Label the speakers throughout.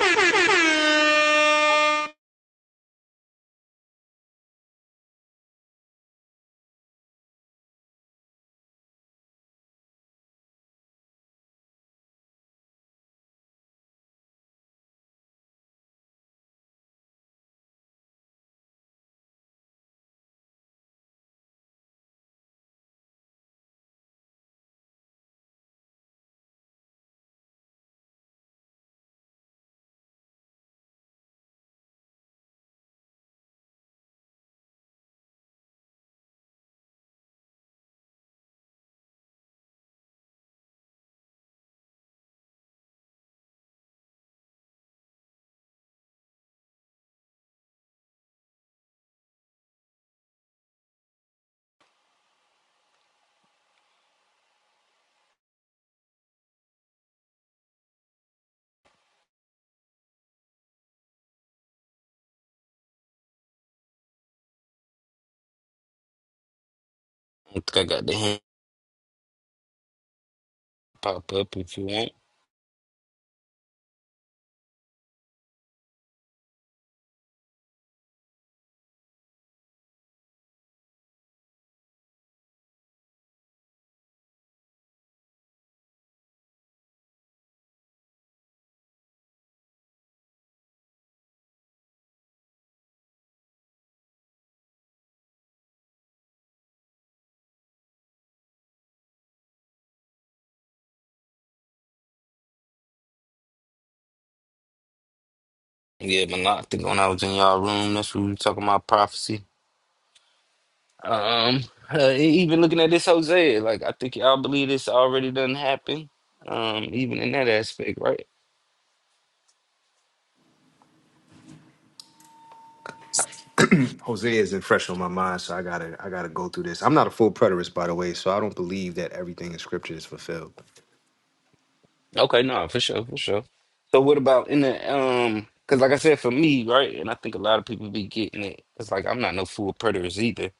Speaker 1: Thank you.
Speaker 2: I think I got the hand pop up if you want. Yeah, but not I think when I was in y'all room, that's what we were talking about prophecy. Um, uh, e-, even looking at this Hosea, like I think y'all believe this already done happened. Um, even in that aspect, right?
Speaker 3: Jose isn't fresh on my mind, so I gotta I gotta go through this. I'm not a full preterist, by the way, so I don't believe that everything in scripture is fulfilled.
Speaker 2: Okay, no, for sure, for sure. So what about in the um? Because like I said, for me, right, and I think a lot of people be getting it. It's like I'm not no full preterist either.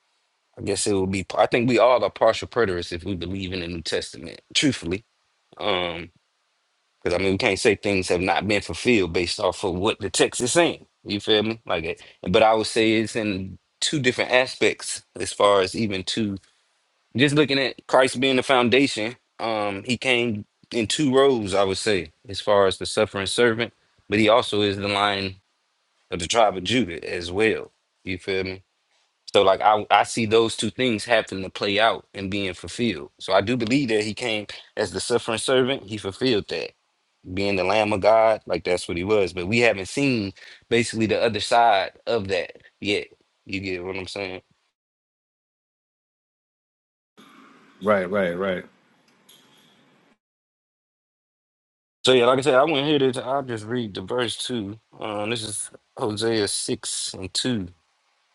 Speaker 2: I guess it would be. I think we all are partial preterists if we believe in the New Testament, truthfully. Um, Because I mean, we can't say things have not been fulfilled based off of what the text is saying. You feel me? Like it. But I would say it's in two different aspects as far as even two. Just looking at Christ being the foundation, um, he came in two roles. I would say as far as the suffering servant, but he also is the lion of the tribe of Judah as well. You feel me? So like I, I see those two things happen to play out and being fulfilled. So I do believe that he came as the suffering servant. He fulfilled that being the Lamb of God, like that's what he was. But we haven't seen basically the other side of that yet. You get what I'm saying?
Speaker 3: Right, right, right.
Speaker 2: So yeah, like I said, I went here to I'll just read the verse two. Uh, this is Hosea six and two.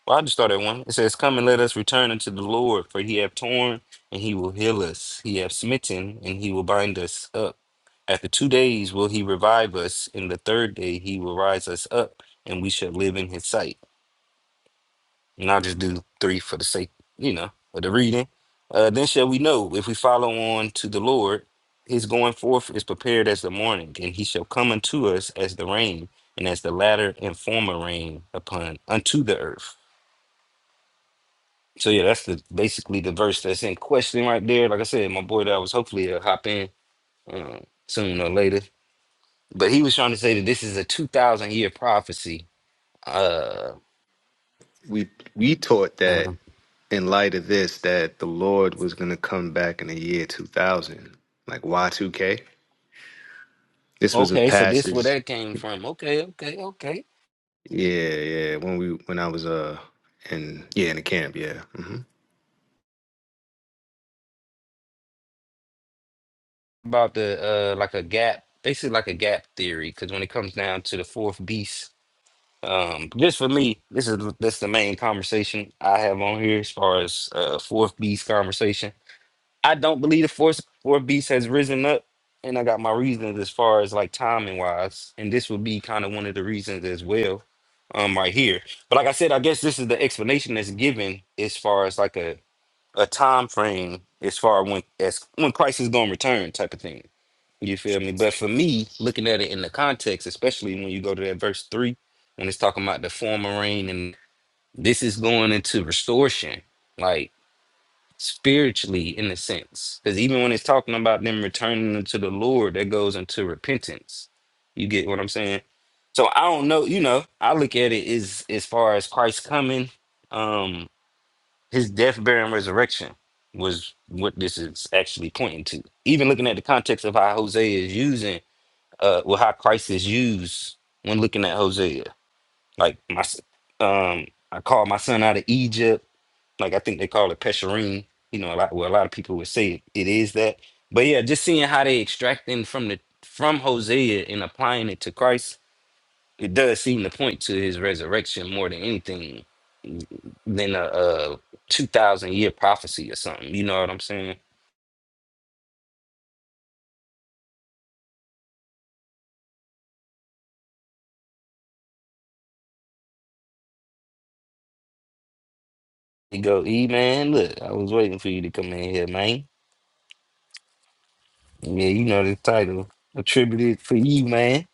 Speaker 2: Well, I just started one. It says, Come and let us return unto the Lord, for he hath torn and he will heal us. He hath smitten and he will bind us up. After two days will he revive us, and the third day he will rise us up, and we shall live in his sight. And I'll just do three for the sake, you know, of the reading. Uh, then shall we know if we follow on to the Lord, his going forth is prepared as the morning, and he shall come unto us as the rain, and as the latter and former rain upon unto the earth. So yeah, that's the basically the verse that's in question right there. Like I said, my boy that was hopefully will hop in uh, sooner or later. But he was trying to say that this is a two thousand year prophecy. Uh,
Speaker 3: We we taught
Speaker 2: uh,
Speaker 3: that in light of this that the Lord was gonna come back in the year two thousand. Like Y two K. This was a
Speaker 2: okay, so this where
Speaker 3: passage.
Speaker 2: that came from. Okay, okay, okay.
Speaker 3: Yeah, yeah. When we when I was uh in yeah, in the camp, yeah. hmm
Speaker 2: about the uh like a gap basically like a gap theory because when it comes down to the fourth beast um just for me this is that's the main conversation i have on here as far as uh fourth beast conversation i don't believe the fourth fourth beast has risen up and i got my reasons as far as like timing wise and this would be kind of one of the reasons as well um right here but like i said i guess this is the explanation that's given as far as like a a time frame as far when as when christ is going to return type of thing you feel me? But for me, looking at it in the context, especially when you go to that verse three, when it's talking about the former rain, and this is going into restoration, like spiritually in a sense. Because even when it's talking about them returning unto the Lord, that goes into repentance. You get what I'm saying? So I don't know, you know, I look at it as as far as Christ coming, um, his death, burial, and resurrection was what this is actually pointing to. Even looking at the context of how Hosea is using uh with how Christ is used when looking at Hosea. Like my s- um I called my son out of Egypt. Like I think they call it Pesherim. You know, a lot well a lot of people would say it is that. But yeah, just seeing how they extracting from the from Hosea and applying it to Christ, it does seem to point to his resurrection more than anything than a, a two thousand year prophecy or something. You know what I'm saying? He go, E man, look, I was waiting for you to come in here, man. Yeah, you know the title attributed for you, man.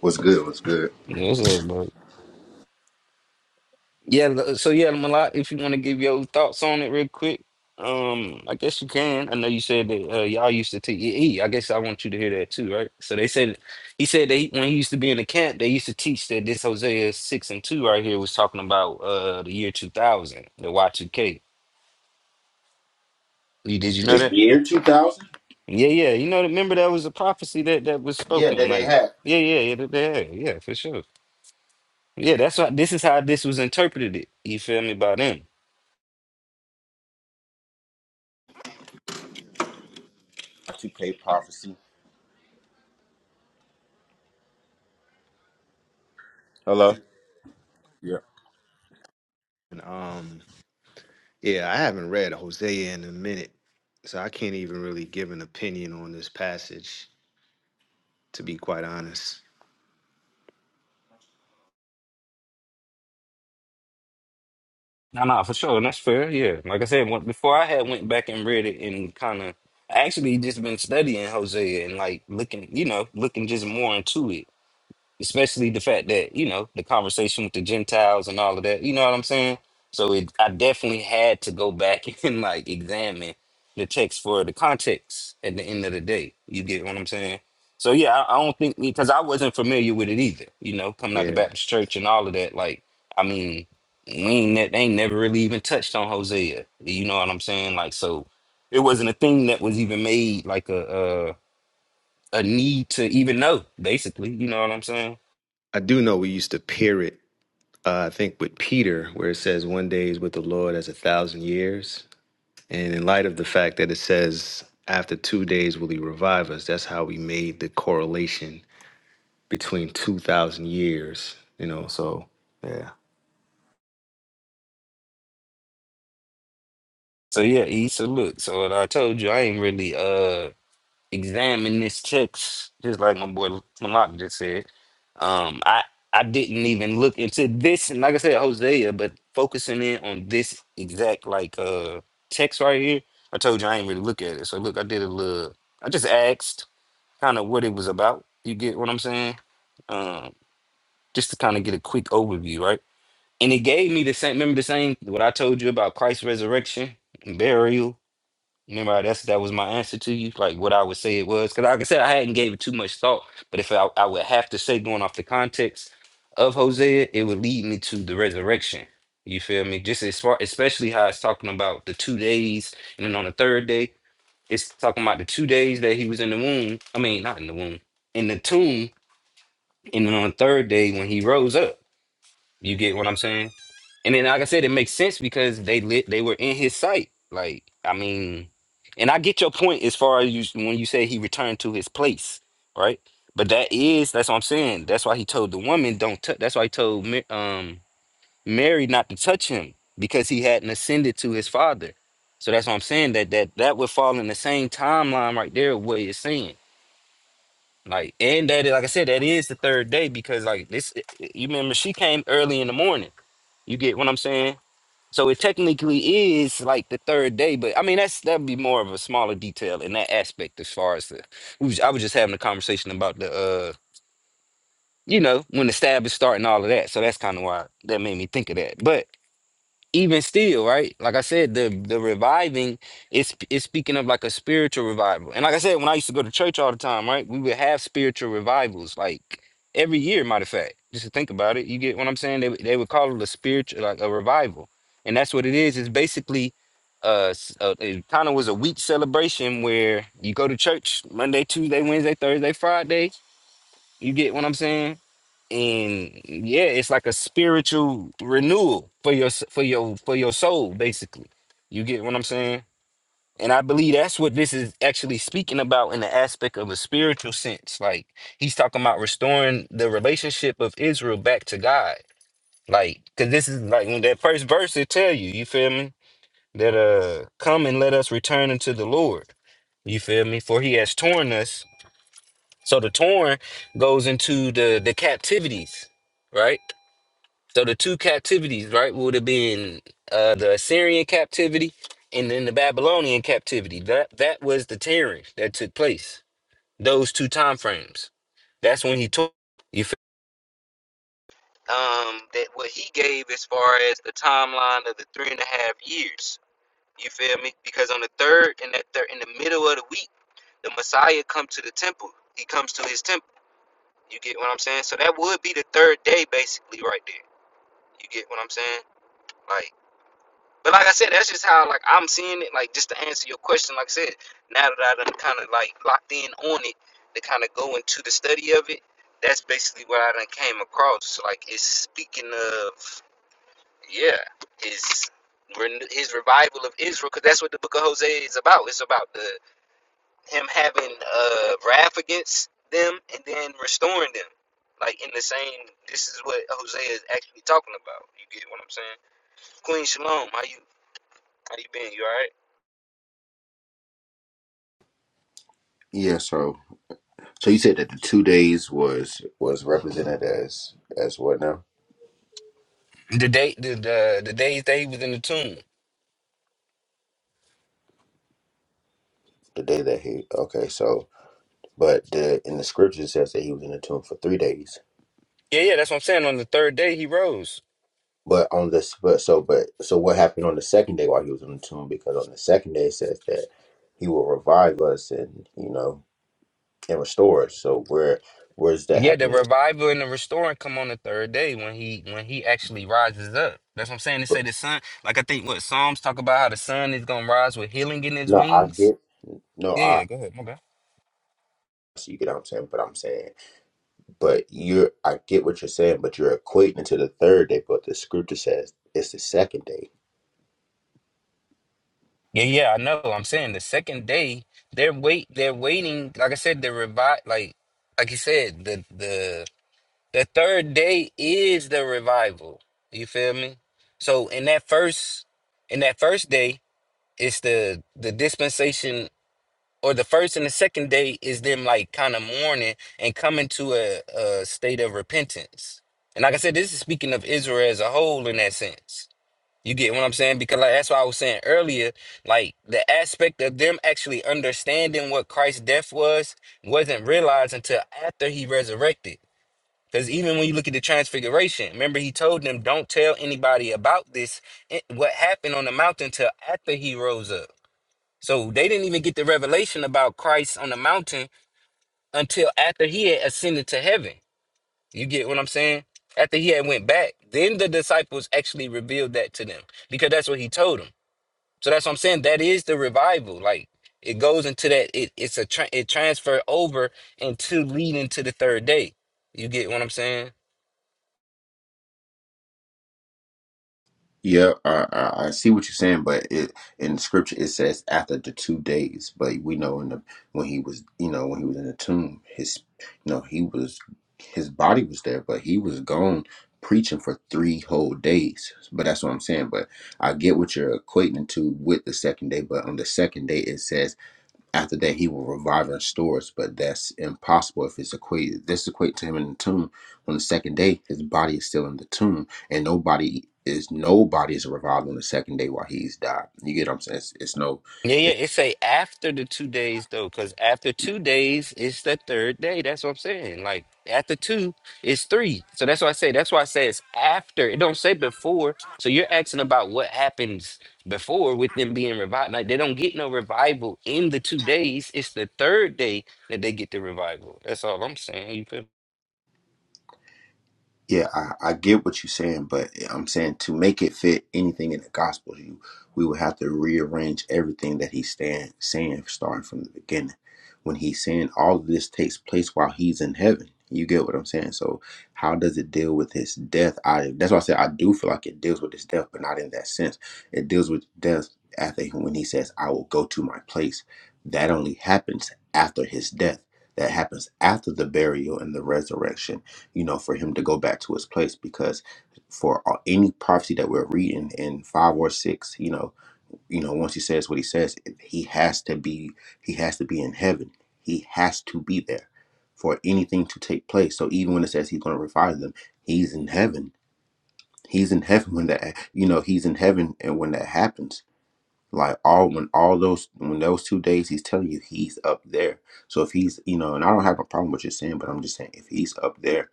Speaker 4: What's good? What's good?
Speaker 2: You know what's up, bro? Yeah, lo- so yeah, Malak, if you want to give your thoughts on it real quick, um, I guess you can. I know you said that uh, y'all used to teach. I guess I want you to hear that too, right? So they said he said they when he used to be in the camp, they used to teach that this Hosea six and two right here was talking about uh the year two thousand, the Y two K. You Did you
Speaker 4: The
Speaker 2: know that?
Speaker 4: year 2000?
Speaker 2: Yeah, yeah. You know, remember that was a prophecy that that was
Speaker 4: Yeah,
Speaker 2: spoken.
Speaker 4: that they
Speaker 2: Like,
Speaker 4: had.
Speaker 2: yeah, yeah, yeah, yeah, yeah, for sure. Yeah, that's what this is how this was interpreted. It you feel me by them?
Speaker 4: 2K Prophecy. Hello. Yeah.
Speaker 3: And um yeah, I haven't read Hosea in a minute, so I can't even really give an opinion on this passage. to be quite honest.
Speaker 2: No, no, for sure, and that's fair. Yeah, like I said, when, before I had went back and read it and kind of actually just been studying Hosea and like looking, you know, looking just more into it. especially the fact that you know the conversation with the gentiles and all of that you know what i'm saying so it i definitely had to go back and like examine the text for the context at the end of the day you get what i'm saying so yeah i, I don't think because i wasn't familiar with it either you know coming out the
Speaker 3: Yeah.
Speaker 2: baptist church and all of that like i mean we ain't, ne- they ain't never really even touched on hosea you know what i'm saying like so it wasn't a thing that was even made like a uh a need to even know, basically. You know what I'm saying?
Speaker 3: I do know we used to pair it, uh, I think, with Peter, where it says, One day is with the Lord as a thousand years. And in light of the fact that it says, After two days will he revive us, that's how we made the correlation between 2,000 years, you know, so yeah.
Speaker 2: So yeah, E, so look. So what I told you, I ain't really uh examine this text, just like my boy Malak just said. Um, I I didn't even look into this, and like I said, Hosea, but focusing in on this exact like uh text right here. I told you I ain't really look at it. So look, I did a little. I just asked kind of what it was about. You get what I'm saying? Um, just to kind of get a quick overview, right? And it gave me the same. Remember the same what I told you about Christ's resurrection, burial Remember, how that's that was my answer to you, like what I would say it was, because like I said, I hadn't gave it too much thought. But if I, I would have to say, going off the context of Hosea, it would lead me to the resurrection. You feel me? Just as far, especially how it's talking about the two days, and then on the third day, it's talking about the two days that he was in the womb. I mean, not in the womb, in the tomb, and then on the third day when he rose up. You get what I'm saying? And then, like I said, it makes sense because they lit, they were in his sight. Like, I mean, and I get your point as far as you when you say he returned to his place, right? But that is that's what I'm saying. That's why he told the woman don't. T- that's why he told Ma- um Mary not to touch him because he hadn't ascended to his father. So that's what I'm saying. That that that would fall in the same timeline right there. What you're saying, like, and that, like I said, that is the third day because like this. You remember she came early in the morning. You get what I'm saying? So it technically is like the third day, but I mean that's that'd be more of a smaller detail in that aspect as far as the we was, I was just having a conversation about the uh you know when the stab is starting all of that. So that's kind of why that made me think of that. But even still, right? Like I said, the the reviving is is speaking of like a spiritual revival. And like I said, when I used to go to church all the time, right? We would have spiritual revivals, like every year, matter of fact. Just to think about it, you get what I'm saying? They would- they would call it a spiritual like a revival, and that's what it is. It's basically uh, s- uh it kind of was a week celebration where you go to church Monday, Tuesday, Wednesday, Thursday, Friday. You get what I'm saying? and yeah, it's like a spiritual renewal for your for your for your soul, basically. You get what I'm saying? And I believe that's what this is actually speaking about in the aspect of a spiritual sense. Like he's talking about restoring the relationship of Israel back to God. Like, cause this is like when that first verse it tell you, you feel me? That uh come and let us return unto the Lord. You feel me? For he has torn us. So the torn goes into the the captivities, right? So the two captivities, right, would have been uh, the Assyrian captivity and then the Babylonian captivity. That that was the tearing that took place. Those two time frames. That's when he took. You feel? Um, that what he gave as far as the timeline of the three and a half years. You feel me? Because on the third and that third in the middle of the week, the Messiah comes to the temple. He comes to his temple. You get what I'm saying? So that would be the third day, basically, right there. You get what I'm saying? Like. But like I said, that's just how like I'm seeing it. Like just to answer your question, like I said, now that I done kind of like locked in on it, to kind of go into the study of it, that's basically what I done came across. So, Like it's speaking of, yeah, his his revival of Israel, because that's what the Book of Hosea is about. It's about the him having uh wrath against them and then restoring them. Like in the same, this is what Hosea is actually talking about. You get what I'm saying? Queen Shalom, how you how you been? You all right?
Speaker 4: Yeah. So, so you said that the two days was was represented as as what now?
Speaker 2: The day, the the, the days that he was in the tomb.
Speaker 4: The day that he okay. So, but the in the scripture it says that he was in the tomb for three days.
Speaker 2: Yeah, yeah, that's what I'm saying. On the third day, he rose.
Speaker 4: But on this, but so, but so, what happened on the second day while he was in the tomb? Because on the second day it says that he will revive us and you know and restore us. So where where's that
Speaker 2: Yeah, the
Speaker 4: happening?
Speaker 2: revival and the restoring come on the third day when he when he actually rises up. That's what I'm saying. They say the sun, like I think what Psalms talk about how the sun is gonna rise with healing in his
Speaker 4: No, I
Speaker 2: wings.
Speaker 4: get no.
Speaker 2: Yeah,
Speaker 4: I.
Speaker 2: yeah, go ahead, my bad.
Speaker 4: So you get what I'm saying, but I'm saying, but you're I get what you're saying, but you're equating it to the third day, but the scripture says it's the second day.
Speaker 2: Yeah, yeah, I know. I'm saying the second day, they're wait, they're waiting. Like I said, the revive, like like you said, the the The third day is the revival. You feel me? So in that first in that first day, it's the the dispensation or the first and the second day is them like kind of mourning and coming to a, a state of repentance. And like I said, this is speaking of Israel as a whole in that sense. You get what I'm saying? Because like that's why I was saying earlier, like the aspect of them actually understanding what Christ's death was wasn't realized until after he resurrected. Because even when you look at the transfiguration, remember he told them, don't tell anybody about this, eh, what happened on the mountain till after he rose up. So they didn't even get the revelation about Christ on the mountain until after he had ascended to heaven. You get what I'm saying? After he had went back, then the disciples actually revealed that to them because that's what he told them. So that's what I'm saying. That is the revival. Like it goes into that. It, it's a tra- it transferred over into leading to the third day. You get what I'm saying?
Speaker 4: Yeah, I, I I see what you're saying, but it in scripture it says after the two days. But we know in the when he was, you know, when he was in the tomb, his, you know, he was, his body was there, but he was gone preaching for three whole days. But that's what I'm saying. But I get what you're equating to with the second day. But on the second day, it says After that, he will revive and restore us, but that's impossible if it's equated. This equate to him in the tomb. On the second day, his body is still in the tomb, and nobody is nobody is revived on the second day while he's died. You get what I'm saying? It's, it's no,
Speaker 2: Yeah, yeah. It say after the two days though, because after two days it's the third day. That's what I'm saying. Like after two, it's three. So that's why I say that's why I say it's after. It don't say before. So you're asking about what happens before with them being revived. Like they don't get no revival in the two days. It's the third day that they get the revival. That's all I'm saying. You feel me?
Speaker 4: Yeah, I, I get what you're saying, but I'm saying to make it fit anything in the gospel, you we would have to rearrange everything that he's stand, saying starting from the beginning. When he's saying all of this takes place while he's in heaven. You get what I'm saying? So how does it deal with his death? I that's why I said I do feel like it deals with his death, but not in that sense. It deals with death after when he says, I will go to my place. That only happens after his death. That happens after the burial and the resurrection you know, for him to go back to his place because for a- any prophecy that we're reading in five or six, you know, you know, once he says what he says, he has to be, he has to be in heaven. He has to be there for anything to take place. So even when it says he's going to revive them, he's in heaven. He's in heaven when that, you know, he's in heaven, and when that happens, like all when all those when those two days, he's telling you he's up there. So if he's, you know, and I don't have a problem with you saying, but I'm just saying if he's up there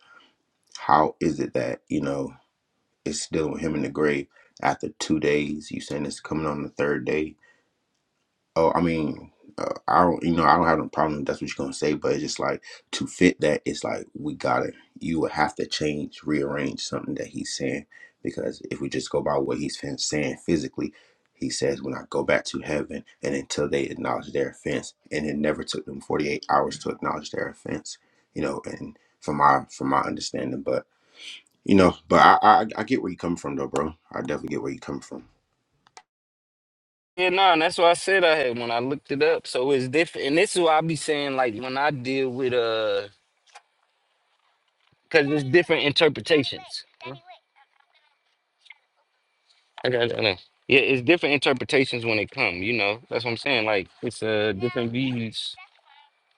Speaker 4: how is it that, you know, it's still with him in the grave after two days? You saying it's coming on the third day? Oh, I mean, uh, I don't, you know, I don't have no problem. if That's what you're going to say. But it's just like to fit that, it's like we got to, you would have to change, rearrange something that he's saying. Because if we just go by what he's fin- saying physically, he says, when I go back to heaven and until they acknowledge their offense, and it never took them 48 hours to acknowledge their offense, you know, and from my, from my understanding, but you know, but I, I I get where you come from though, bro. I definitely get where you come from.
Speaker 2: Yeah, no, and that's what I said I had when I looked it up. So it's different, and this is what I be saying. Like when I deal with uh, because it's different interpretations. I got I know. Yeah, it's different interpretations when it come, you know. That's what I'm saying. Like it's uh different views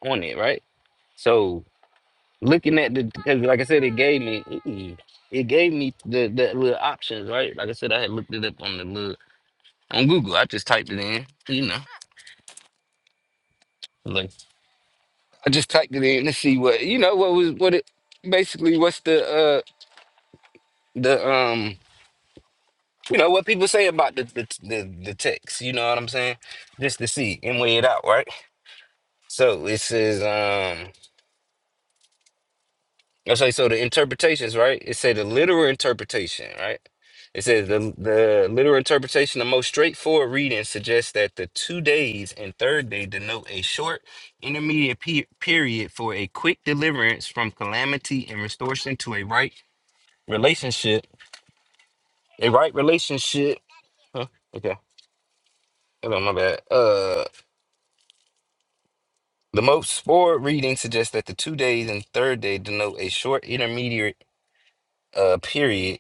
Speaker 2: on it, right? So looking at the because like I said, it gave me mm, it gave me the the little options, right? Like I said, I had looked it up on the little on Google. I just typed it in, you know. Like I just typed it in to see what you know what was what it basically what's the uh the um you know what people say about the the the, the text, you know what I'm saying? Just to see and weigh it out, right? So it says, um, okay, so the interpretations, right? It said the literal interpretation, right? It says the the literal interpretation, the most straightforward reading suggests that the two days and third day denote a short intermediate pe period for a quick deliverance from calamity and restoration to a right relationship. A right relationship. Huh, okay. Hold on, my bad. Uh, the most forward reading suggests that the two days and third day denote a short intermediate uh period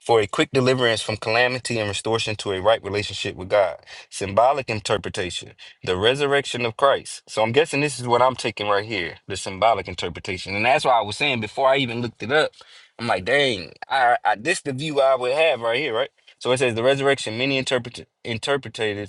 Speaker 2: for a quick deliverance from calamity and restoration to a right relationship with God. Symbolic interpretation, the resurrection of Christ. So I'm guessing this is what I'm taking right here, the symbolic interpretation. And that's why I was saying before I even looked it up, I'm like, dang, I, I this the view I would have right here, right? So it says the resurrection, many interpret interpreted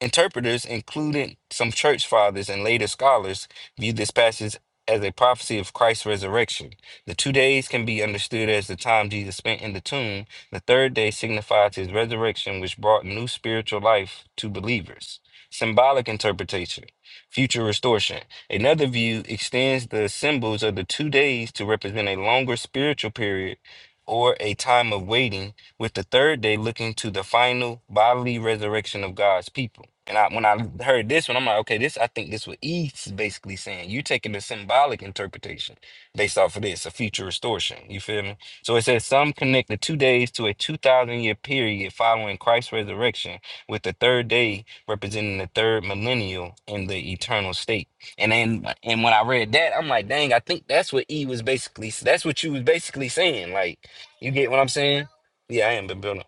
Speaker 2: Interpreters, including some church fathers and later scholars, view this passage as a prophecy of Christ's resurrection. The two days can be understood as the time Jesus spent in the tomb. The third day signifies his resurrection, which brought new spiritual life to believers. Symbolic interpretation, future restoration. Another view extends the symbols of the two days to represent a longer spiritual period or a time of waiting with the third day looking to the final bodily resurrection of God's people. And I, when I heard this one, I'm like, okay, this I think this what E's basically saying. You're taking the symbolic interpretation based off of this, a future restoration. You feel me? So it says some connect the two days to a two thousand year period following Christ's resurrection, with the third day representing the third millennial in the eternal state. And then and when I read that, I'm like, dang, I think that's what E was basically that's what you was basically saying. Like, you get what I'm saying? Yeah, I am been building.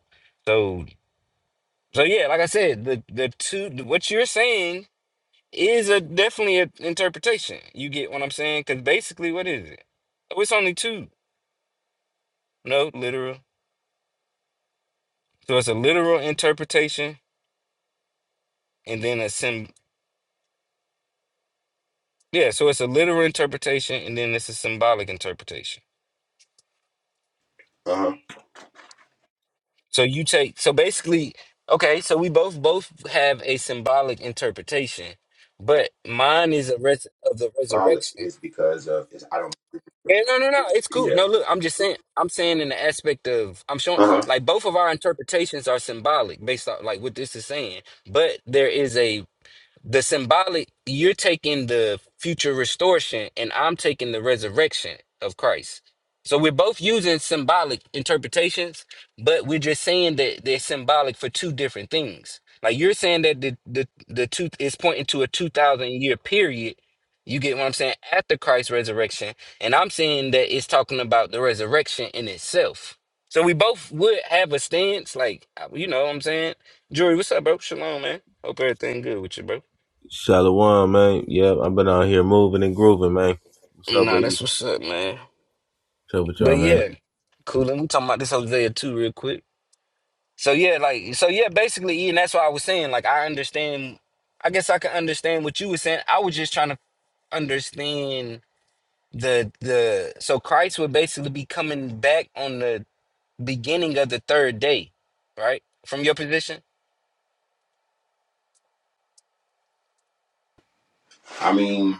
Speaker 2: So, so yeah, like I said, the the two what you're saying is a definitely an interpretation. You get what I'm saying? Because basically, what is it? Oh, it's only two. No, literal. So it's a literal interpretation, and then a sim. Yeah, so it's a literal interpretation, and then it's a symbolic interpretation.
Speaker 4: Uh huh.
Speaker 2: So you take. So basically, okay. So we both both have a symbolic interpretation, but mine is a res of the
Speaker 4: Solid
Speaker 2: resurrection.
Speaker 4: is because of it's, I don't.
Speaker 2: Yeah, no, no, no. It's cool.
Speaker 4: Yeah.
Speaker 2: No, look, I'm just saying. I'm saying in the aspect of I'm showing
Speaker 4: Uh huh.
Speaker 2: like both of our interpretations are symbolic based on like what this is saying, but there is a the symbolic, you're taking the future restoration, and I'm taking the resurrection of Christ. So we're both using symbolic interpretations, but we're just saying that they're symbolic for two different things. Like you're saying that the the the two is pointing to a two thousand year period. You get what I'm saying after Christ's resurrection, and I'm saying that it's talking about the resurrection in itself. So we both would have a stance, like uh, you know what I'm saying. Jory. what's up, bro? Shalom, man. Hope everything good with you, bro.
Speaker 5: Shalom, man. Yep, I've been out here moving and grooving, man. What's up
Speaker 2: Nah,
Speaker 5: with you?
Speaker 2: that's what's up, man.
Speaker 5: What's up with y'all,
Speaker 2: But
Speaker 5: man?
Speaker 2: yeah, cool. Let me talk about this Hosea too, real quick. So yeah, like so yeah, basically, Ian, that's what I was saying. Like I understand. I guess I can understand what you were saying. I was just trying to understand the the. So Christ would basically be coming back on the beginning of the third day, right? From your position.
Speaker 4: I mean,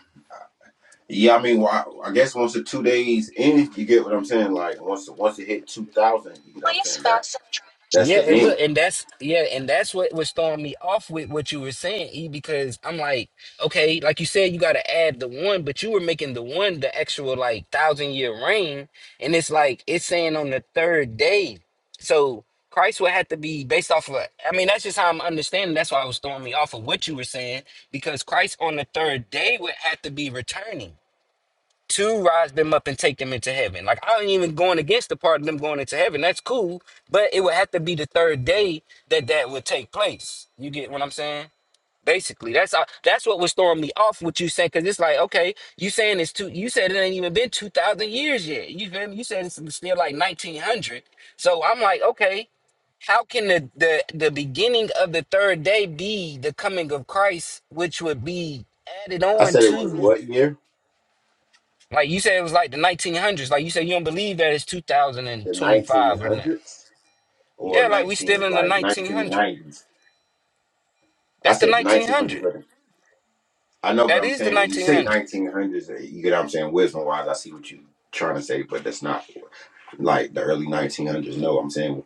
Speaker 4: yeah. I mean, well, I, I guess once the two days in, you get what I'm saying. Like once once it hit two thousand, you get what I'm saying. That that's
Speaker 2: Yeah,
Speaker 4: the
Speaker 2: and
Speaker 4: end.
Speaker 2: look, and that's yeah, and that's what was throwing me off with what you were saying, E, because I'm like, okay, like you said, you gotta add the one, but you were making the one the actual like thousand year reign, and it's like it's saying on the third day. So Christ would have to be based off of I mean, that's just how I'm understanding. That's why I was throwing me off of what you were saying, because Christ on the third day would have to be returning to rise them up and take them into heaven. Like I ain't even going against the part of them going into heaven. That's cool, but it would have to be the third day that that would take place. You get what I'm saying? Basically, that's uh, that's what was throwing me off what you saying because it's like okay, you saying it's two. You said it ain't even been two thousand years yet. You feel me? You said it's still like nineteen hundred. So I'm like, okay, how can the, the the beginning of the third day be the coming of Christ, which would be added
Speaker 4: I
Speaker 2: on
Speaker 4: said it was
Speaker 2: to?
Speaker 4: what year?
Speaker 2: Like you said, it was like the 1900s. Like you said, you don't believe that it's
Speaker 4: The
Speaker 2: 2025 or not.
Speaker 4: 1900s or
Speaker 2: Yeah, like we
Speaker 4: 19
Speaker 2: still in the
Speaker 4: like
Speaker 2: 1900s.
Speaker 4: 1990s. I
Speaker 2: That's the
Speaker 4: said
Speaker 2: 1900s.
Speaker 4: 1900s. I know, but
Speaker 2: That
Speaker 4: I'm
Speaker 2: is the
Speaker 4: saying when you say
Speaker 2: 1900s.
Speaker 4: 1900s, uh, you get what I'm saying. Wisdom wise, I see what you trying to say, but that's not like the early 1900s. No, I'm saying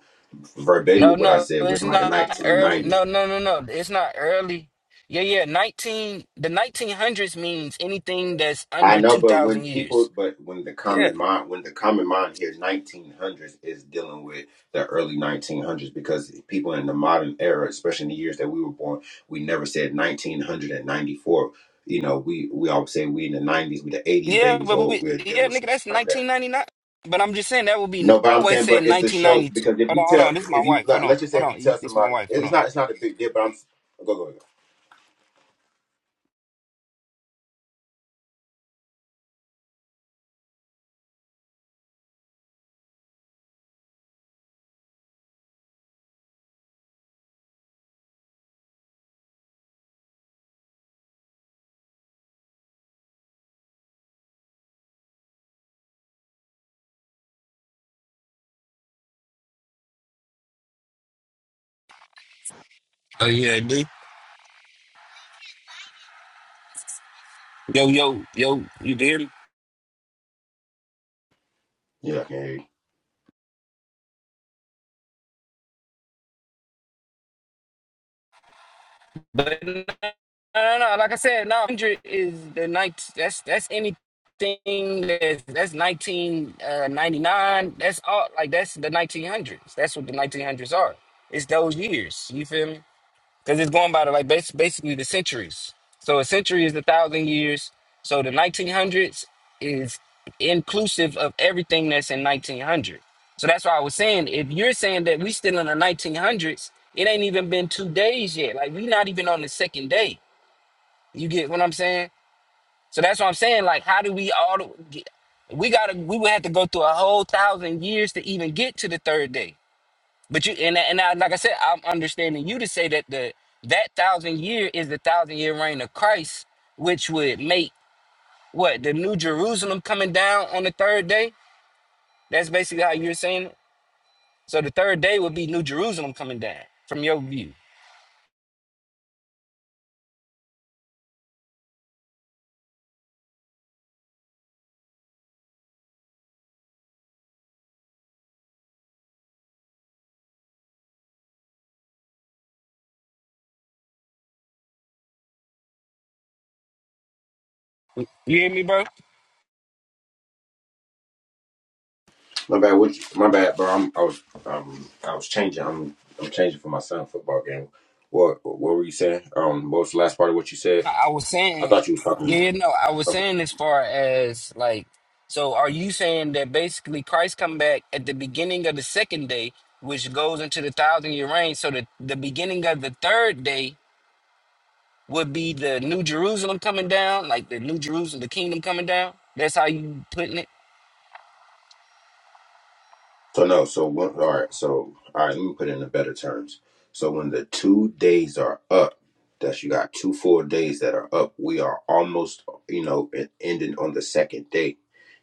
Speaker 2: No,
Speaker 4: verbatim what I
Speaker 2: no,
Speaker 4: said was
Speaker 2: it's
Speaker 4: like the
Speaker 2: not early.
Speaker 4: 1990s.
Speaker 2: No, no, no, no. It's not early. Yeah, yeah. 19. The 1900s means anything that's
Speaker 4: I
Speaker 2: under
Speaker 4: know, but
Speaker 2: 2,000
Speaker 4: when people,
Speaker 2: years.
Speaker 4: but when the
Speaker 2: Yeah.
Speaker 4: common mind, when the common mind hears 1900s, is dealing with the early 1900s because people in the modern era, especially in the years that we were born, we never said 1994. You know, we we always say we in the 90s, we the 80s
Speaker 2: Yeah,
Speaker 4: babies,
Speaker 2: but
Speaker 4: or
Speaker 2: we,
Speaker 4: we'll deal
Speaker 2: yeah,
Speaker 4: with something
Speaker 2: nigga, that's
Speaker 4: like that.
Speaker 2: 1999. But I'm just saying that would be.
Speaker 4: No, but
Speaker 2: I
Speaker 4: I'm
Speaker 2: always
Speaker 4: saying, but
Speaker 2: said
Speaker 4: it's a show
Speaker 2: 1992.
Speaker 4: because if
Speaker 2: Hold
Speaker 4: you
Speaker 2: on, hold
Speaker 4: tell,
Speaker 2: on. This is my
Speaker 4: if you
Speaker 2: wife. Hold
Speaker 4: like,
Speaker 2: on,
Speaker 4: let's just say
Speaker 2: hold
Speaker 4: if you
Speaker 2: on.
Speaker 4: tell
Speaker 2: This is my
Speaker 4: somebody,
Speaker 2: wife. Hold
Speaker 4: it's
Speaker 2: on.
Speaker 4: not, it's not a big deal. But I'm go, go, go.
Speaker 2: Oh yeah, D. Yo, yo, yo, you did it?
Speaker 4: Yeah, I can hear you.
Speaker 2: But no, no, no, no, like I said, no, 100 is the night. That's that's anything that's that's 1999. That's all like that's the 1900s. That's what the 1900s are. It's those years. You feel me? because it's going by the like bas- basically the centuries. So a century is a thousand years. So the 1900s is inclusive of everything that's in 1900. So that's why I was saying if you're saying that we still in the 1900s, it ain't even been two days yet. Like we not even on the second day. You get what I'm saying? So that's what I'm saying. Like how do we all get? we gotta we would have to go through a whole thousand years to even get to the third day. But you and and I, like I said, I'm understanding you to say that the that thousand year is the thousand year reign of Christ, which would make what the New Jerusalem coming down on the third day. That's basically how you're saying it. So the third day would be New Jerusalem coming down from your view. You hear me, bro?
Speaker 4: My bad. What you, my bad, bro. I'm, I was, um, I was changing. I'm, I'm changing for my son's football game. What, what were you saying? Um, what was the last part of what you said?
Speaker 2: I I was
Speaker 4: I
Speaker 2: saying,
Speaker 4: thought you was talking.
Speaker 2: yeah, yeah, no, I was saying as far as like, so are you saying that basically Christ come back at the beginning of the second day, which goes into the thousand year reign? So the the beginning of the third day would be the New Jerusalem coming down, like the New Jerusalem, the kingdom coming down. That's how you putting it.
Speaker 4: So no, so when, all right, so all right, let me put it in better terms. So when the two days are up, that you got two full days that are up, we are almost, you know, en- ending on the second day.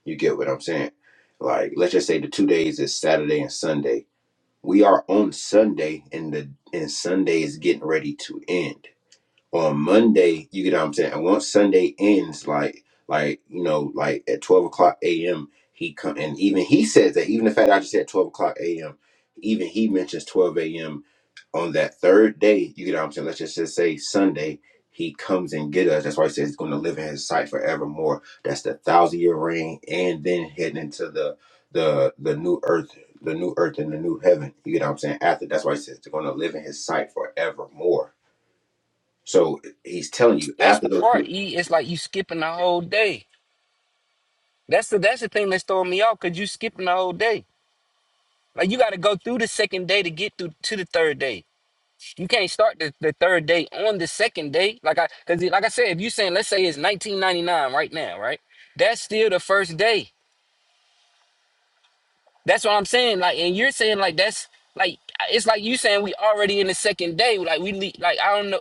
Speaker 4: You get what I'm saying? Like, let's just say the two days is Saturday and Sunday. We are on Sunday, and the and Sunday is getting ready to end on Monday, you get what I'm saying. And once Sunday ends, like like you know, like at twelve o'clock a.m. he come and even he says that even the fact I just said twelve o'clock a.m. Even he mentions twelve a.m. on that third day. You get what I'm saying. Let's just, just say Sunday. He comes and get us. That's why he says he's going to live in his sight forevermore. That's the thousand year reign, and then heading into the the the new earth, the new earth and the new heaven. You get what I'm saying. After that's why he says they're going to live in his sight forevermore. So he's telling you
Speaker 2: That's
Speaker 4: after
Speaker 2: the
Speaker 4: those
Speaker 2: part.
Speaker 4: two,
Speaker 2: E. It's like you skipping the whole day. That's the that's the thing that's throwing me off because you skipping the whole day. Like you got to go through the second day to get through to the third day. You can't start the, the third day on the second day. Like I because like I said, if you saying let's say it's 1999 right now, right? That's still the first day. That's what I'm saying. Like and you're saying like that's like it's like you saying we already in the second day. Like we le- like I don't know.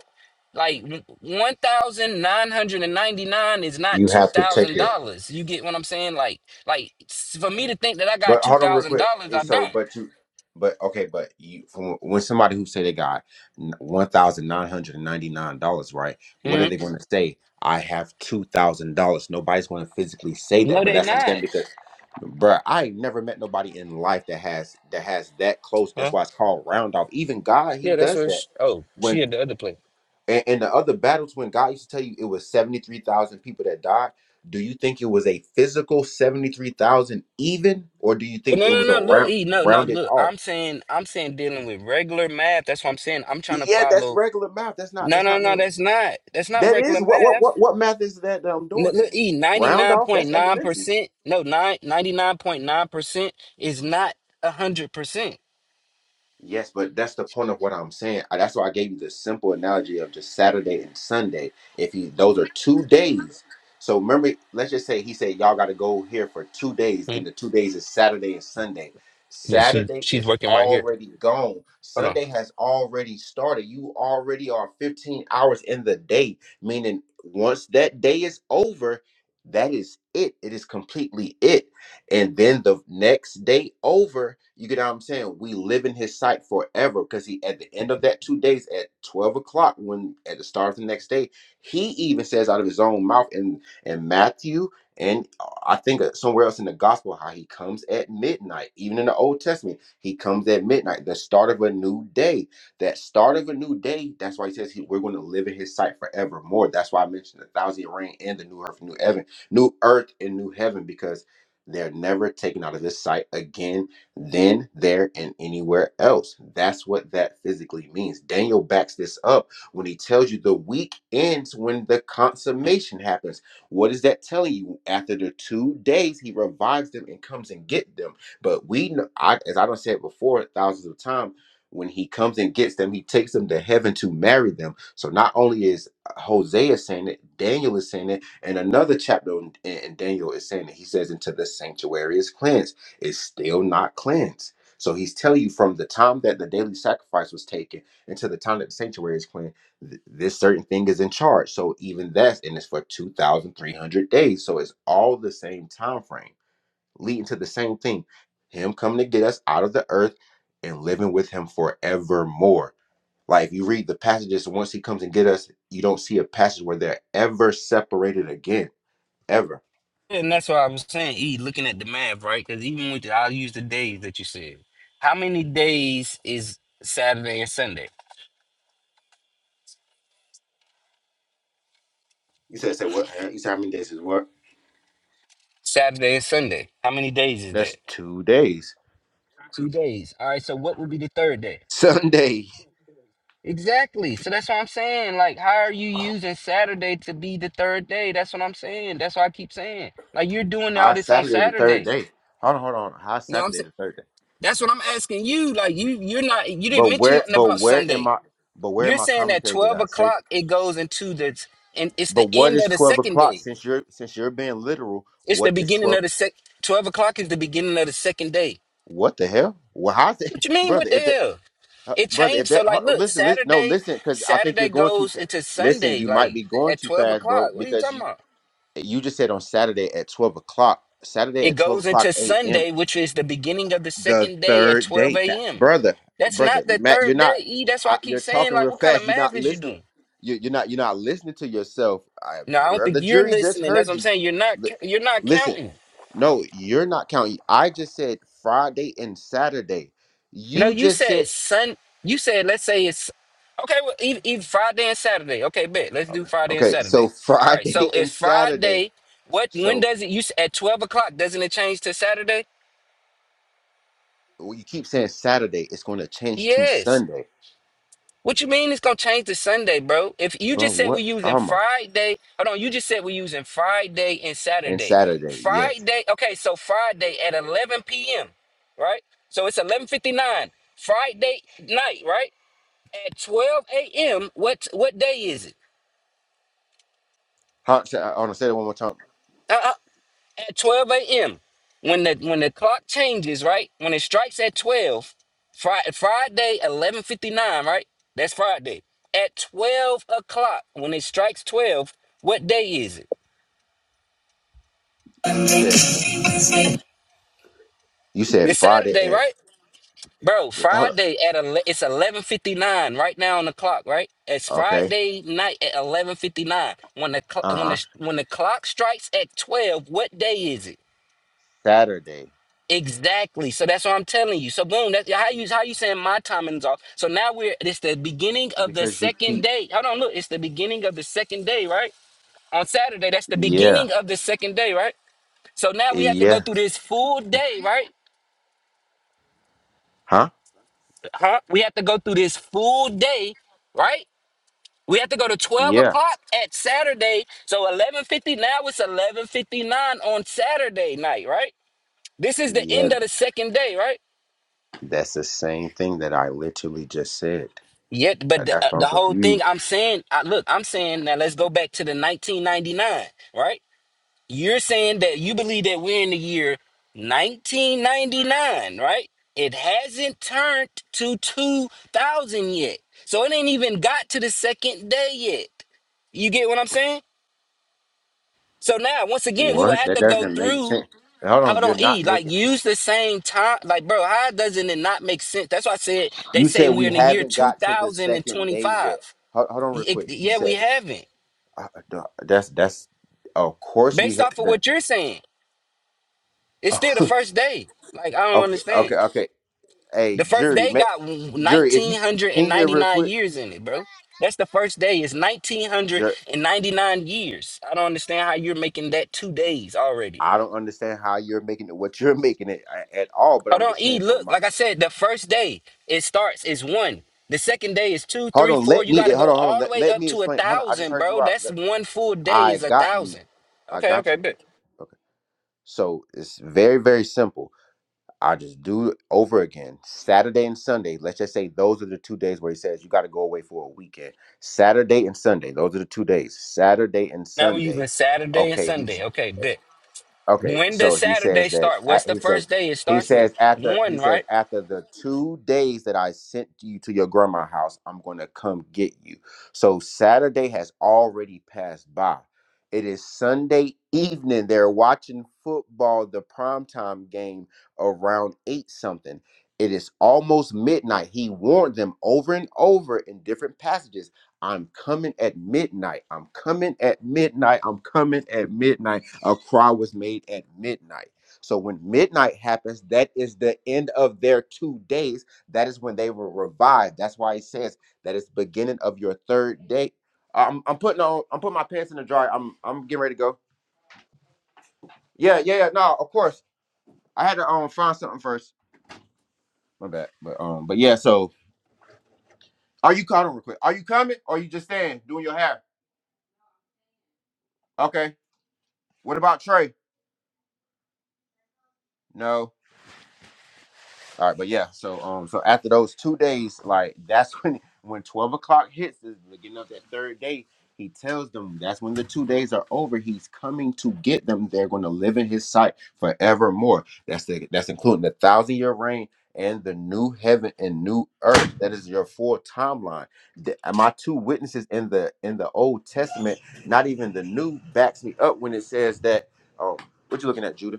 Speaker 2: Like one thousand nine hundred and ninety nine is not
Speaker 4: you
Speaker 2: two
Speaker 4: have to take
Speaker 2: thousand
Speaker 4: it.
Speaker 2: dollars. You get what I'm saying? Like, like s- for me to think that I
Speaker 4: But
Speaker 2: got two
Speaker 4: hold on real
Speaker 2: thousand
Speaker 4: quick.
Speaker 2: dollars,
Speaker 4: Eh,
Speaker 2: I
Speaker 4: So,
Speaker 2: don't.
Speaker 4: but you, but okay, but you from when somebody who say they got one thousand nine hundred ninety nine dollars, right? What are
Speaker 2: Mhm.
Speaker 4: they going to say? I have two thousand dollars. Nobody's going to physically say that,
Speaker 2: No,
Speaker 4: but
Speaker 2: they
Speaker 4: that's what I'm saying
Speaker 2: not.
Speaker 4: because, bruh, I ain't never met nobody in life that has that has that close. That's
Speaker 2: Huh?
Speaker 4: why it's called round off. Even God, He
Speaker 2: Yeah, that's
Speaker 4: does
Speaker 2: what. She,
Speaker 4: that
Speaker 2: oh, she at the other place.
Speaker 4: And, and the other battles, when God used to tell you it was 73,000 people that died, do you think it was a physical 73,000 even, or do you
Speaker 2: Oh,
Speaker 4: think
Speaker 2: No,
Speaker 4: it was a
Speaker 2: no, no. Look,
Speaker 4: round,
Speaker 2: E, no, no.
Speaker 4: rounded
Speaker 2: Look,
Speaker 4: off?
Speaker 2: I'm saying, I'm saying, dealing with regular math. That's what I'm saying. I'm trying to
Speaker 4: Yeah, that's
Speaker 2: follow.
Speaker 4: regular math. That's not,
Speaker 2: No,
Speaker 4: that's
Speaker 2: no,
Speaker 4: not
Speaker 2: no.
Speaker 4: no,
Speaker 2: That's not. That's not
Speaker 4: that
Speaker 2: regular
Speaker 4: is, what, what,
Speaker 2: math.
Speaker 4: what, what math is that, that I'm
Speaker 2: N-
Speaker 4: doing
Speaker 2: Look,
Speaker 4: then?
Speaker 2: E, ninety
Speaker 4: Round
Speaker 2: nine
Speaker 4: off?
Speaker 2: point
Speaker 4: That's
Speaker 2: nine
Speaker 4: elementary.
Speaker 2: percent. No, nine ninety nine point nine percent is not a hundred percent.
Speaker 4: Yes, but that's the point of what I'm saying. I- That's why I gave you the simple analogy of just Saturday and Sunday. If he, those are two days. So remember, let's just say he said y'all got to go here for two days, and the two days is Saturday and Sunday.
Speaker 2: Yeah, she
Speaker 4: Saturday
Speaker 2: she's
Speaker 4: is
Speaker 2: working right here.
Speaker 4: already gone.
Speaker 2: Hold on.
Speaker 4: Sunday has already started. You already are 15 hours in the day, meaning once that day is over, that is it. It is completely it. And then the next day over, you get what I'm saying? We live in his sight forever because he, at the end of that two days at 12 o'clock, when at the start of the next day, he even says out of his own mouth in, in Matthew and uh, I think uh, somewhere else in the gospel, how he comes at midnight, even in the Old Testament, he comes at midnight, the start of a new day. That start of a new day, that's why he says he, we're going to live in his sight forevermore. That's why I mentioned the thousand year reign and the new earth, new heaven, new earth and new heaven, because they're never taken out of his sight again, then, there, and anywhere else. That's what that physically means. Daniel backs this up when he tells you the week ends when the consummation happens. What is that telling you? After the two days, he revives them and comes and get them. But we, know, I, as I done said before, thousands of times, when he comes and gets them, he takes them to heaven to marry them. So not only is Hosea saying it, Daniel is saying it. And another chapter in, in Daniel is saying that he says, until the sanctuary is cleansed, it's still not cleansed. So he's telling you from the time that the daily sacrifice was taken until the time that the sanctuary is cleansed, th- this certain thing is in charge. So even that's and it's for 2,300 days. So it's all the same time frame, leading to the same thing. Him coming to get us out of the earth and living with him forevermore. Like if you read the passages, once he comes and get us, you don't see a passage where they're ever separated again ever.
Speaker 2: And that's what I was saying, E, looking at the math, right? Because even with the, I'll use the days that you said. How many days is Saturday and Sunday?
Speaker 4: You said, said what? You said how many days is what?
Speaker 2: Saturday and Sunday. How many days is
Speaker 4: That's
Speaker 2: that?
Speaker 4: two days.
Speaker 2: Two days. All right, so what would be the third day?
Speaker 4: Sunday,
Speaker 2: Exactly. So that's what I'm saying. Like, how are you using Saturday to be the third day? That's what I'm saying. That's what I keep saying. Like you're doing all
Speaker 4: high
Speaker 2: this on
Speaker 4: Saturday, the third
Speaker 2: Saturday.
Speaker 4: day. Hold on, hold on. High
Speaker 2: No, I'm
Speaker 4: Saturday,
Speaker 2: saying
Speaker 4: the third day.
Speaker 2: that's what I'm asking you. Like you you're not you
Speaker 4: But
Speaker 2: didn't mention
Speaker 4: where,
Speaker 2: nothing
Speaker 4: but
Speaker 2: about
Speaker 4: where in
Speaker 2: Sunday.
Speaker 4: my, but where in
Speaker 2: You're
Speaker 4: my
Speaker 2: saying that
Speaker 4: commentary did
Speaker 2: 12
Speaker 4: I say?
Speaker 2: o'clock it goes into the and it's
Speaker 4: But
Speaker 2: the
Speaker 4: what
Speaker 2: end
Speaker 4: is
Speaker 2: of the
Speaker 4: twelve
Speaker 2: second
Speaker 4: o'clock?
Speaker 2: day.
Speaker 4: Since you're, since you're being literal,
Speaker 2: It's the
Speaker 4: what is
Speaker 2: beginning
Speaker 4: twelve?
Speaker 2: of the sec 12 o'clock is the beginning of the second day.
Speaker 4: What the hell? Well, how's it,
Speaker 2: What you mean?
Speaker 4: brother?
Speaker 2: What the
Speaker 4: if they
Speaker 2: hell?
Speaker 4: Uh,
Speaker 2: It
Speaker 4: brother, if
Speaker 2: changed.
Speaker 4: they
Speaker 2: So
Speaker 4: uh,
Speaker 2: like look,
Speaker 4: listen, listen, no,
Speaker 2: Saturday,
Speaker 4: listen, because I think you're
Speaker 2: Saturday
Speaker 4: going too
Speaker 2: goes
Speaker 4: fast.
Speaker 2: into
Speaker 4: Listen,
Speaker 2: Sunday,
Speaker 4: you might be
Speaker 2: like
Speaker 4: going
Speaker 2: at
Speaker 4: too
Speaker 2: 12
Speaker 4: fast, bro,
Speaker 2: o'clock. What are you
Speaker 4: because
Speaker 2: talking
Speaker 4: you
Speaker 2: about?
Speaker 4: you just said on Saturday at twelve o'clock. Saturday
Speaker 2: It
Speaker 4: at twelve
Speaker 2: goes
Speaker 4: o'clock
Speaker 2: into
Speaker 4: a.m.
Speaker 2: Sunday, which is the beginning of the
Speaker 4: The
Speaker 2: second day at
Speaker 4: third
Speaker 2: 12
Speaker 4: day, that
Speaker 2: a.m.
Speaker 4: brother,
Speaker 2: That's
Speaker 4: brother
Speaker 2: not the
Speaker 4: Matt, you're
Speaker 2: third
Speaker 4: not.
Speaker 2: day. E, that's why I
Speaker 4: I,
Speaker 2: keep
Speaker 4: you're
Speaker 2: saying,
Speaker 4: talking
Speaker 2: like,
Speaker 4: real
Speaker 2: what kind of
Speaker 4: fast. You're
Speaker 2: math
Speaker 4: not
Speaker 2: is you
Speaker 4: listening.
Speaker 2: doing?
Speaker 4: You, you're not. You're not listening to yourself, I,
Speaker 2: No, I don't
Speaker 4: bro.
Speaker 2: think
Speaker 4: The
Speaker 2: you're
Speaker 4: jury just
Speaker 2: listening. That's
Speaker 4: heard
Speaker 2: what I'm
Speaker 4: you.
Speaker 2: saying. You're not.
Speaker 4: Li-
Speaker 2: You're not
Speaker 4: Listen,
Speaker 2: counting.
Speaker 4: no, you're not counting. I just said Friday and Saturday.
Speaker 2: No,
Speaker 4: You
Speaker 2: you
Speaker 4: just said.
Speaker 2: said Sun. You said let's say it's okay. Well, even, even Friday and Saturday. Okay, bet. Let's do Friday and
Speaker 4: Okay,
Speaker 2: Saturday.
Speaker 4: so
Speaker 2: All right. So
Speaker 4: Friday and
Speaker 2: it's
Speaker 4: Saturday.
Speaker 2: Friday. What? When
Speaker 4: So
Speaker 2: does it? You s- at twelve o'clock? Doesn't it change to Saturday?
Speaker 4: when you keep saying Saturday, it's going to change to
Speaker 2: Yes.
Speaker 4: Sunday,
Speaker 2: What you mean? It's gonna change to Sunday, bro? If you
Speaker 4: bro.
Speaker 2: just said we're
Speaker 4: What?
Speaker 2: using
Speaker 4: Oh my!
Speaker 2: Friday, hold on. You just said we're using Friday and
Speaker 4: And
Speaker 2: Saturday.
Speaker 4: Saturday, yes.
Speaker 2: Friday. Okay. So Friday at eleven p.m. Right. So it's eleven fifty nine. Friday night. Right. at 12 a.m. What what day is it?
Speaker 4: Huh, say- I want to say that one more time.
Speaker 2: Uh, uh, at 12 a.m. when the when the clock changes, right? When it strikes at 12, Friday, Friday 11:59, right? That's Friday. At 12 o'clock, when it strikes 12, what day is it?
Speaker 4: You said you said
Speaker 2: It's
Speaker 4: Friday
Speaker 2: Saturday,
Speaker 4: and
Speaker 2: right? Bro,
Speaker 4: hold
Speaker 2: Friday at ele- it's 11:59 right now on the clock, right? It's
Speaker 4: on. okay,
Speaker 2: Friday night at 11:59. When the cl-
Speaker 4: uh
Speaker 2: when
Speaker 4: huh.
Speaker 2: the when the clock strikes at 12, what day is it?
Speaker 4: Saturday
Speaker 2: Exactly. So that's what I'm telling you. So boom, that's how you how you saying my timing is off. So now we're it's the beginning of the
Speaker 4: because you
Speaker 2: second
Speaker 4: keep
Speaker 2: day. Hold on, look, it's the beginning of the second day, right? On Saturday, that's the
Speaker 4: yeah
Speaker 2: beginning of the second day, right? So now we have to go
Speaker 4: yeah
Speaker 2: through this full day, right?
Speaker 4: huh
Speaker 2: Huh? We have to go through this full day, right? We have to go to 12
Speaker 4: yeah
Speaker 2: o'clock at Saturday. So 11.50, now it's 11.59 on Saturday night, right? This is the
Speaker 4: yeah.
Speaker 2: end of the second day, right?
Speaker 4: That's the same thing that I literally just said.
Speaker 2: Yeah, but
Speaker 4: Uh,
Speaker 2: the,
Speaker 4: That's
Speaker 2: uh,
Speaker 4: why
Speaker 2: the
Speaker 4: I'm
Speaker 2: whole thing
Speaker 4: confused.
Speaker 2: I'm saying, I, look, I'm saying now let's go back to the 1999, right? You're saying that you believe that we're in the year 1999, right? It hasn't turned to 2000 yet. So it ain't even got to the second day yet. You get what I'm saying? So now, once again, we would
Speaker 4: What?
Speaker 2: have
Speaker 4: That
Speaker 2: to go
Speaker 4: doesn't make
Speaker 2: through.
Speaker 4: sense. Hold on,
Speaker 2: Hold on,
Speaker 4: you're not
Speaker 2: E.
Speaker 4: making.
Speaker 2: Like, use the same time. Like, bro, how doesn't it not make sense? That's why I said they
Speaker 4: You
Speaker 2: say
Speaker 4: said
Speaker 2: we're
Speaker 4: we
Speaker 2: in the year
Speaker 4: haven't got to the second day yet.
Speaker 2: 2025.
Speaker 4: Hold, hold on, real
Speaker 2: It-
Speaker 4: quick. You
Speaker 2: yeah, we
Speaker 4: said
Speaker 2: haven't.
Speaker 4: uh, uh, that's that's. Of course, we
Speaker 2: Based
Speaker 4: had
Speaker 2: off of
Speaker 4: the.
Speaker 2: what you're saying, it's still the first day. Like I don't
Speaker 4: okay, okay,
Speaker 2: understand.
Speaker 4: okay. Hey,
Speaker 2: The first
Speaker 4: jury,
Speaker 2: day
Speaker 4: ma-
Speaker 2: got
Speaker 4: jury, if you can you hear real
Speaker 2: 1999
Speaker 4: quick,
Speaker 2: years in it, bro. That's the first day. It's
Speaker 4: jury,
Speaker 2: 1999 years. I don't understand how you're making that two days already.
Speaker 4: I don't understand how you're making it what you're making it a- at all. But
Speaker 2: Hold
Speaker 4: I'm
Speaker 2: on,
Speaker 4: just
Speaker 2: E.
Speaker 4: saying for
Speaker 2: Look,
Speaker 4: my.
Speaker 2: like I said, the first day it starts is one. The second day is two,
Speaker 4: Hold
Speaker 2: three,
Speaker 4: on,
Speaker 2: four.
Speaker 4: let
Speaker 2: You
Speaker 4: me
Speaker 2: got to
Speaker 4: hold
Speaker 2: go
Speaker 4: on, hold on.
Speaker 2: all the
Speaker 4: Let,
Speaker 2: way
Speaker 4: let
Speaker 2: up
Speaker 4: me
Speaker 2: to a
Speaker 4: explain. Hold on, I just
Speaker 2: thousand,
Speaker 4: heard
Speaker 2: bro.
Speaker 4: you out.
Speaker 2: That's
Speaker 4: Let-
Speaker 2: one full day
Speaker 4: I
Speaker 2: is a
Speaker 4: got you.
Speaker 2: thousand.
Speaker 4: I
Speaker 2: Okay,
Speaker 4: got
Speaker 2: okay,
Speaker 4: you.
Speaker 2: bet.
Speaker 4: Okay. So it's very very simple I just do it over again. Saturday and Sunday. Let's just say those are the two days where he says you got to go away for a weekend. Saturday and Sunday. Those are the two days. Saturday and
Speaker 2: Now we're
Speaker 4: Sunday.
Speaker 2: using Saturday and
Speaker 4: Okay, he,
Speaker 2: Sunday. Okay, bet.
Speaker 4: Okay,
Speaker 2: When
Speaker 4: so
Speaker 2: does
Speaker 4: he says
Speaker 2: Saturday
Speaker 4: that
Speaker 2: start?
Speaker 4: a-
Speaker 2: What's the
Speaker 4: he says
Speaker 2: first day? It
Speaker 4: he
Speaker 2: starts with
Speaker 4: says after he
Speaker 2: one,
Speaker 4: says
Speaker 2: right?
Speaker 4: after the two days that I sent you to your grandma house, I'm going to come get you. So Saturday has already passed by. It is Sunday evening. They're watching football, the primetime game around eight something. It is almost midnight. He warned them over and over in different passages I'm coming at midnight. I'm coming at midnight. I'm coming at midnight. A cry was made at midnight. So when midnight happens, that is the end of their two days. That is when they were revived. That's why he says that is the beginning of your third day. I'm, I'm putting on. I'm putting my pants in the dryer. I'm I'm getting ready to go. Yeah, yeah, yeah. No, of course. I had to um find something first. My bad. But um, but yeah. So are you coming real quick? Are you coming or are you just staying doing your hair? Okay. What about Trey? No. All right, but yeah, so um, so after those two days, like that's when when twelve o'clock hits, is beginning of that third day. He tells them that's when the two days are over. He's coming to get them. They're going to live in His sight forevermore. That's the, that's including the thousand year reign and the new heaven and new earth. That is your full timeline. The- uh, my two witnesses in the in the Old Testament, not even the new, backs me up when it says that. Um, what you looking at, Judah?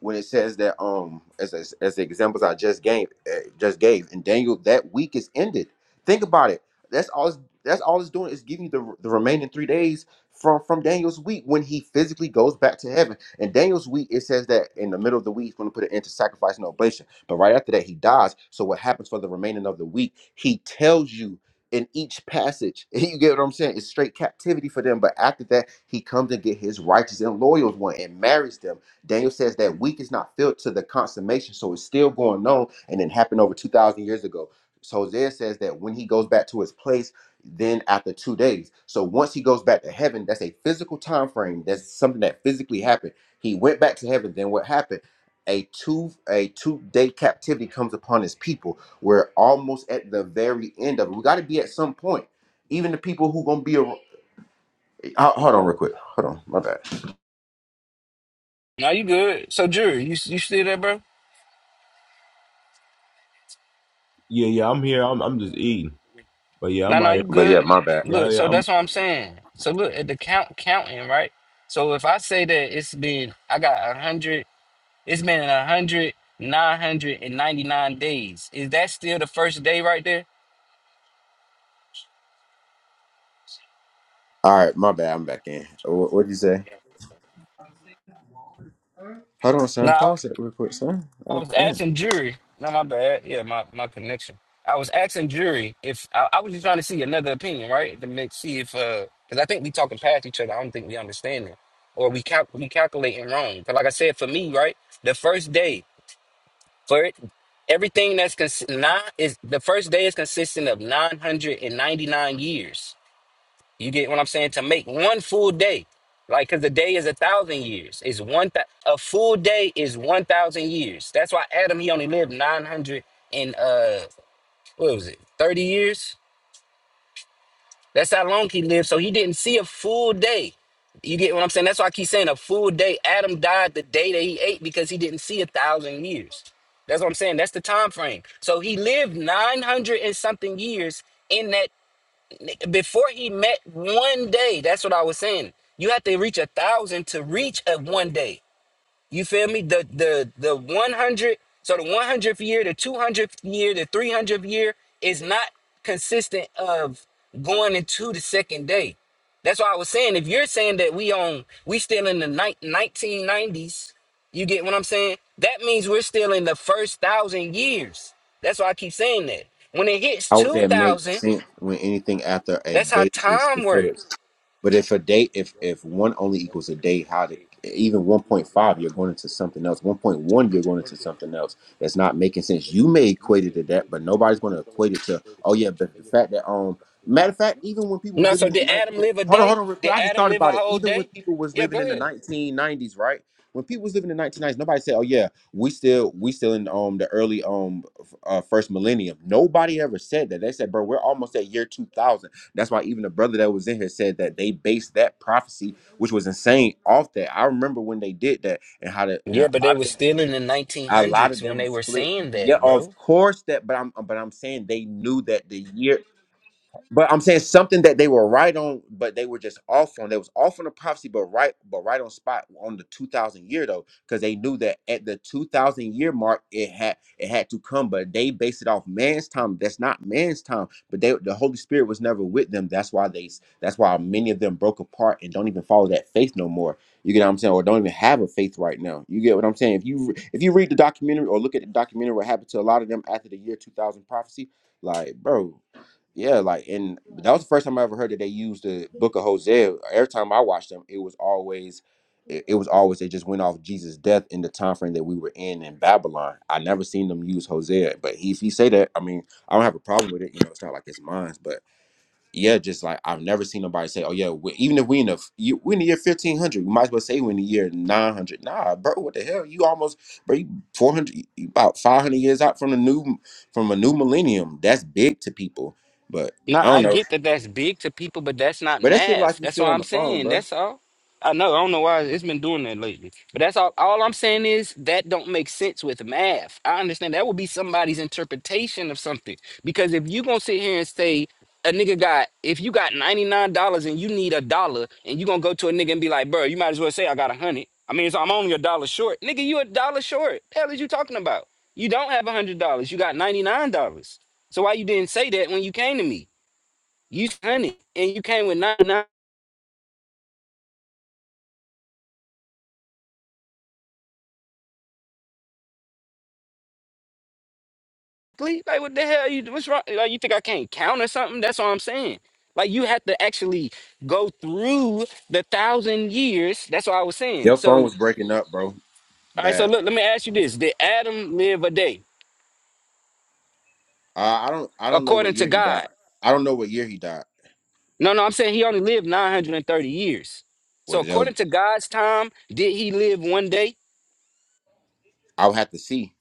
Speaker 4: when it says that um as as, as the examples I just gave uh, just gave and Daniel that week is ended. Think about it. That's all. It's, that's all it's doing is giving you the the remaining three days from from Daniel's week when he physically goes back to heaven. And Daniel's week it says that in the middle of the week he's going to put an end to sacrifice and oblation. But right after that he dies. So what happens for the remaining of the week? He tells you in each passage. You get what I'm saying? It's straight captivity for them. But after that he comes and get his righteous and loyal one and marries them Daniel says that week is not filled to the consummation, so it's still going on and it happened over 2,000 years ago. So Hosea says that when he goes back to his place, then after two days. So once he goes back to heaven, that's a physical time frame. That's something that physically happened. He went back to heaven. Then what happened? A two a two day captivity comes upon his people. We're almost at the very end of it. We got to be at some point. Even the people who gonna be a, hold on real quick. Hold on, my bad.
Speaker 2: Now you good. So jury, you you still there, bro?
Speaker 5: Yeah, yeah, I'm here. I'm I'm just eating. But yeah,
Speaker 2: No,
Speaker 5: I'm
Speaker 2: no,
Speaker 5: right here.
Speaker 2: you
Speaker 4: But yeah,
Speaker 2: good.
Speaker 4: my bad.
Speaker 5: Yeah,
Speaker 2: Look,
Speaker 5: yeah,
Speaker 2: so
Speaker 5: I'm.
Speaker 2: that's what I'm saying. So look at the count counting, right? So if I say that it's been I got a hundred, it's been a hundred, nine hundred and ninety-nine days. Is that still the first day right there?
Speaker 4: All right, my bad. I'm back in. What would you say? Hold on, son.
Speaker 2: No,
Speaker 4: Pause that real quick, son. All
Speaker 2: I
Speaker 4: right,
Speaker 2: was
Speaker 4: damn.
Speaker 2: asking jury. No, my bad. Yeah, my, my connection. I was asking jury if I, I was just trying to see another opinion, right? To make see if uh, because I think we talking past each other. I don't think we understanding or we cal- we calculating wrong. But like I said, for me, right, the first day for it, everything that's cons- nine is the first day is consistent of nine hundred and ninety nine years. You get what I'm saying? To make one full day, like, because a day is a thousand years. It's one thou- a full day is one thousand years. That's why Adam he only lived nine hundred and uh, what was it, thirty years? That's how long he lived. So he didn't see a full day. You get what I'm saying? That's why I keep saying a full day. Adam died the day that he ate because he didn't see a thousand years. That's what I'm saying. That's the time frame. So he lived 900 and something years in that before he met one day that's what i was saying you have to reach a thousand to reach a one day you feel me the the the 100 so the 100th year the 200th year the 300th year is not consistent of going into the second day that's why i was saying if you're saying that we on we still in the 1990s you get what i'm saying that means we're still in the first thousand years that's why i keep saying that when it hits
Speaker 4: How would that make
Speaker 2: 2000
Speaker 4: sense when anything after a
Speaker 2: that's how
Speaker 4: date is
Speaker 2: time works
Speaker 4: considered? But if a date, if if one only equals a date, how to even one point five, you're going into something else. One point one, you're going into something else. That's not making sense. You may equate it to that, but nobody's going to equate it to. Oh yeah, but the fact that um, matter of fact, even when people was
Speaker 2: No,
Speaker 4: living
Speaker 2: so
Speaker 4: in the
Speaker 2: did Adam
Speaker 4: nineteen,
Speaker 2: live a
Speaker 4: hold on, hold
Speaker 2: day?
Speaker 4: on, real
Speaker 2: Did
Speaker 4: quick. I just
Speaker 2: Adam
Speaker 4: thought
Speaker 2: live a
Speaker 4: about it.
Speaker 2: whole
Speaker 4: Even when
Speaker 2: day?
Speaker 4: people was
Speaker 2: Yeah,
Speaker 4: living
Speaker 2: go
Speaker 4: in the
Speaker 2: ahead.
Speaker 4: nineteen nineties, right? When people was living in the nineteen nineties, nobody said, oh yeah, we still we still in um the early um uh, first millennium. Nobody ever said that. They said, bro, we're almost at year 2000. That's why even the brother that was in here said that they based that prophecy, which was insane, off that. I remember when they did that and how the, and
Speaker 2: Yeah,
Speaker 4: a
Speaker 2: but they
Speaker 4: lot of
Speaker 2: were
Speaker 4: them.
Speaker 2: still in the
Speaker 4: A lot of
Speaker 2: 1900s when
Speaker 4: them
Speaker 2: they were
Speaker 4: split.
Speaker 2: saying
Speaker 4: Yeah,
Speaker 2: that, bro.
Speaker 4: of course that, but I'm but I'm saying they knew that the year but I'm saying something that they were right on, but they were just off on. They was off on the prophecy, but right, but right on spot on the 2000 year though, because they knew that at the 2000 year mark, it had it had to come. But they based it off man's time. That's not man's time. But they, the Holy Spirit was never with them. That's why they. That's why many of them broke apart and don't even follow that faith no more. You get what I'm saying, or don't even have a faith right now. You get what I'm saying? If you re- if you read the documentary or look at the documentary, what happened to a lot of them after the year 2000 prophecy, like bro. Yeah, like and that was the first time I ever heard that they used the Book of Hosea. Every time I watched them, it was always, it, it was always they just went off Jesus' death in the time frame that we were in in Babylon. I never seen them use Hosea, but he, if he say that, I mean, I don't have a problem with it. You know, it's not like it's mine, but yeah, just like I've never seen nobody say, "Oh yeah, we, even if we in the f- you, we in the year fifteen hundred, we might as well say we in the year nine hundred. Nah, bro, what the hell? You almost, bro, you four hundred, about five hundred years out from the new from a new millennium. That's big to people, but
Speaker 2: No,
Speaker 4: I
Speaker 2: I
Speaker 4: don't know.
Speaker 2: get that that's big to people, but that's not
Speaker 4: But that shit
Speaker 2: math.
Speaker 4: like you
Speaker 2: That's
Speaker 4: still
Speaker 2: what
Speaker 4: on
Speaker 2: I'm
Speaker 4: the phone,
Speaker 2: saying.
Speaker 4: bro.
Speaker 2: That's all. I know. I don't know why it's been doing that lately, but that's all. All I'm saying is that don't make sense with math. I understand that would be somebody's interpretation of something because if you gonna sit here and say a nigga got if you got ninety nine dollars and you need a dollar and you gonna go to a nigga and be like, bro, you might as well say I got a hundred. I mean, it's, I'm only a dollar short, nigga. You a dollar short. The hell is you talking about? You don't have a hundred dollars. You got ninety nine dollars. So why you didn't say that when you came to me? You signed it, and you came with nine Like what the hell? You what's wrong? Like you think I can't count or something? That's all I'm saying. Like you have to actually go through the thousand years. That's what I was saying.
Speaker 4: Your phone
Speaker 2: So
Speaker 4: was breaking up, bro.
Speaker 2: all right. So
Speaker 4: Bad.
Speaker 2: look, let me ask you this: Did Adam live a day
Speaker 4: Uh, I don't, I don't know what
Speaker 2: according to
Speaker 4: year he
Speaker 2: God?
Speaker 4: died. I don't know what year he died.
Speaker 2: No, no. I'm saying he only lived 930 years. So
Speaker 4: What well, they'll-
Speaker 2: according to God's time, did he live one day?
Speaker 4: I'll have to see.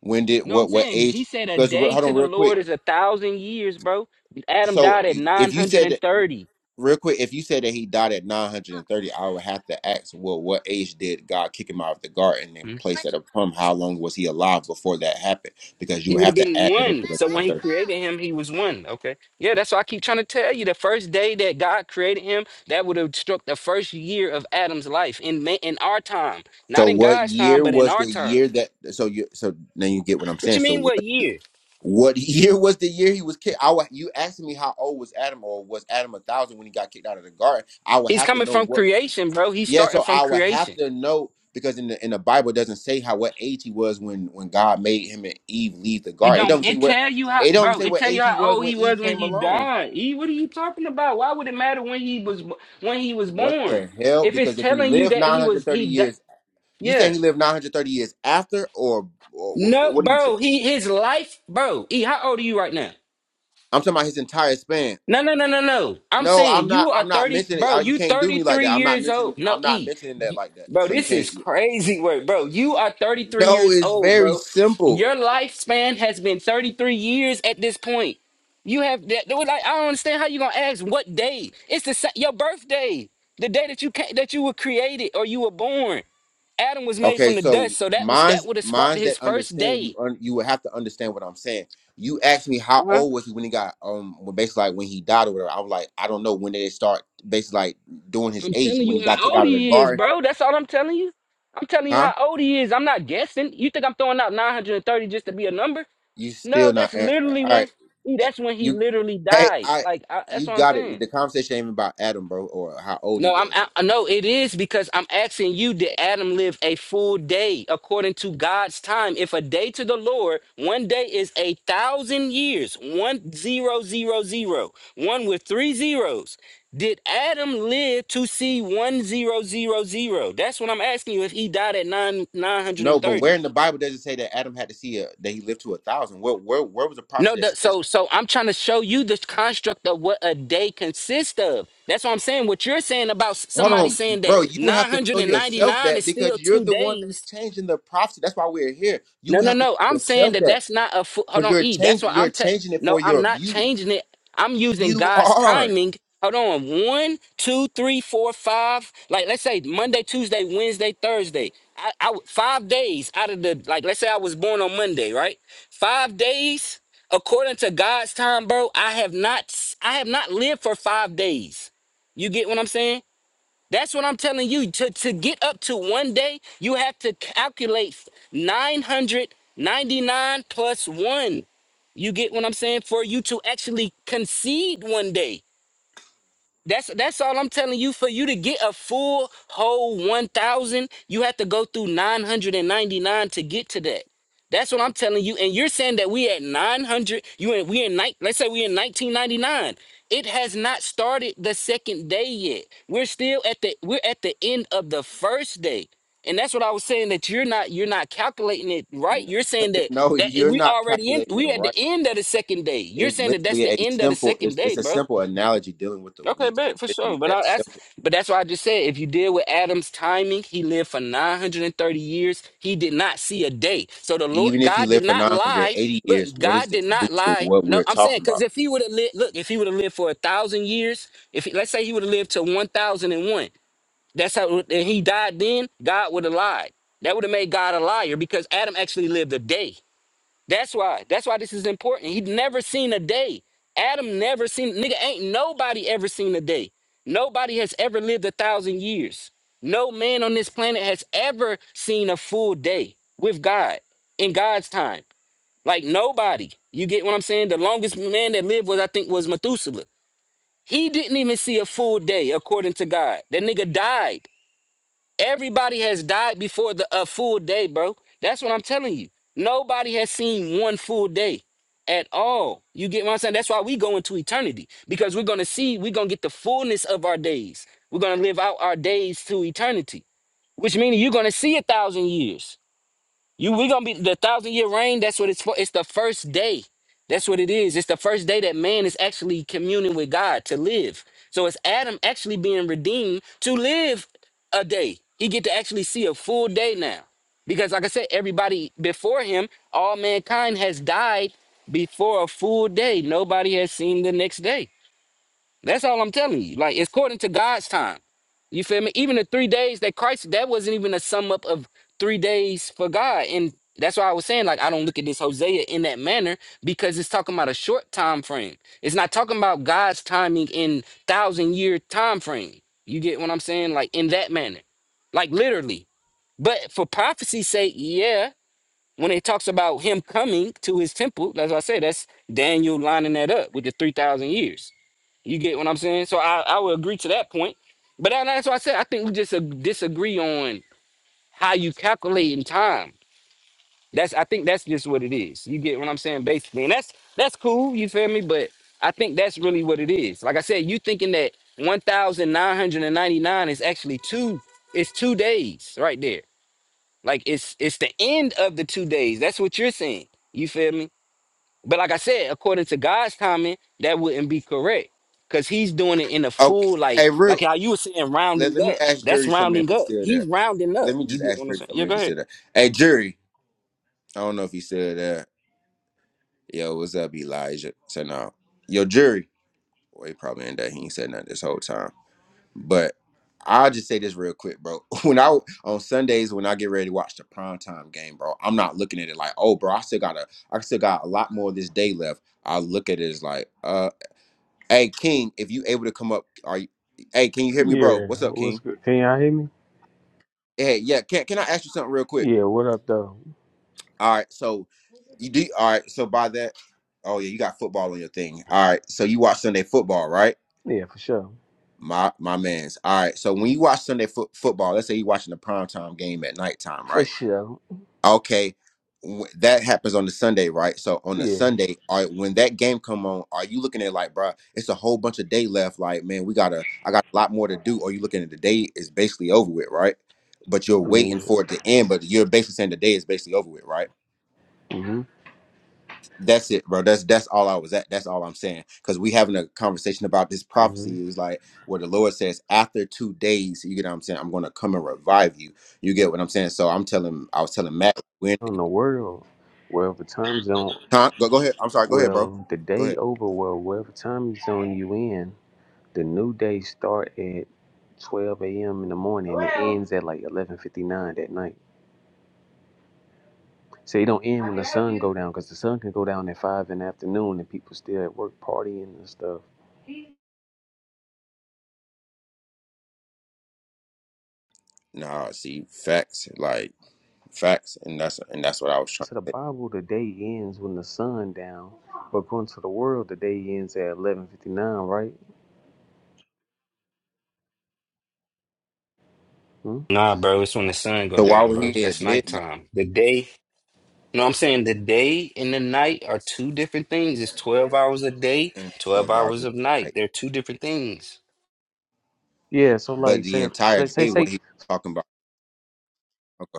Speaker 4: When did
Speaker 2: No, I'm
Speaker 4: what what
Speaker 2: saying he
Speaker 4: age?
Speaker 2: said a
Speaker 4: Because
Speaker 2: day
Speaker 4: hold
Speaker 2: to
Speaker 4: on,
Speaker 2: the
Speaker 4: real quick.
Speaker 2: Lord is a thousand years, bro. Adam
Speaker 4: So
Speaker 2: died at
Speaker 4: if you said that,
Speaker 2: 930.
Speaker 4: real quick, if you said that he died at 930, I would have to ask, well, what age did God kick him out of the garden and place at a plum? How long was he alive before that happened? Because you
Speaker 2: He
Speaker 4: would
Speaker 2: would have
Speaker 4: have to
Speaker 2: been
Speaker 4: add that into
Speaker 2: one.
Speaker 4: the
Speaker 2: So when he
Speaker 4: 930.
Speaker 2: created him, he was one. Okay. Yeah, that's why I keep trying to tell you. The first day that God created him, that would have struck the first year of Adam's life in ma- in our time.
Speaker 4: So
Speaker 2: Not in
Speaker 4: what
Speaker 2: God's time,
Speaker 4: year
Speaker 2: but in
Speaker 4: was
Speaker 2: our
Speaker 4: the
Speaker 2: time.
Speaker 4: year that? So you so now you get what I'm
Speaker 2: What
Speaker 4: saying.
Speaker 2: you
Speaker 4: So
Speaker 2: mean what
Speaker 4: what
Speaker 2: year?
Speaker 4: what year was the year he was kicked? I would, you asking me how old was Adam or was Adam a thousand when he got kicked out of the garden? I would
Speaker 2: He's
Speaker 4: have to
Speaker 2: coming
Speaker 4: know
Speaker 2: from
Speaker 4: what.
Speaker 2: creation, bro. He's
Speaker 4: Yeah,
Speaker 2: starting
Speaker 4: so
Speaker 2: from
Speaker 4: I would have
Speaker 2: creation.
Speaker 4: to know because in the in the Bible it doesn't say how what age he was when when God made him and Eve leave the
Speaker 2: It
Speaker 4: garden. It
Speaker 2: don't
Speaker 4: don't say
Speaker 2: it
Speaker 4: what
Speaker 2: tell you how
Speaker 4: it don't
Speaker 2: bro,
Speaker 4: say
Speaker 2: it
Speaker 4: what
Speaker 2: tell you
Speaker 4: age he
Speaker 2: how
Speaker 4: was
Speaker 2: old
Speaker 4: when
Speaker 2: he
Speaker 4: Eve
Speaker 2: was when
Speaker 4: came
Speaker 2: he
Speaker 4: alone.
Speaker 2: died. E, what are you talking about? Why would it matter when he was when he was
Speaker 4: What
Speaker 2: born?
Speaker 4: the hell?
Speaker 2: If it's
Speaker 4: Because if he
Speaker 2: telling you
Speaker 4: lived
Speaker 2: that he was
Speaker 4: 930
Speaker 2: he died,
Speaker 4: years, you
Speaker 2: yeah.
Speaker 4: saying he lived 930 years after or, or what,
Speaker 2: No,
Speaker 4: what do you say?
Speaker 2: bro, he his life, bro. E, how old are you right now?
Speaker 4: I'm talking about his entire span.
Speaker 2: No, no, no, no, no. I'm
Speaker 4: No, I'm
Speaker 2: saying
Speaker 4: not
Speaker 2: you are
Speaker 4: I'm not
Speaker 2: 30,
Speaker 4: mentioning
Speaker 2: bro.
Speaker 4: I, you
Speaker 2: You
Speaker 4: can't do me like
Speaker 2: 33
Speaker 4: that. I'm not
Speaker 2: years
Speaker 4: mentioning
Speaker 2: old. No,
Speaker 4: I'm not
Speaker 2: E,
Speaker 4: mentioning that
Speaker 2: you-
Speaker 4: like that.
Speaker 2: bro,
Speaker 4: So you
Speaker 2: this
Speaker 4: can't
Speaker 2: is crazy work, bro. You are 33
Speaker 4: No,
Speaker 2: years
Speaker 4: it's
Speaker 2: old,
Speaker 4: very
Speaker 2: bro.
Speaker 4: simple.
Speaker 2: Your lifespan has been 33 years at this point. You have that. Like, I don't understand how you gonna ask what day. It's the sa- your birthday, the day that you ca- that you were created or you were born. Adam was made
Speaker 4: Okay,
Speaker 2: from the
Speaker 4: so
Speaker 2: dust, so that was
Speaker 4: minds
Speaker 2: that would have sparked
Speaker 4: minds
Speaker 2: his
Speaker 4: that
Speaker 2: first
Speaker 4: understand you
Speaker 2: day.
Speaker 4: un, you would have to understand what I'm saying. You asked me how
Speaker 2: Uh-huh.
Speaker 4: old was he when he got um when basically like when he died or whatever. I was like, I don't know when did they start basically like doing his
Speaker 2: I'm
Speaker 4: age
Speaker 2: telling
Speaker 4: when
Speaker 2: you
Speaker 4: he got
Speaker 2: how
Speaker 4: kicked
Speaker 2: old
Speaker 4: out of the
Speaker 2: he is,
Speaker 4: garden,
Speaker 2: bro. That's all I'm telling you. I'm telling you
Speaker 4: huh?
Speaker 2: how old he is. I'm not guessing. You think I'm throwing out 930 just to be a number?
Speaker 4: You
Speaker 2: No,
Speaker 4: still
Speaker 2: that's
Speaker 4: not an- all
Speaker 2: literally when.
Speaker 4: right?
Speaker 2: E,
Speaker 4: eh,
Speaker 2: That's when he
Speaker 4: You
Speaker 2: literally
Speaker 4: hey
Speaker 2: died.
Speaker 4: I
Speaker 2: Like I, that's
Speaker 4: you
Speaker 2: what I'm
Speaker 4: got
Speaker 2: saying.
Speaker 4: it. The conversation ain't even about Adam, bro, or how old he
Speaker 2: No, I'm
Speaker 4: was.
Speaker 2: I, no, it is because I'm asking you, did Adam live a full day according to God's time? If a day to the Lord, one day is a thousand years, one zero zero zero, one with three zeros. Did Adam live to see one zero zero zero? That's what I'm asking you if he died at nine nine hundred
Speaker 4: No,
Speaker 2: and
Speaker 4: but
Speaker 2: thirty.
Speaker 4: where in the Bible does it say that Adam had to see a, that he lived to a thousand? Where where where was the
Speaker 2: No,
Speaker 4: prophecy that
Speaker 2: the,
Speaker 4: says
Speaker 2: so so I'm trying to show you the construct of what a day consists of. That's what I'm saying. What you're saying about s-
Speaker 4: Hold
Speaker 2: somebody
Speaker 4: on,
Speaker 2: saying
Speaker 4: bro.
Speaker 2: that
Speaker 4: You have to show yourself
Speaker 2: 999
Speaker 4: that
Speaker 2: is still
Speaker 4: because you're
Speaker 2: two
Speaker 4: the one that's
Speaker 2: days
Speaker 4: changing the prophecy. That's why we're here.
Speaker 2: no,
Speaker 4: You
Speaker 2: no,
Speaker 4: have to
Speaker 2: no.
Speaker 4: show
Speaker 2: I'm saying
Speaker 4: yourself
Speaker 2: that
Speaker 4: that
Speaker 2: that's not a fu- hold
Speaker 4: because
Speaker 2: on.
Speaker 4: you're
Speaker 2: E. That's
Speaker 4: change
Speaker 2: what
Speaker 4: you're
Speaker 2: I'm. Te-
Speaker 4: changing it
Speaker 2: no,
Speaker 4: for
Speaker 2: I'm
Speaker 4: your
Speaker 2: not
Speaker 4: view.
Speaker 2: changing it. I'm using
Speaker 4: You
Speaker 2: God's
Speaker 4: are.
Speaker 2: timing. Hold on. One, two, three, four, five. Like let's say Monday, Tuesday, Wednesday, Thursday. I, I w- five days out of the like. Let's say I was born on Monday, right? Five days according to God's time, bro. I have not. s- I have not lived for five days. You get what I'm saying? That's what I'm telling you. To, to get up to one day, you have to calculate 999 plus one. You get what I'm saying? For you to actually concede one day. That's that's all I'm telling you. For you to get a full whole one thousand, you have to go through nine hundred and ninety nine to get to that. That's what I'm telling you. And you're saying that we at nine hundred. You and we in night. Let's say we in nineteen ninety nine. It has not started the second day yet. We're still at the we're at the end of the first day. And that's what I was saying that you're not you're not calculating it right.
Speaker 4: No,
Speaker 2: You're saying that
Speaker 4: no,
Speaker 2: that
Speaker 4: you're
Speaker 2: we
Speaker 4: not
Speaker 2: already in
Speaker 4: calculating it
Speaker 2: we at the
Speaker 4: right.
Speaker 2: end of the second day. You're
Speaker 4: It's
Speaker 2: saying that that's
Speaker 4: literally
Speaker 2: the
Speaker 4: a
Speaker 2: end of the
Speaker 4: simple.
Speaker 2: second
Speaker 4: It's,
Speaker 2: day,
Speaker 4: it's a
Speaker 2: bro.
Speaker 4: simple analogy dealing with the
Speaker 2: Okay,
Speaker 4: weak.
Speaker 2: bet
Speaker 4: It's
Speaker 2: for
Speaker 4: literally
Speaker 2: sure. But I,
Speaker 4: that
Speaker 2: that's
Speaker 4: simple.
Speaker 2: but that's why I just said if you deal with Adam's timing, he lived for 930 years. He did not see a day. So the Lord
Speaker 4: Even if you
Speaker 2: God did
Speaker 4: live for
Speaker 2: not lie.
Speaker 4: 980 years,
Speaker 2: Look,
Speaker 4: what does
Speaker 2: God
Speaker 4: this
Speaker 2: did
Speaker 4: do
Speaker 2: not
Speaker 4: to
Speaker 2: lie.
Speaker 4: what
Speaker 2: No,
Speaker 4: we're
Speaker 2: I'm saying
Speaker 4: talking
Speaker 2: because
Speaker 4: about?
Speaker 2: if he would have lived, look, if he would have lived for a thousand years, if he, let's say he would have lived to 1,001, that's how and he died then, God would have lied. That would have made God a liar because Adam actually lived a day. That's why. That's why this is important. He'd never seen a day. Adam never seen nigga ain't nobody ever seen a day. Nobody has ever lived a thousand years. No man on this planet has ever seen a full day with God in God's time. Like nobody. You get what I'm saying? The longest man that lived was I think was Methuselah. He didn't even see a full day according to God. That nigga died. Everybody has died before the a full day, bro. That's what I'm telling you. Nobody has seen one full day at all. You get what I'm saying? That's why we go into eternity because we're gonna see. We're gonna get the fullness of our days. We're gonna live out our days to eternity, which means you're gonna see a thousand years. You we gonna be the thousand year reign. That's what it's for. It's the first day. That's what it is. It's the first day that man is actually communing with God to live. So it's Adam actually being redeemed to live a day. He get to actually see a full day now. Because like I said, everybody before him, all mankind has died before a full day. Nobody has seen the next day. That's all I'm telling you. Like it's according to God's time. You feel me? Even the three days that Christ, that wasn't even a sum up of three days for God. And that's why I was saying, like, I don't look at this Hosea in that manner because it's talking about a short time frame. It's not talking about God's timing in thousand year time frame. You get what I'm saying? Like in that manner. Like literally. But for prophecy's sake, yeah when it talks about him coming to his temple, that's what I said. That's Daniel lining that up with the 3,000 years. You get what I'm saying? So I, I would agree to that point. But that- that's what I said. I think we just uh, disagree on how you calculate in time. That's I think that's just what it is. You get what I'm saying, basically. And that's that's cool, you feel me? But I think that's really what it is. Like I said, you thinking that 1,999 is actually two, it's two days right there. Like it's it's the end of the two days. That's what you're saying. You feel me? But like I said, according to God's timing, that wouldn't be correct. Cause he's doing it in a
Speaker 4: Okay,
Speaker 2: full like
Speaker 4: hey, Root.
Speaker 2: like how you were saying
Speaker 4: Let,
Speaker 2: rounding
Speaker 4: let me
Speaker 2: up.
Speaker 4: ask
Speaker 2: That's
Speaker 4: Jury something if
Speaker 2: rounding
Speaker 4: he's
Speaker 2: up.
Speaker 4: still there.
Speaker 2: He's rounding up.
Speaker 4: Let me
Speaker 2: You
Speaker 4: just
Speaker 2: get
Speaker 4: ask
Speaker 2: what I'm
Speaker 4: Jury
Speaker 2: saying?
Speaker 4: something
Speaker 2: Yeah,
Speaker 4: if
Speaker 2: go
Speaker 4: he's
Speaker 2: ahead.
Speaker 4: still there. Hey, Jury. I don't know if he said that. Yo, what's up, Elijah? So no. Yo, jury. Well, he probably ain't that he ain't said nothing this whole time. But I'll just say this real quick, bro. When I on Sundays when I get ready to watch the primetime game, bro, I'm not looking at it like, oh bro, I still got a I still got a lot more of this day left. I look at it as like, uh, hey King, if you able to come up, are you hey, can you hear me, bro?
Speaker 6: Yeah,
Speaker 4: What's up,
Speaker 6: what's
Speaker 4: King?
Speaker 6: good? Can y'all hear me?
Speaker 4: Hey, yeah, can can I ask you something real quick?
Speaker 6: Yeah, what up though?
Speaker 4: All right, so you do. All right, so by that, oh yeah, you got football on your thing. All right, so you watch Sunday football, right?
Speaker 6: Yeah, for sure.
Speaker 4: My my man's. All right, so when you watch Sunday fo- football, let's say you're watching the primetime game at nighttime,
Speaker 6: For
Speaker 4: right?
Speaker 6: sure.
Speaker 4: Okay, wh- that happens on the Sunday, right? So on the
Speaker 6: Yeah.
Speaker 4: Sunday, all right, when that game come on, are you looking at it like, bro, it's a whole bunch of day left? Like, man, we gotta, I got a lot more to do. Or you looking at the day is basically over with, right? But you're
Speaker 6: I
Speaker 4: waiting
Speaker 6: mean,
Speaker 4: for it to end, but you're basically saying the day is basically over with, right?
Speaker 6: hmm
Speaker 4: That's it, bro. That's that's all I was at. That's all I'm saying. Because we having a conversation about this
Speaker 6: hmm
Speaker 4: prophecy is like where the Lord says, after two days, you get what I'm saying. I'm going to come and revive you. You get what I'm saying. So I'm telling, I was telling Matt, when
Speaker 6: On the world, wherever time zone,
Speaker 4: huh? go go ahead. I'm sorry. Go ahead, bro.
Speaker 6: well, the
Speaker 4: Go
Speaker 6: day
Speaker 4: ahead.
Speaker 6: over, well, wherever time zone you in, the new day start at 12 a.m. in the morning and it ends at like 11:59 at night. So it don't end when the sun go down because the sun can go down at five in the afternoon and people still at work partying and stuff.
Speaker 4: Nah, see facts like facts, and that's and that's what I was trying
Speaker 6: To the
Speaker 4: to say.
Speaker 6: Bible, the day ends when the sun down, but according to the world, the day ends at eleven fifty nine, right? Hmm?
Speaker 2: Nah, bro, it's when the sun go
Speaker 4: So while
Speaker 2: down,
Speaker 4: we're
Speaker 2: bro.
Speaker 4: here at
Speaker 2: That's
Speaker 4: midnight,
Speaker 2: nighttime. The day, you know what I'm saying? The day and the night are two different things. It's 12 hours a day,
Speaker 4: and
Speaker 2: 12
Speaker 4: 12 hours
Speaker 2: hours
Speaker 4: at
Speaker 2: of night. They're two different things.
Speaker 6: Yeah. So
Speaker 4: but
Speaker 6: like,
Speaker 4: the
Speaker 6: say,
Speaker 4: entire
Speaker 6: say, say,
Speaker 4: day, what
Speaker 6: say.
Speaker 4: he was talking about. Okay.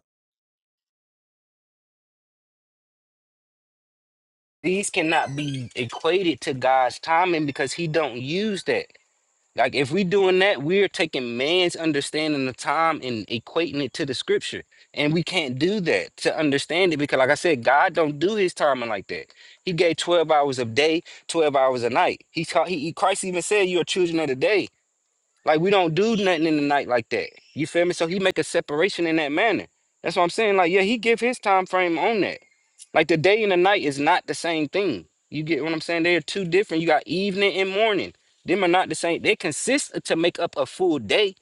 Speaker 2: these cannot be equated to God's timing because he don't use that. Like if we doing that, we're taking man's understanding of time and equating it to the scripture. And we can't do that to understand it because like I said, God don't do his timing like that. He gave 12 hours of day, 12 hours a night. He, ca- he- Christ even said you are children of the day. Like we don't do nothing in the night like that. You feel me? So he make a separation in that manner. That's what I'm saying. Like, yeah, he give his time frame on that. Like the day and the night is not the same thing. You get what I'm saying? They're two different. You got evening and morning. Them are not the same. They consist to make up a full day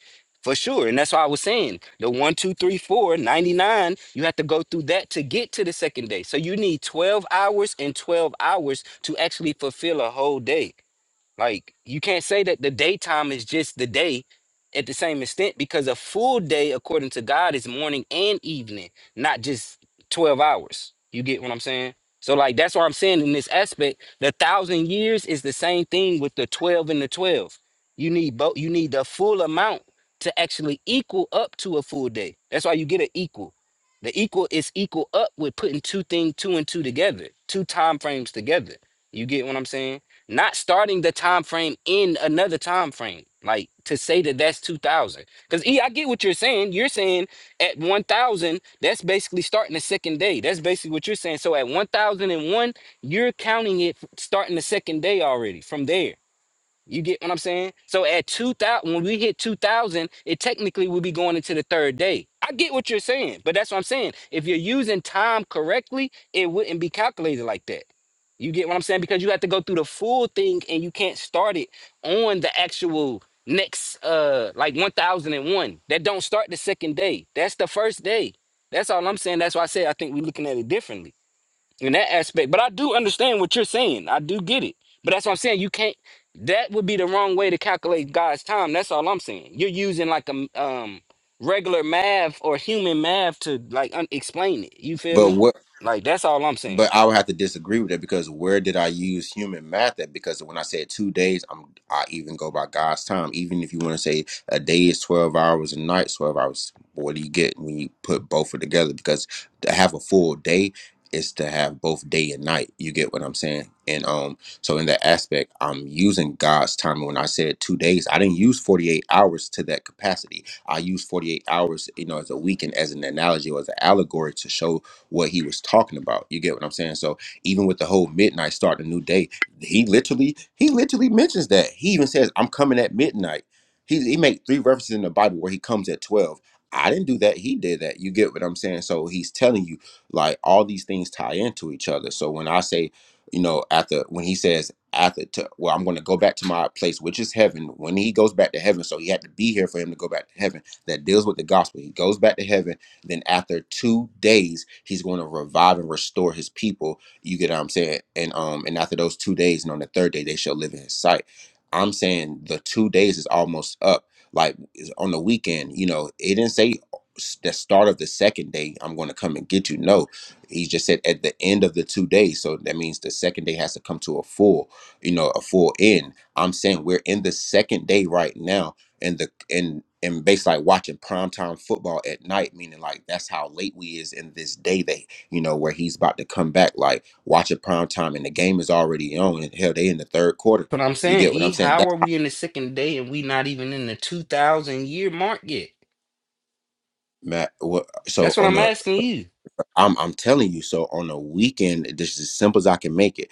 Speaker 2: for sure. And that's why I was saying the one, two, three, four, ninety-nine. you have to go through that to get to the second day. So you need 12 hours and 12 hours to actually fulfill a whole day. Like you can't say that the daytime is just the day at the same extent because a full day according to God is morning and evening, not just 12 hours. You get what I'm saying? So like that's why I'm saying in this aspect, the thousand years is the same thing with the 12 and the 12. You need both you need the full amount to actually equal up to a full day. That's why you get an equal. The equal is equal up with putting two things two and two together, two time frames together. You get what I'm saying? not starting the time frame in another time frame like to say that that's 2000 because e i get what you're saying you're saying at 1000 that's basically starting the second day that's basically what you're saying so at 1001 you're counting it f- starting the second day already from there you get what I'm saying? So at 2000, when we hit 2000, it technically would be going into the third day. I get what you're saying, but that's what I'm saying. If you're using time correctly, it wouldn't be calculated like that. You get what I'm saying? Because you have to go through the full thing and you can't start it on the actual next uh like 1001. That don't start the second day. That's the first day. That's all I'm saying. That's why I said I think we're looking at it differently in that aspect. But I do understand what you're saying. I do get it. But that's what I'm saying. You can't. That would be the wrong way to calculate God's time. That's all I'm saying. You're using like a um regular math or human math to like un- explain it. You feel
Speaker 4: But
Speaker 2: me?
Speaker 4: what?
Speaker 2: Like that's all I'm saying.
Speaker 4: but I would have to disagree with it because where did I use human math at? Because when I said two days, I'm I even go by God's time. Even if you want to say a day is twelve hours, a night twelve hours. What do you get when you put both of together? Because to have a full day is to have both day and night. You get what I'm saying? And um, so in that aspect, I'm using God's time. When I said two days, I didn't use forty eight hours to that capacity. I used forty eight hours, you know, as a weekend as an analogy or as an allegory to show what he was talking about. You get what I'm saying? So even with the whole midnight start a new day, he literally he literally mentions that. He even says, "I'm coming at midnight." He he made three references in the Bible where he comes at twelve. I didn't do that. He did that. You get what I'm saying? So he's telling you like all these things tie into each other. So when I say, you know, after when he says after to, well, I'm going to go back to my place, which is heaven. When he goes back to heaven, so he had to be here for him to go back to heaven. That deals with the gospel. He goes back to heaven then after two days, he's going to revive and restore his people. You get what I'm saying? And um, and after those two days, and on the third day, they shall live in his sight. I'm saying the two days is almost up. Like is on the weekend, you know, it didn't say s- the start of the second day, I'm going to come and get you. No, he just said at the end of the two days. So that means the second day has to come to a full, you know, a full end. I'm saying we're in the second day right now and the and and basically like watching primetime football at night, meaning like that's how late we is in this day that you know where he's about to come back, like watching primetime and the game is already on and hell they in the third quarter.
Speaker 2: But I'm
Speaker 4: You
Speaker 2: saying,
Speaker 4: get what I'm
Speaker 2: E,
Speaker 4: saying?
Speaker 2: how
Speaker 4: That's
Speaker 2: are
Speaker 4: how
Speaker 2: we in the second day and we not even in the two thousand year mark yet?
Speaker 4: Matt what so
Speaker 2: That's what
Speaker 4: on
Speaker 2: I'm
Speaker 4: the
Speaker 2: asking you.
Speaker 4: I'm I'm telling you, so on the weekend, this is as simple as I can make it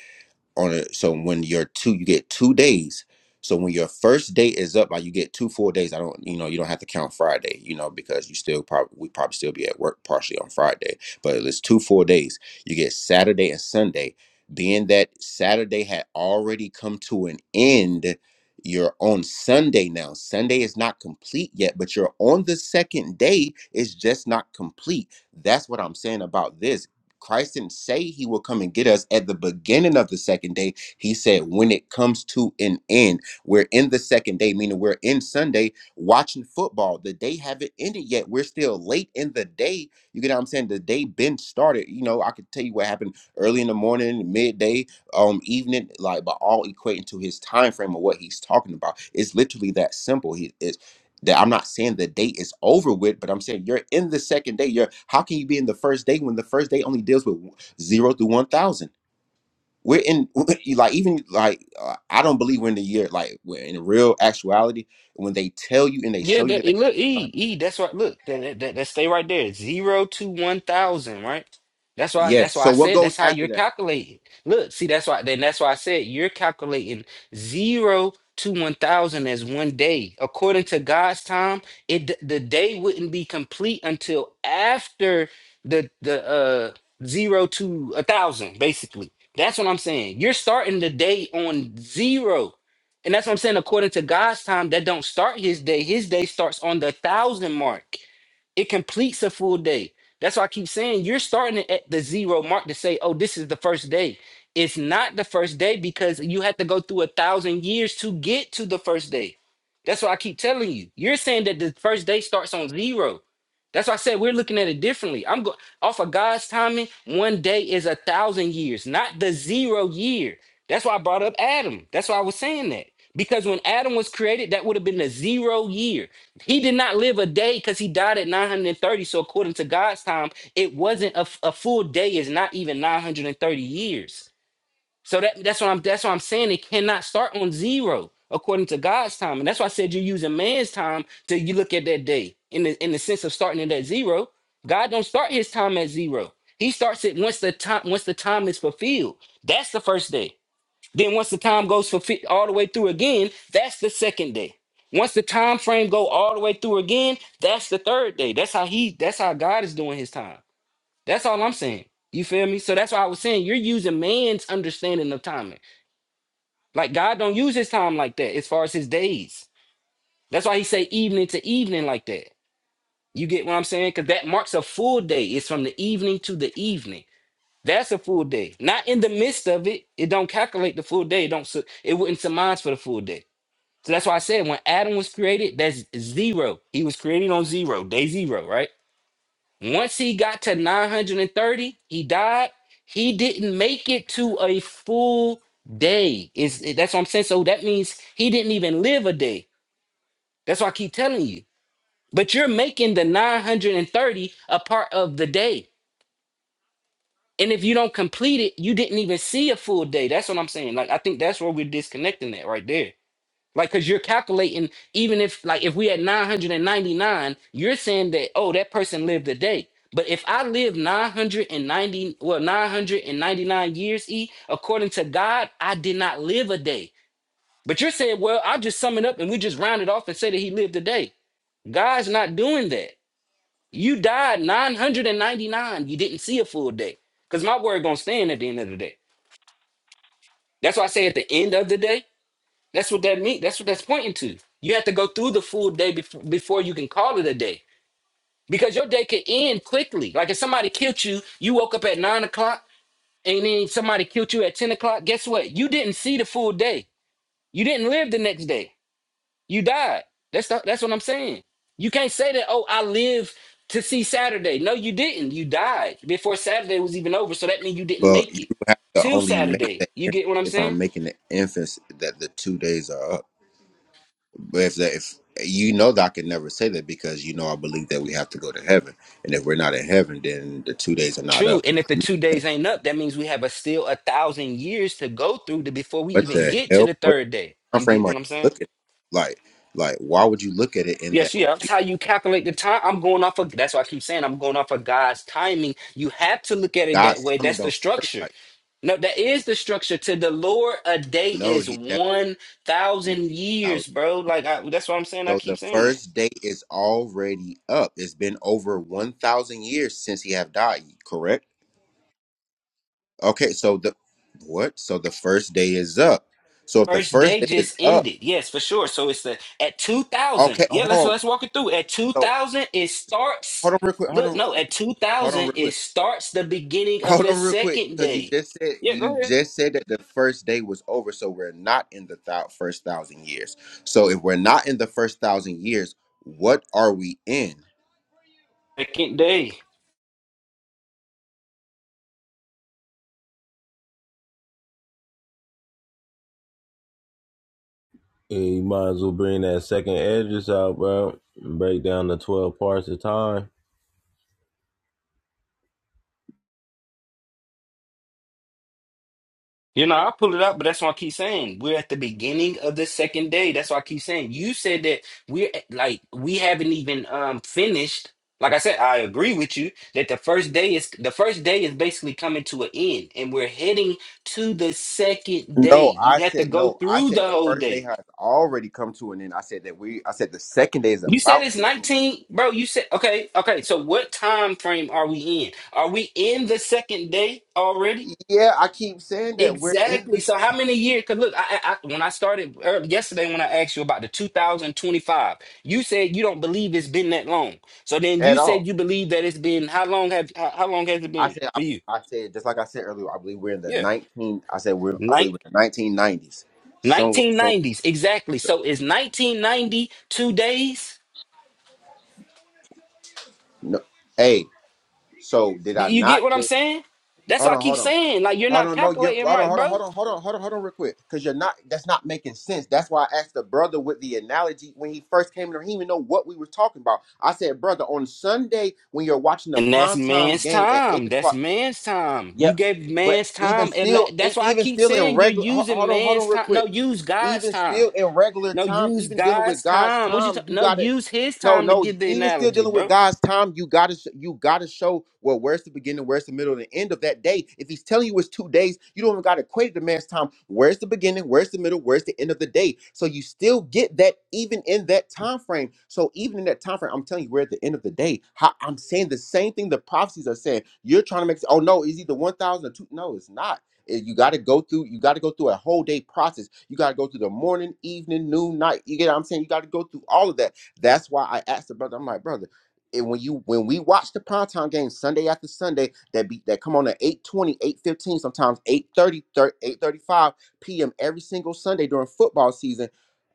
Speaker 4: on it. So when you're two, you get two days. So when your first day is up, like you get two full days. I don't, you know, you don't have to count Friday, you know, because you still probably we probably still be at work partially on Friday, but it's two full days. You get Saturday and Sunday. Being that Saturday had already come to an end, you're on Sunday now. Sunday is not complete yet, but you're on the second day. It's just not complete. That's what I'm saying about this Christ didn't say he will come and get us at the beginning of the second day. He said, when it comes to an end, we're in the second day, meaning we're in Sunday watching football. The day haven't ended yet. We're still late in the day. You get what I'm saying? The day been started. You know, I could tell you what happened early in the morning, midday, um, evening, like, but all equating to his time frame of what he's talking about. It's literally that simple. He, that I'm not saying the date is over with, but I'm saying you're in the second day. You're how can you be in the first day when the first day only deals with zero through one thousand? We're in like even like uh, I don't believe we're in the year like we're in real actuality when they tell you and they
Speaker 2: Yeah,
Speaker 4: show you that.
Speaker 2: that,
Speaker 4: They,
Speaker 2: it, look, E, E, that's right. Look, that, that, that that stay right there. Zero to one thousand, right? That's why that's
Speaker 4: yes.
Speaker 2: why
Speaker 4: So
Speaker 2: I
Speaker 4: what
Speaker 2: said
Speaker 4: goes
Speaker 2: that's how
Speaker 4: after
Speaker 2: you're
Speaker 4: that?
Speaker 2: calculating. Look, see, that's why then that's why I said you're calculating zero to one thousand as one day. According to God's time, it d- the day wouldn't be complete until after the the uh zero to a thousand, basically. That's what I'm saying. You're starting the day on zero. And that's what I'm saying. According to God's time, that don't start his day. His day starts on the thousand mark. It completes a full day. That's why I keep saying you're starting at the zero mark to say, oh, this is the first day. It's not the first day because you had to go through a thousand years to get to the first day. That's what I keep telling you. You're saying that the first day starts on zero. That's why I said we're looking at it differently. I'm going off of God's timing. One day is a thousand years, not the zero year. That's why I brought up Adam. That's why I was saying that. Because when Adam was created, that would have been the zero year. He did not live a day because he died at 930. So, according to God's time, it wasn't a, a a full day, is not even 930 years. So that, that's what I'm that's what I'm saying. It cannot start on zero according to God's time. And that's why I said you're using man's time to you look at that day in the in the sense of starting it at zero. God don't start his time at zero. He starts it once the time once the time is fulfilled. That's the first day. Then once the time goes for fi- all the way through again, that's the second day. Once the time frame go all the way through again, that's the third day. That's how he that's how God is doing his time. That's all I'm saying. You feel me? So that's why I was saying you're using man's understanding of timing. Like God don't use his time like that as far as his days. That's why he say evening to evening like that. You get what I'm saying? Cuz that marks a full day. It's from the evening to the evening. That's a full day. Not in the midst of it. It don't calculate the full day. It don't su- it wouldn't surmise for the full day. So that's why I said when Adam was created, that's zero. He was created on zero, day zero, right? Once he got to 930, he died. He didn't make it to a full day. Is that's what I'm saying. So that means he didn't even live a day. That's why I keep telling you. But you're making the 930 a part of the day. And if you don't complete it, you didn't even see a full day. That's what I'm saying. Like I think that's where we're disconnecting that right there. Like, cause you're calculating, even if like if we had 999, you're saying that, oh, that person lived a day. But if I live 990, well, 999 years, E, according to God, I did not live a day. But you're saying, well, I'll just sum it up and we just round it off and say that he lived a day. God's not doing that. You died 999. You didn't see a full day. Because my word gonna stand at the end of the day. That's why I say at the end of the day. That's what that means. That's what that's pointing to. You have to go through the full day bef- before you can call it a day because your day could end quickly. Like if somebody killed you, you woke up at nine o'clock and then somebody killed you at 10 o'clock. Guess what? You didn't see the full day. You didn't live the next day. You died. That's, not, that's what I'm saying. You can't say that, oh, I live to see Saturday. No, you didn't. You died before Saturday was even over. So that means you didn't
Speaker 4: But
Speaker 2: make
Speaker 4: you
Speaker 2: it
Speaker 4: have to
Speaker 2: till
Speaker 4: only make
Speaker 2: Saturday.
Speaker 4: that
Speaker 2: You get what I'm
Speaker 4: if I'm
Speaker 2: saying?
Speaker 4: making the inference that the two days are up. But if that if you know that I could never say that because you know I believe that we have to go to heaven, and if we're not in heaven, then the two days are not up.
Speaker 2: True. And if the two days ain't up, that means we have a still a thousand years to go through to before we
Speaker 4: What
Speaker 2: even
Speaker 4: the
Speaker 2: get to
Speaker 4: hell?
Speaker 2: the
Speaker 4: What
Speaker 2: third day.
Speaker 4: time
Speaker 2: You get
Speaker 4: frame are you
Speaker 2: what I'm saying?
Speaker 4: looking at? Like, like, why would you look at it in that
Speaker 2: Yes,
Speaker 4: way?
Speaker 2: yeah. That's how you calculate the time. I'm going off of that's why I keep saying I'm going off of God's timing. You have to look at it that
Speaker 4: God's
Speaker 2: way.
Speaker 4: timing
Speaker 2: That's the
Speaker 4: don't work
Speaker 2: structure.
Speaker 4: like
Speaker 2: No, that is the structure. To the Lord, a day
Speaker 4: that. no,
Speaker 2: is
Speaker 4: he that's
Speaker 2: one thousand
Speaker 4: out.
Speaker 2: years, bro. Like I, that's what I'm saying. I
Speaker 4: So the
Speaker 2: keep saying that.
Speaker 4: first day is already up. It's been over one thousand years since he have died, correct? Okay, so the what? So the first day is up. So if the
Speaker 2: First
Speaker 4: first
Speaker 2: day
Speaker 4: day is
Speaker 2: just
Speaker 4: up,
Speaker 2: ended. Yes, for sure. So it's the at 2000.
Speaker 4: okay,
Speaker 2: Yeah,
Speaker 4: hold
Speaker 2: let's
Speaker 4: on.
Speaker 2: let's walk it through. At
Speaker 4: So
Speaker 2: 2000 it starts
Speaker 4: hold on real quick, hold
Speaker 2: Look,
Speaker 4: on,
Speaker 2: no, at
Speaker 4: hold on real
Speaker 2: 2000 it
Speaker 4: quick.
Speaker 2: starts the beginning of
Speaker 4: Hold
Speaker 2: the
Speaker 4: on real quick,
Speaker 2: second
Speaker 4: because you
Speaker 2: day.
Speaker 4: just said
Speaker 2: Yeah, go
Speaker 4: you
Speaker 2: ahead.
Speaker 4: just said that the first day was over, so we're not in the thou- first thousand years. So if we're not in the first thousand years, what are we in?
Speaker 2: Second day.
Speaker 5: Yeah, you might as well bring that second edges out, bro. Break down the 12 parts of time.
Speaker 2: You know, I pull it up, but that's why I keep saying we're at the beginning of the second day. That's why I keep saying you said that we're at- like we haven't even um finished. Like I said, I agree with you that the first day is the first day is basically coming to an end, and we're heading to the second day.
Speaker 4: No,
Speaker 2: You
Speaker 4: I
Speaker 2: have to
Speaker 4: said
Speaker 2: go
Speaker 4: no. I
Speaker 2: through
Speaker 4: said
Speaker 2: the
Speaker 4: the
Speaker 2: whole
Speaker 4: first day
Speaker 2: day.
Speaker 4: has already come to an end. I said that we. I said the second day is
Speaker 2: You said
Speaker 4: about
Speaker 2: it's
Speaker 4: to end.
Speaker 2: 19, bro. You said okay, okay. So what time frame are we in? Are we in the second day already?
Speaker 4: Yeah, I keep saying that we're in
Speaker 2: Exactly.
Speaker 4: this
Speaker 2: So how many years? Because look, I, I I- when I started early, yesterday when I asked you about the 2025, you said you don't believe it's been that long. So then you
Speaker 4: at all.
Speaker 2: said you believe that it's been how long have how, how long has it
Speaker 4: I
Speaker 2: been
Speaker 4: said. I,
Speaker 2: for you?
Speaker 4: I said just like I said earlier. I believe we're in the
Speaker 2: Yeah,
Speaker 4: nineteen. I said we're. I
Speaker 2: Nin-
Speaker 4: believe we're in the nineteen nineties. Somewhere. So
Speaker 2: 1990s exactly. So is nineteen ninety two days?
Speaker 4: no. Hey. So did
Speaker 2: Do
Speaker 4: I
Speaker 2: You get what
Speaker 4: not?
Speaker 2: I'm saying? That's
Speaker 4: Hold
Speaker 2: what I
Speaker 4: on,
Speaker 2: keep
Speaker 4: hold on.
Speaker 2: saying. Like you're
Speaker 4: Hold
Speaker 2: not
Speaker 4: on, no, you
Speaker 2: calculating
Speaker 4: hold on,
Speaker 2: right,
Speaker 4: hold on,
Speaker 2: bro.
Speaker 4: hold on, hold on, hold on, hold on, real quick. Cause you're not that's not making sense. That's why I asked the brother with the analogy when he first came in the he didn't even know what we were talking about. I said, brother, on Sunday when you're watching the
Speaker 2: And that's
Speaker 4: primetime
Speaker 2: man's
Speaker 4: game at eight
Speaker 2: time. That's
Speaker 4: o'clock.
Speaker 2: man's time. You
Speaker 4: Yep.
Speaker 2: gave
Speaker 4: But
Speaker 2: man's
Speaker 4: even
Speaker 2: time. And la-
Speaker 4: still, e-
Speaker 2: that's why I
Speaker 4: even
Speaker 2: keep
Speaker 4: still in
Speaker 2: saying you're
Speaker 4: regular ho-
Speaker 2: using
Speaker 4: hold on, hold
Speaker 2: man's
Speaker 4: on, real
Speaker 2: time. No,
Speaker 4: quick.
Speaker 2: use God's
Speaker 4: Even
Speaker 2: time.
Speaker 4: still in regular
Speaker 2: No,
Speaker 4: time,
Speaker 2: use
Speaker 4: even dealing
Speaker 2: God's
Speaker 4: with God's
Speaker 2: time. What you ta-
Speaker 4: time, you
Speaker 2: No,
Speaker 4: gotta
Speaker 2: use his
Speaker 4: no,
Speaker 2: time to
Speaker 4: no.
Speaker 2: give the
Speaker 4: Even still
Speaker 2: analogy,
Speaker 4: dealing with
Speaker 2: bro.
Speaker 4: God's time, you gotta sh- you gotta show well where's the beginning, where's the middle, and the end of that day. If He's telling you it's two days, you don't even gotta equate it to man's time. Where's the beginning? Where's the middle? Where's the end of the day? So you still get that even in that time frame. So even in that time frame, I'm telling you, we're at the end of the day. How, I'm saying the same thing the prophecies are saying. You're trying to make oh no, it's either one thousand or two. No, it's not. Eh, You got to go through. You got to go through a whole day process. You got to go through the morning, evening, noon, night. You get what I'm saying? You got to go through all of that. That's why I asked the brother. I'm like, brother, and when you when we watch the primetime game Sunday after Sunday, that be that come on at eight twenty, eight fifteen, sometimes eight thirty, eight thirty five p.m. every single Sunday during football season.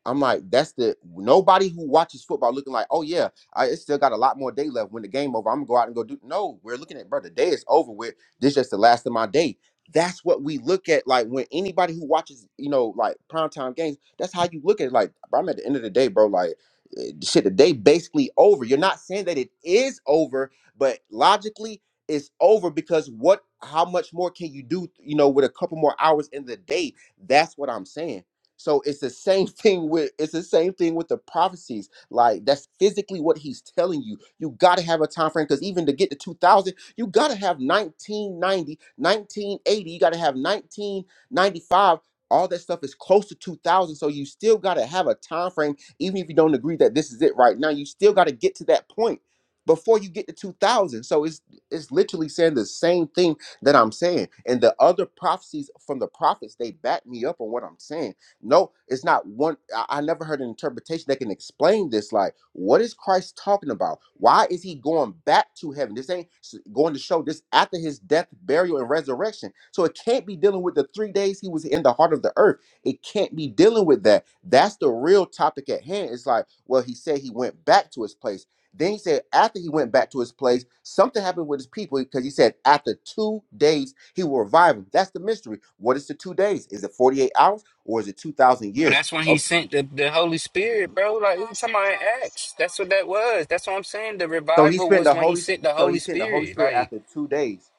Speaker 4: I'm like, that's the nobody who watches football looking like, oh yeah, I it's still got a lot more day left. When the game over, I'm gonna go out and go do. No, we're looking at, brother, the day is over with. This is just the last of my day that's what we look at. Like when anybody who watches, you know, like primetime games, that's how you look at it. Like, bro, I'm at the end of the day, bro. Like uh, shit, the day basically over. You're not saying that it is over, but logically, it's over because what? How much more can you do? You know, with a couple more hours in the day. That's what I'm saying. So it's the same thing with it's the same thing with the prophecies. Like that's physically what he's telling you. You got to have a time frame because even to get to 2000, you got to have 1990, 1980. You got to have 1995. All that stuff is close to 2000. So you still got to have a time frame even if you don't agree that this is it right now, you still got to get to that point before you get to 2000. So it's it's literally saying the same thing that I'm saying. And the other prophecies from the prophets, they back me up on what I'm saying. No, it's not one. I, I never heard an interpretation that can explain this. Like, what is Christ talking about? Why is he going back to heaven? This ain't s- going to show this after his death, burial, and resurrection. So it can't be dealing with the three days he was in the heart of the earth it can't be dealing with that. That's the real topic at hand. It's like, well, he said he went back to his place. Then he said after he went back to his place, something happened with his people because he said after two days he will revive them. That's the mystery. What is the two days? Is it 48 hours or is it 2,000
Speaker 2: Bro,
Speaker 4: years?
Speaker 2: that's when he
Speaker 4: Oh,
Speaker 2: sent the, the Holy Spirit, bro. Like we somebody acts. That's what that was. That's what I'm saying. The
Speaker 4: So he
Speaker 2: revival
Speaker 4: spent
Speaker 2: was
Speaker 4: the
Speaker 2: when he
Speaker 4: Holy
Speaker 2: sent the
Speaker 4: so he
Speaker 2: Holy
Speaker 4: sent the Holy
Speaker 2: Spirit.
Speaker 4: Spirit
Speaker 2: Like,
Speaker 4: after two days.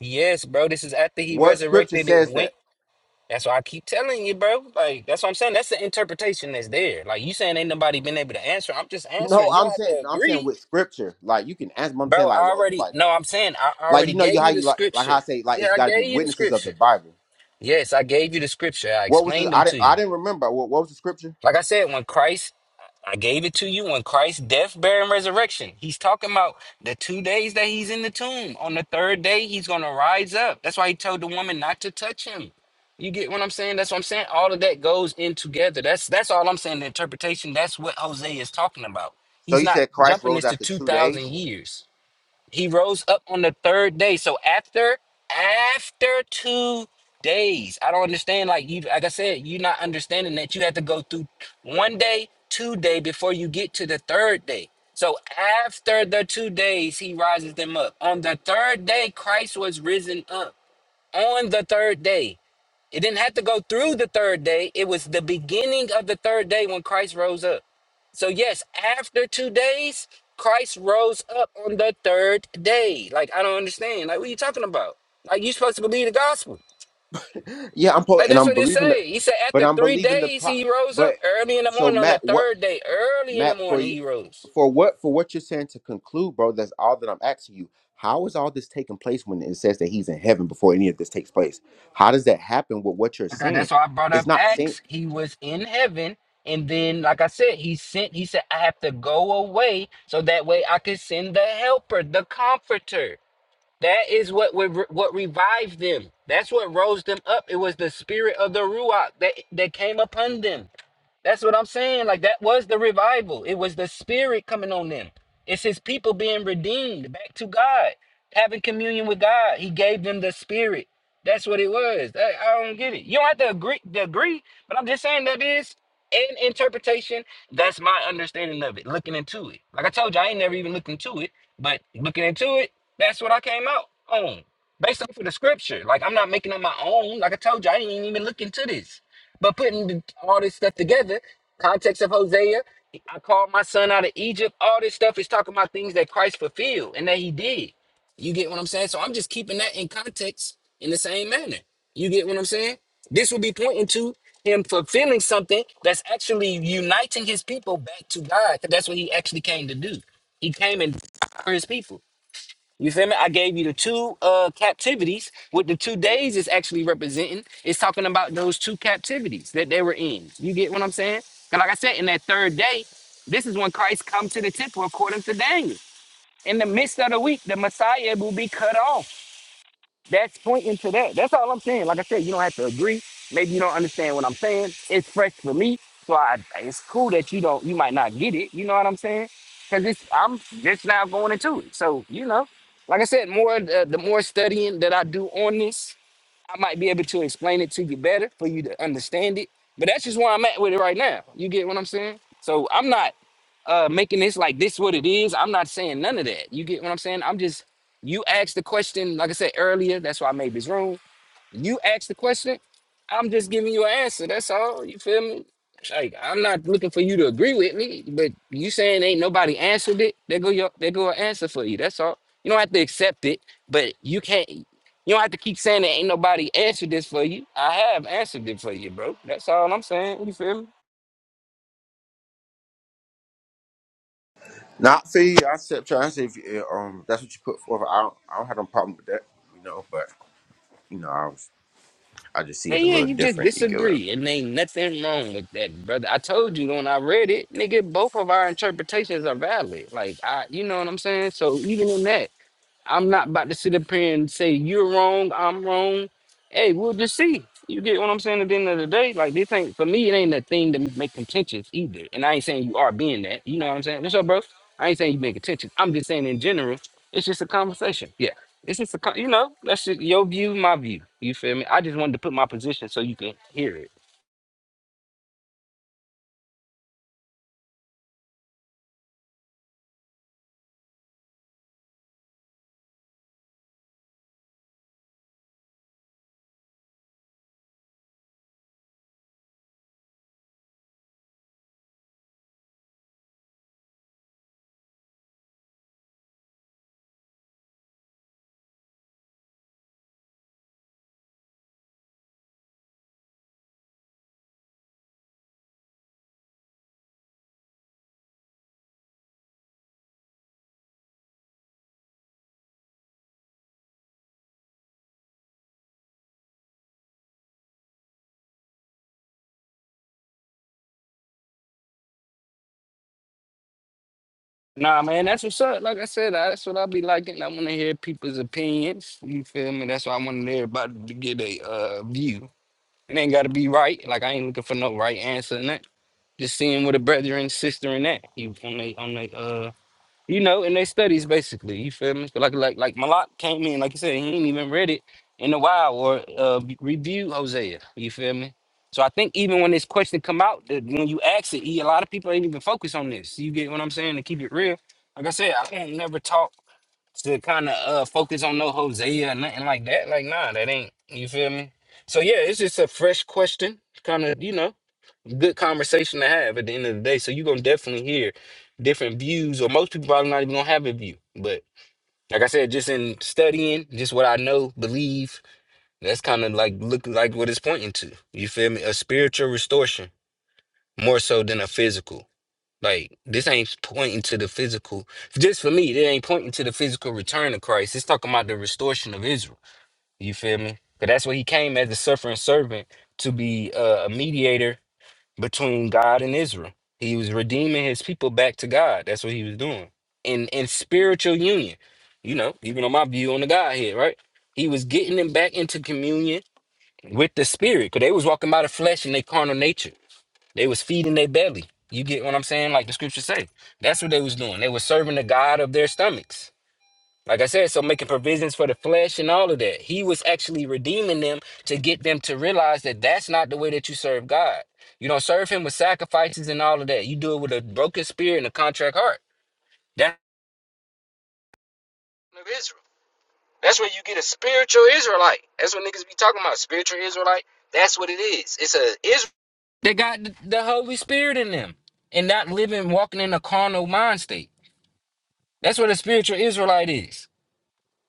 Speaker 2: yes, bro. This is after he
Speaker 4: What scripture
Speaker 2: resurrected
Speaker 4: says
Speaker 2: and went
Speaker 4: that?
Speaker 2: That's why I keep telling you, bro. Like that's what I'm saying. That's the interpretation that's there. Like you saying ain't nobody been able to answer. I'm just
Speaker 4: No,
Speaker 2: answering. You
Speaker 4: I'm
Speaker 2: don't have
Speaker 4: saying
Speaker 2: to
Speaker 4: no, I'm saying
Speaker 2: agree,
Speaker 4: with scripture. Like you can ask, but I'm
Speaker 2: bro.
Speaker 4: saying like
Speaker 2: I
Speaker 4: well,
Speaker 2: already
Speaker 4: like
Speaker 2: no. I'm saying I
Speaker 4: like
Speaker 2: already
Speaker 4: you know
Speaker 2: gave
Speaker 4: you how
Speaker 2: you the
Speaker 4: you like like how
Speaker 2: scripture.
Speaker 4: I say like
Speaker 2: Yeah,
Speaker 4: it's
Speaker 2: I
Speaker 4: got to
Speaker 2: gave
Speaker 4: be
Speaker 2: you the
Speaker 4: witnesses of the
Speaker 2: scripture.
Speaker 4: Bible.
Speaker 2: Yes, I gave you the scripture. I
Speaker 4: What was the?
Speaker 2: explained them
Speaker 4: I didn't.
Speaker 2: to
Speaker 4: I
Speaker 2: you.
Speaker 4: didn't remember. What, what was the scripture?
Speaker 2: Like I said, when Christ I gave it to you on Christ's death, burial, and resurrection. He's talking about the two days that he's in the tomb. On the third day, he's going to rise up. That's why he told the woman not to touch him. You get what I'm saying? That's what I'm saying. All of that goes in together. That's that's all I'm saying. The interpretation. That's what Jose is talking about.
Speaker 4: So
Speaker 2: He's
Speaker 4: you
Speaker 2: not
Speaker 4: said Christ
Speaker 2: jumping
Speaker 4: rose
Speaker 2: this to
Speaker 4: after
Speaker 2: two
Speaker 4: two
Speaker 2: thousand
Speaker 4: days?
Speaker 2: years. He rose up on the third day. So after after two days, I don't understand. Like you, like I said, you're not understanding that you have to go through one day, two day before you get to the third day. So after the two days, he rises them up. On the third day, Christ was risen up. On the third day, it didn't have to go through the third day. It was the beginning of the third day when Christ rose up. So, yes, after two days, Christ rose up on the third day. Like, I don't understand. Like, what are you talking about? Like, you supposed to believe the gospel.
Speaker 4: Yeah, I'm po-
Speaker 2: Like,
Speaker 4: and
Speaker 2: that's
Speaker 4: I'm
Speaker 2: what it
Speaker 4: believing the,
Speaker 2: say. He said,
Speaker 4: but
Speaker 2: after
Speaker 4: I'm
Speaker 2: three
Speaker 4: believing the
Speaker 2: days,
Speaker 4: pro.
Speaker 2: he rose
Speaker 4: But
Speaker 2: up early in the
Speaker 4: so
Speaker 2: morning. On
Speaker 4: Matt,
Speaker 2: the
Speaker 4: what
Speaker 2: third day, early in the
Speaker 4: Matt for
Speaker 2: morning,
Speaker 4: you
Speaker 2: he rose.
Speaker 4: for what for what you're saying to conclude, bro? That's all that I'm asking you. How is all this taking place when it says that he's in heaven before any of this takes place? How does that happen with what you're
Speaker 2: Okay,
Speaker 4: saying?
Speaker 2: that's why I brought
Speaker 4: It's
Speaker 2: up
Speaker 4: not saying.
Speaker 2: Acts. He was in heaven. And then, like I said, he sent, he said, I have to go away so that way I can send the helper, the comforter. That is what would what revived them. That's what rose them up. It was the spirit of the Ruach that, that came upon them. That's what I'm saying. Like that was the revival. It was the spirit coming on them. It's his people being redeemed back to God, having communion with God. He gave them the spirit. That's what it was. I, I don't get it. You don't have to agree to agree, but I'm just saying that is an interpretation. That's my understanding of it, looking into it. Like I told you, I ain't never even looked into it, but looking into it, that's what I came out on. Based off of the scripture. Like I'm not making up my own. Like I told you, I didn't even look into this. But putting all this stuff together, context of Hosea, I called my son out of Egypt. All this stuff is talking about things that Christ fulfilled and that he did. You get what I'm saying? So I'm just keeping that in context in the same manner. You get what I'm saying? This will be pointing to him fulfilling something that's actually uniting his people back to God, because That's what he actually came to do. He came and died for his people. You feel me? I gave you the two uh captivities. What the two days is actually representing It's talking about those two captivities that they were in. You get what I'm saying? saying? 'Cause like I said, in that third day, this is when Christ come to the temple according to Daniel. In the midst of the week, the Messiah will be cut off. That's pointing to that. That's all I'm saying. Like I said, you don't have to agree. Maybe you don't understand what I'm saying. It's fresh for me, so I, it's cool that you don't. You might not get it. You know what I'm saying? Because it's I'm just now going into it. So you know, like I said, more uh, the more studying that I do on this. I might be able to explain it to you better for you to understand it. But that's just where I'm at with it right now. You get what I'm saying? So I'm not uh making this like this what it is. I'm not saying none of that. You get what I'm saying? I'm just you asked the question, like I said earlier, that's why I made this room you asked the question. I'm just giving you an answer. That's all. You feel me? Like I'm not looking for you to agree with me, but you saying ain't nobody answered it. They go your they go an answer for you. That's all. You don't have to accept it, but you can't. You don't have to keep saying that ain't nobody answered this for you. I have answered it for you, bro. That's all I'm saying. You feel me?
Speaker 4: Not see, I said I said. if you, um that's what you put forth. I don't I don't have no problem with that, you know, but you know, I was I just see it
Speaker 2: And
Speaker 4: a
Speaker 2: yeah,
Speaker 4: little
Speaker 2: you just
Speaker 4: different, you get it.
Speaker 2: disagree, and ain't nothing wrong with that, brother. I told you when I read it, nigga, both of our interpretations are valid. Like, I, you know what I'm saying? So even in that, I'm not about to sit up here and say you're wrong, I'm wrong. Hey, we'll just see. You get what I'm saying at the end of the day? Like this ain't for me, it ain't a thing to make contentious either. And I ain't saying you are being that. You know what I'm saying? What's up, bro? I ain't saying you being contentious. I'm just saying in general, it's just a conversation. Yeah. It's just a, co- you know, that's just your view, my view. You feel me? I just wanted to put my position so you can hear it. Nah, man, that's what's up. Like I said, I, that's what I be liking. I want to hear people's opinions. You feel me? That's why I wanted everybody to get a uh, view. It ain't got to be right. Like I ain't looking for no right answer and that. Just seeing what a brother and sister in that. You on they on they uh you know, in their studies basically. You feel me? So Like like like Malak came in, like you said, he ain't even read it in a while or uh reviewed Hosea. You feel me? So I think even when this question come out, that when you ask it, he- a lot of people ain't even focus on this. You get what I'm saying? To keep it real, like I said, I ain't never taught to kind of uh focus on no Hosea or nothing like that. Like, nah, that ain't you feel me. So yeah, it's just a fresh question, kind of you know, good conversation to have at the end of the day. So you're gonna definitely hear different views, or most people probably not even gonna have a view. But like I said, just in studying, just what I know, believe, that's kind of like look like what it's pointing to. You feel me? A spiritual restoration more so than a physical. Like this ain't pointing to the physical. Just for me, it ain't pointing to the physical return of Christ. It's talking about the restoration of Israel. You feel me? Because that's what he came as a suffering servant to be uh, a mediator between God and Israel. He was redeeming his people back to God. That's what he was doing. In in spiritual union, you know, even on my view on the Godhead, right? He was getting them back into communion with the Spirit because they was walking by the flesh and their carnal nature. They was feeding their belly. You get what I'm saying? Like the scriptures say. That's what they was doing. They was serving the God of their stomachs. Like I said, so making provisions for the flesh and all of that. He was actually redeeming them to get them to realize that that's not the way that you serve God. You don't serve him with sacrifices and all of that. You do it with a broken spirit and a contract heart. That- that's where you get a spiritual Israelite. That's what niggas be talking about. Spiritual Israelite. That's what it is. It's a Israel. They got the the Holy Spirit in them and not living, walking in a carnal mind state. That's what a spiritual Israelite is.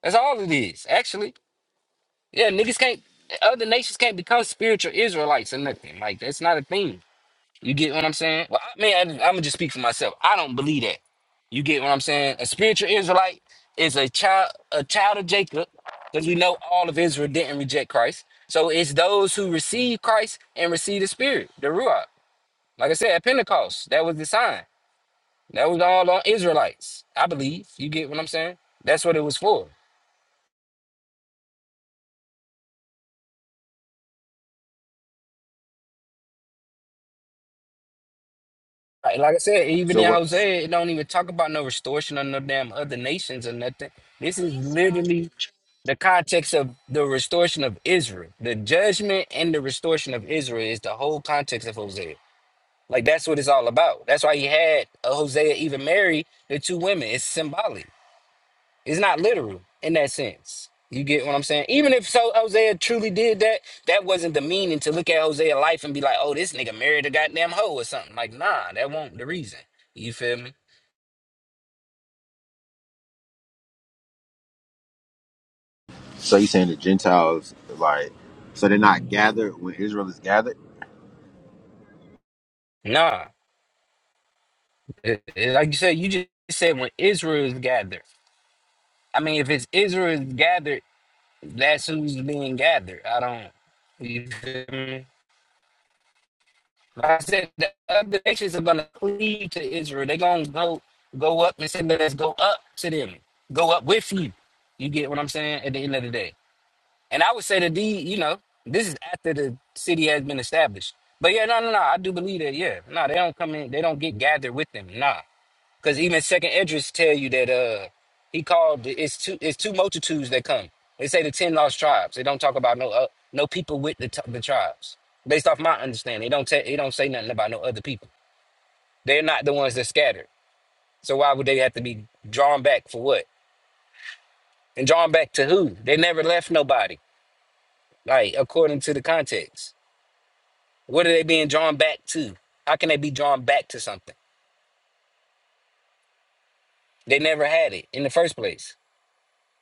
Speaker 2: That's all it is, actually. Yeah, niggas can't, other nations can't become spiritual Israelites or nothing. Like, that's not a thing. You get what I'm saying? Well, I mean, I, I'm gonna just speak for myself. I don't believe that. You get what I'm saying? A spiritual Israelite is a child, a child of Jacob, because we know all of Israel didn't reject Christ. So it's those who receive Christ and receive the Spirit, the Ruach. Like I said, at Pentecost, that was the sign. That was all on Israelites, I believe. You get what I'm saying? That's what it was for. Like, like I said, even
Speaker 4: So
Speaker 2: in
Speaker 4: what?
Speaker 2: Hosea, it don't even talk about no restoration of no damn other nations or nothing. This is literally the context of the restoration of Israel. The judgment and the restoration of Israel is the whole context of Hosea. Like that's what it's all about. That's why he had uh, Hosea even marry the two women. It's symbolic. It's not literal in that sense. You get what I'm saying? Even if so Hosea truly did that, that wasn't the meaning to look at Hosea's life and be like, oh, this nigga married a goddamn hoe or something. Like, nah, that won't the reason. You feel me?
Speaker 4: So you saying the Gentiles like so they're not gathered when Israel is gathered?
Speaker 2: Nah. It- it- like you said, you just said when Israel is gathered. I mean, if it's Israel is gathered, that's who's being gathered. I don't you feel me? Like I said the other nations are gonna cleave to Israel. They're gonna go go up and say, Let us go up to them. Go up with you. You get what I'm saying? At the end of the day. And I would say that the you know, this is after the city has been established. But yeah, no, no, no. I do believe that, yeah. No, they don't come in, they don't get gathered with them. Nah. Because even Second Edris tell you that uh he called it's two it's two multitudes that come. They say the ten lost tribes. They don't talk about no uh, no people with the, t- the tribes. Based off my understanding, they don't tell they don't say nothing about no other people. They're not the ones that scattered. So why would they have to be drawn back for what? And drawn back to who? They never left nobody. Like according to the context, what are they being drawn back to? How can they be drawn back to something? They never had it in the first place.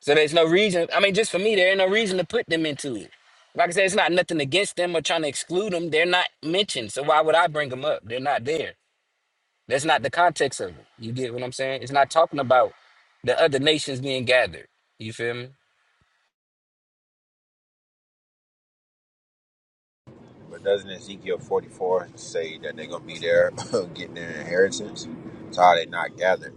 Speaker 2: So there's no reason. I mean, just for me, there ain't no reason to put them into it. Like I said, it's not nothing against them or trying to exclude them. They're not mentioned. So why would I bring them up? They're not there. That's not the context of it. You get what I'm saying? It's not talking about the other nations being gathered. You feel me?
Speaker 4: But doesn't Ezekiel forty four say that they're gonna be there getting their inheritance? So how they not gathered?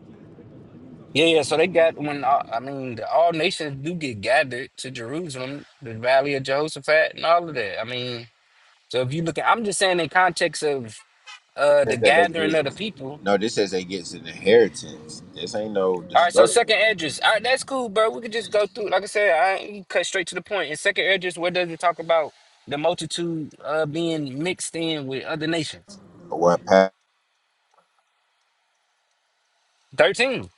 Speaker 2: Yeah, yeah. So they got when all- I mean, the, all nations do get gathered to Jerusalem, the Valley of Jehoshaphat, and all of that. I mean, so if you look at, I'm just saying in context of uh
Speaker 4: It
Speaker 2: the
Speaker 4: says that they
Speaker 2: gathering of the
Speaker 4: get
Speaker 2: people,
Speaker 4: no. This says they gets an inheritance. This ain't no
Speaker 2: All right, so
Speaker 4: destruction.
Speaker 2: second address. All right, that's cool, bro. We could just go through. Like I said, I you can cut straight to the point. In second address, where does it talk about the multitude uh, being mixed in with other nations?
Speaker 4: What pa-
Speaker 2: Thirteen.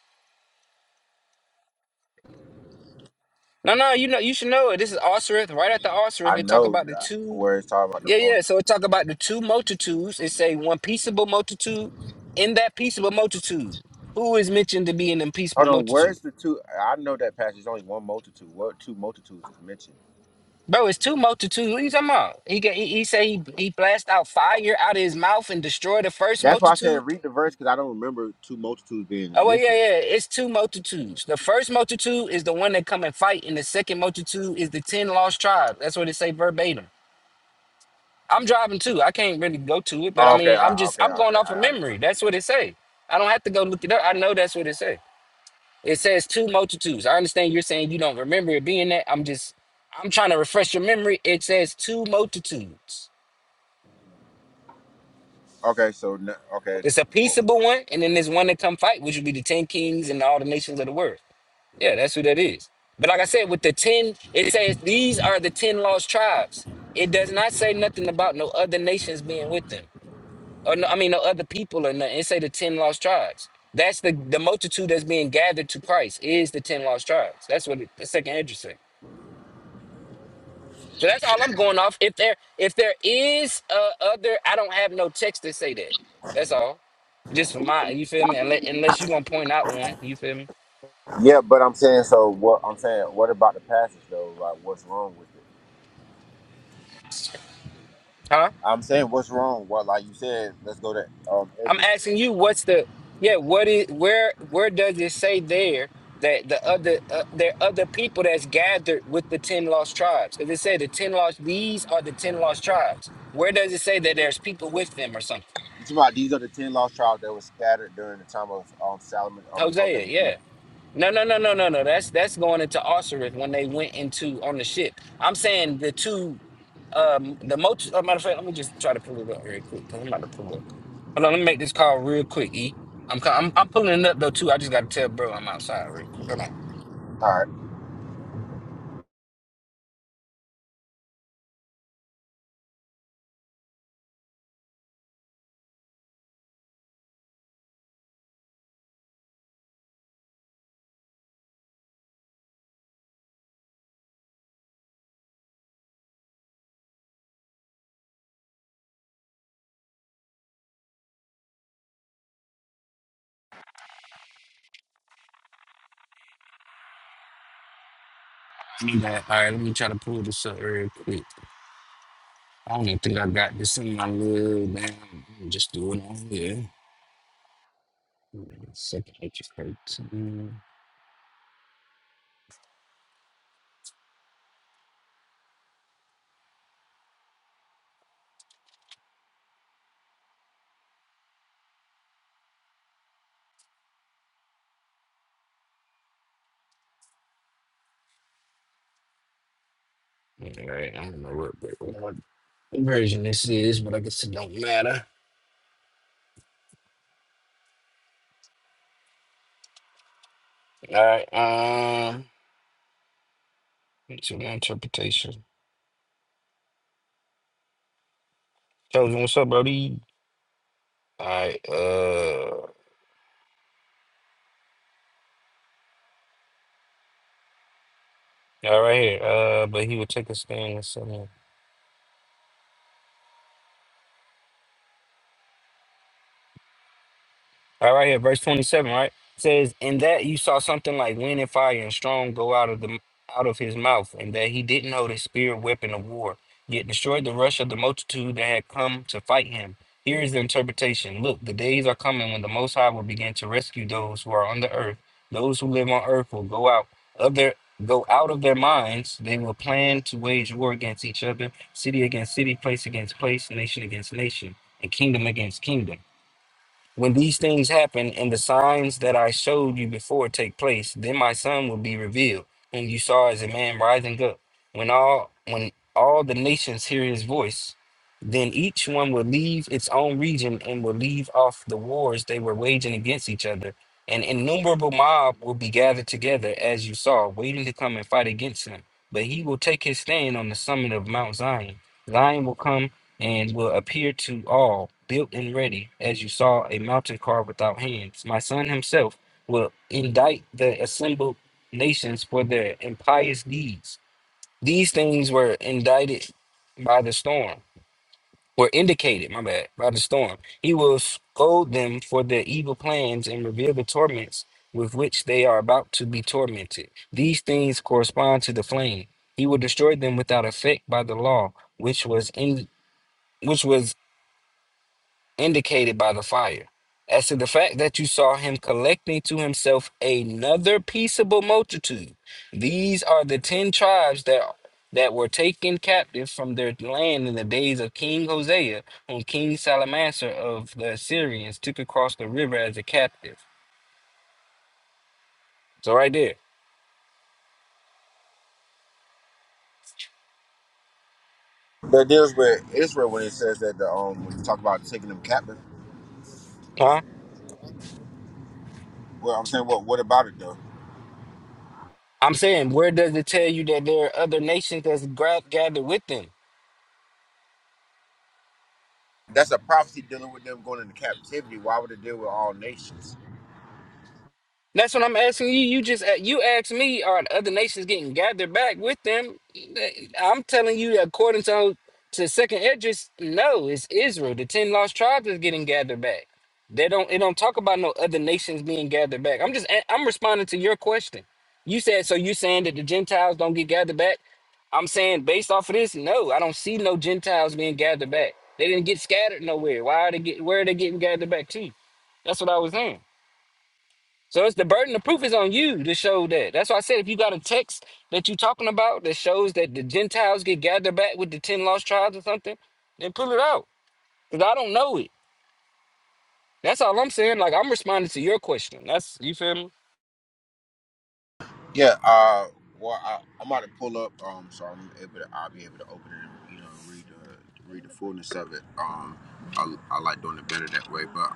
Speaker 2: No, no, you know, you should know it. This is Osirith. Right after
Speaker 4: I
Speaker 2: Osirith, it talk
Speaker 4: know
Speaker 2: about the
Speaker 4: that
Speaker 2: two.
Speaker 4: where it's talking about the
Speaker 2: Yeah, yeah.
Speaker 4: multitude.
Speaker 2: So it talk about the two multitudes. It say one peaceable multitude. In that peaceable multitude, who is mentioned to be in the peaceable
Speaker 4: Hold on,
Speaker 2: multitude?
Speaker 4: where's the two? I know that passage is only one multitude. What two multitudes is mentioned?
Speaker 2: Bro, it's two multitudes. What are you talking about? He got- he, he say he, he blast out fire out of his mouth and destroy the first
Speaker 4: That's why I
Speaker 2: multitude.
Speaker 4: said read the verse because I don't remember two multitudes being
Speaker 2: Oh well, yeah,
Speaker 4: mentioned.
Speaker 2: yeah. It's two multitudes. The first multitude is the one that come and fight, and the second multitude is the ten lost tribes. That's what it say verbatim. I'm driving too. I can't really go to it, but I
Speaker 4: Oh, okay,
Speaker 2: mean, I'm
Speaker 4: I,
Speaker 2: just
Speaker 4: okay,
Speaker 2: I'm going
Speaker 4: okay.
Speaker 2: off of
Speaker 4: I, I didn't
Speaker 2: memory. That's what it say. I don't have to go look it up. I know that's what it say. It says two multitudes. I understand you're saying you don't remember it being that. I'm just I'm trying to refresh your memory. It says two multitudes.
Speaker 4: know. Okay, so n- okay,
Speaker 2: There's a
Speaker 4: well,
Speaker 2: peaceable one, and then there's one that come fight, which would be the ten kings and all the nations of the world. Yeah, that's who that is. But like I said, with the 10, it says these are the 10 lost tribes. It does not say nothing about no other nations being with them. Or no, I mean, no other people or nothing. It say the 10 lost tribes. That's the, the multitude that's being gathered to Christ is the 10 lost tribes. That's what it, the second interesting. So that's all I'm going off. If there if there is uh, other, I don't have no text to say that. That's all. Just for my, you feel me? Unless, unless you going to point out one, you feel me?
Speaker 4: Yeah, but I'm saying so. What I'm saying, what about the passage though? Like, what's wrong with it?
Speaker 2: Huh?
Speaker 4: I'm saying, what's wrong? Well, like you said, let's go to um
Speaker 2: I'm
Speaker 4: Edric.
Speaker 2: asking you, what's the yeah? What is where? Where does it say there that the other uh, there are other people that's gathered with the ten lost tribes? Because it said the ten lost. These are the ten lost tribes. Where does it say that there's people with them or something?
Speaker 4: You talking about these are the ten lost tribes that were scattered during the time of um Solomon. I mean, whole day.
Speaker 2: Hosea, yeah.
Speaker 4: All
Speaker 2: No, no, no, no, no, no. That's that's going into Osiris when they went into on the ship. I'm saying the two, um, the multitude. Oh, matter of fact, let me just try to pull it up very quick. 'cause I'm about to pull it. Hold on, let me make this call real quick, E. I'm co- I'm, I'm pulling it up though too. I just gotta tell bro I'm outside real quick. Hold on.
Speaker 4: right,
Speaker 2: me go- All right, let me try to pull this up real quick. I don't even think I got this in my little damn. let me Just do it on here. Second H13. All right, I don't know what, what what version this is, but I guess it don't matter. All right, um, it's your interpretation. Chosen, what's up, Brody? All right, uh, all right here. Uh, but he would take a stand and say. All right, right here, verse 27, right? says, In that you saw something like wind and fire and strong go out of the out of his mouth, and that he didn't know the spear weapon of war, yet destroyed the rush of the multitude that had come to fight him. Here is the interpretation. Look, the days are coming when the Most High will begin to rescue those who are on the earth. Those who live on earth will go out of their go out of their minds. They will plan to wage war against each other, city against city, place against place, nation against nation, and kingdom against kingdom. When these things happen and the signs that I showed you before take place, then my son will be revealed, whom you saw as a man rising up. When all when all the nations hear his voice, then each one will leave its own region and will leave off the wars they were waging against each other. An innumerable mob will be gathered together, as you saw, waiting to come and fight against him. But he will take his stand on the summit of Mount Zion. Zion will come and will appear to all, built and ready, as you saw a mountain car without hands. My son himself will indict the assembled nations for their impious deeds. These things were indicted by the storm, were indicated, my bad, by the storm. He will scold them for their evil plans and reveal the torments with which they are about to be tormented. These things correspond to the flame. He will destroy them without effect by the law, which was in which was indicated by the fire. As to the fact that you saw him collecting to himself another peaceable multitude, these are the ten tribes that that were taken captive from their land in the days of King Hosea, whom King Salmanasar of the Assyrians took across the river as a captive. So right there,
Speaker 4: that deals with Israel when it says that the um when you talk about taking them captive.
Speaker 2: huh?
Speaker 4: Well, I'm saying, what what about it though?
Speaker 2: I'm saying, where does it tell you that there are other nations that's gra- gathered with them?
Speaker 4: That's a prophecy dealing with them going into captivity. Why would it deal with all nations?
Speaker 2: That's what I'm asking you. You just you asked me, are the other nations getting gathered back with them? Eh, I'm telling you, according to to Second Edges, no, it's Israel. The ten lost tribes is getting gathered back. They don't. It don't talk about no other nations being gathered back. I'm just. a- I'm responding to your question. You said so. You saying that the Gentiles don't get gathered back? I'm saying based off of this, no, I don't see no Gentiles being gathered back. They didn't get scattered nowhere. Why are they get? Where are they getting gathered back to? That's what I was saying. So it's the burden of proof is on you to show that. That's why I said if you got a text that you're talking about that shows that the Gentiles get gathered back with the ten lost tribes or something, then pull it out. Cause I don't know it. That's all I'm saying. Like I'm responding to your question. That's you feel me.
Speaker 4: Yeah, uh, well, I, I'm about to pull up, um, so I'm able to, I'll be able to open it and, you know, read the, read the fullness of it. Um, I, I like doing it better that way, but.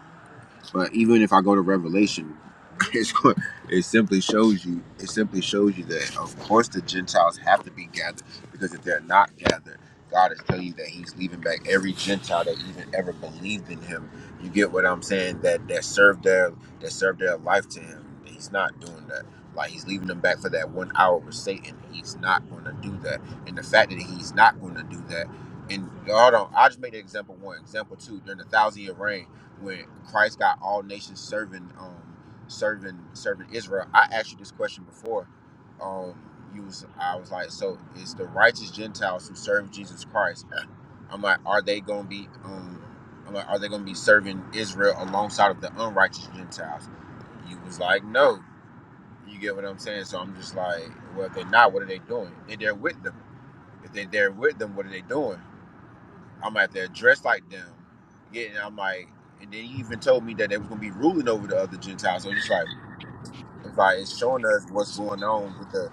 Speaker 4: But even if I go to Revelation, it's, go- it simply shows you it simply shows you that of course the Gentiles have to be gathered because if they're not gathered, God is telling you that He's leaving back every Gentile that even ever believed in Him. You get what I'm saying? That that served their that served their life to Him. He's not doing that. Like He's leaving them back for that one hour with Satan. He's not going to do that. And the fact that He's not going to do that. And hold on, I'll just make the example one. Example two, during the thousand year reign, when Christ got all nations serving, um, serving, serving Israel. I asked you this question before. Um, you was, I was like, so is the righteous Gentiles who serve Jesus Christ? I'm like, are they gonna be, um, I'm like, are they gonna be serving Israel alongside of the unrighteous Gentiles? You was like, no. You get what I'm saying? So I'm just like, well, if they're not, what are they doing? If they're with them, if they're there with them, what are they doing? I'm out there dressed like them. Getting, I'm like, and then he even told me that they was gonna be ruling over the other Gentiles. So it's like, it's like it's showing us what's going on with the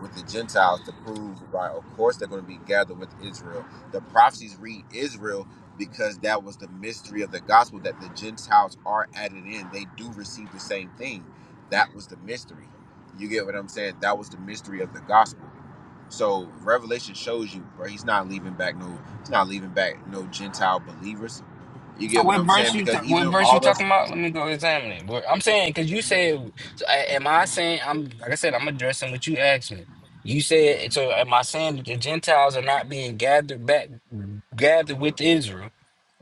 Speaker 4: with the Gentiles to prove, right? Of course, they're gonna be gathered with Israel. The prophecies read Israel because that was the mystery of the gospel that the Gentiles are added in. They do receive the same thing. That was the mystery. You get what I'm saying? That was the mystery of the gospel. So Revelation shows you, bro, he's not leaving back no he's not leaving back no Gentile believers. You
Speaker 2: So
Speaker 4: get what
Speaker 2: what
Speaker 4: I'm
Speaker 2: verse
Speaker 4: saying?
Speaker 2: you
Speaker 4: Because
Speaker 2: ta- what
Speaker 4: even
Speaker 2: verse
Speaker 4: all
Speaker 2: you
Speaker 4: those
Speaker 2: talking about? Let me go examine it. Where- I'm saying because you said, so a- am I saying I'm like I said I'm addressing what you asked me. You said so. Am I saying that the Gentiles are not being gathered back, gathered with Israel?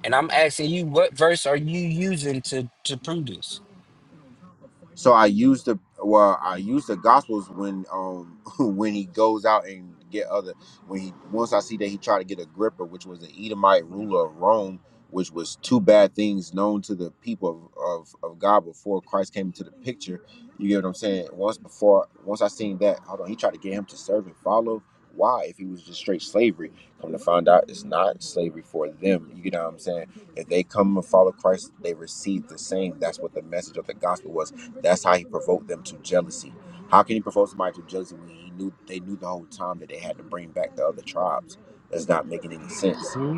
Speaker 2: And I'm asking you, what verse are you using to to prove this?
Speaker 4: So I use the well, I use the gospels when um when he goes out and get other when he once I see that he tried to get Agrippa, which was an Edomite ruler of Rome, which was two bad things known to the people of, of, of God before Christ came into the picture. You get what I'm saying? Once before once I seen that, hold on, he tried to get him to serve and follow. Why? If he was just straight slavery. Come to find out it's not slavery for them. You get what I'm saying? If they come and follow Christ, they receive the same. That's what the message of the gospel was that's how he provoked them to jealousy. How can he provoke somebody to jealousy when he knew they knew the whole time that they had to bring back the other tribes? That's not making any sense.
Speaker 6: Hmm?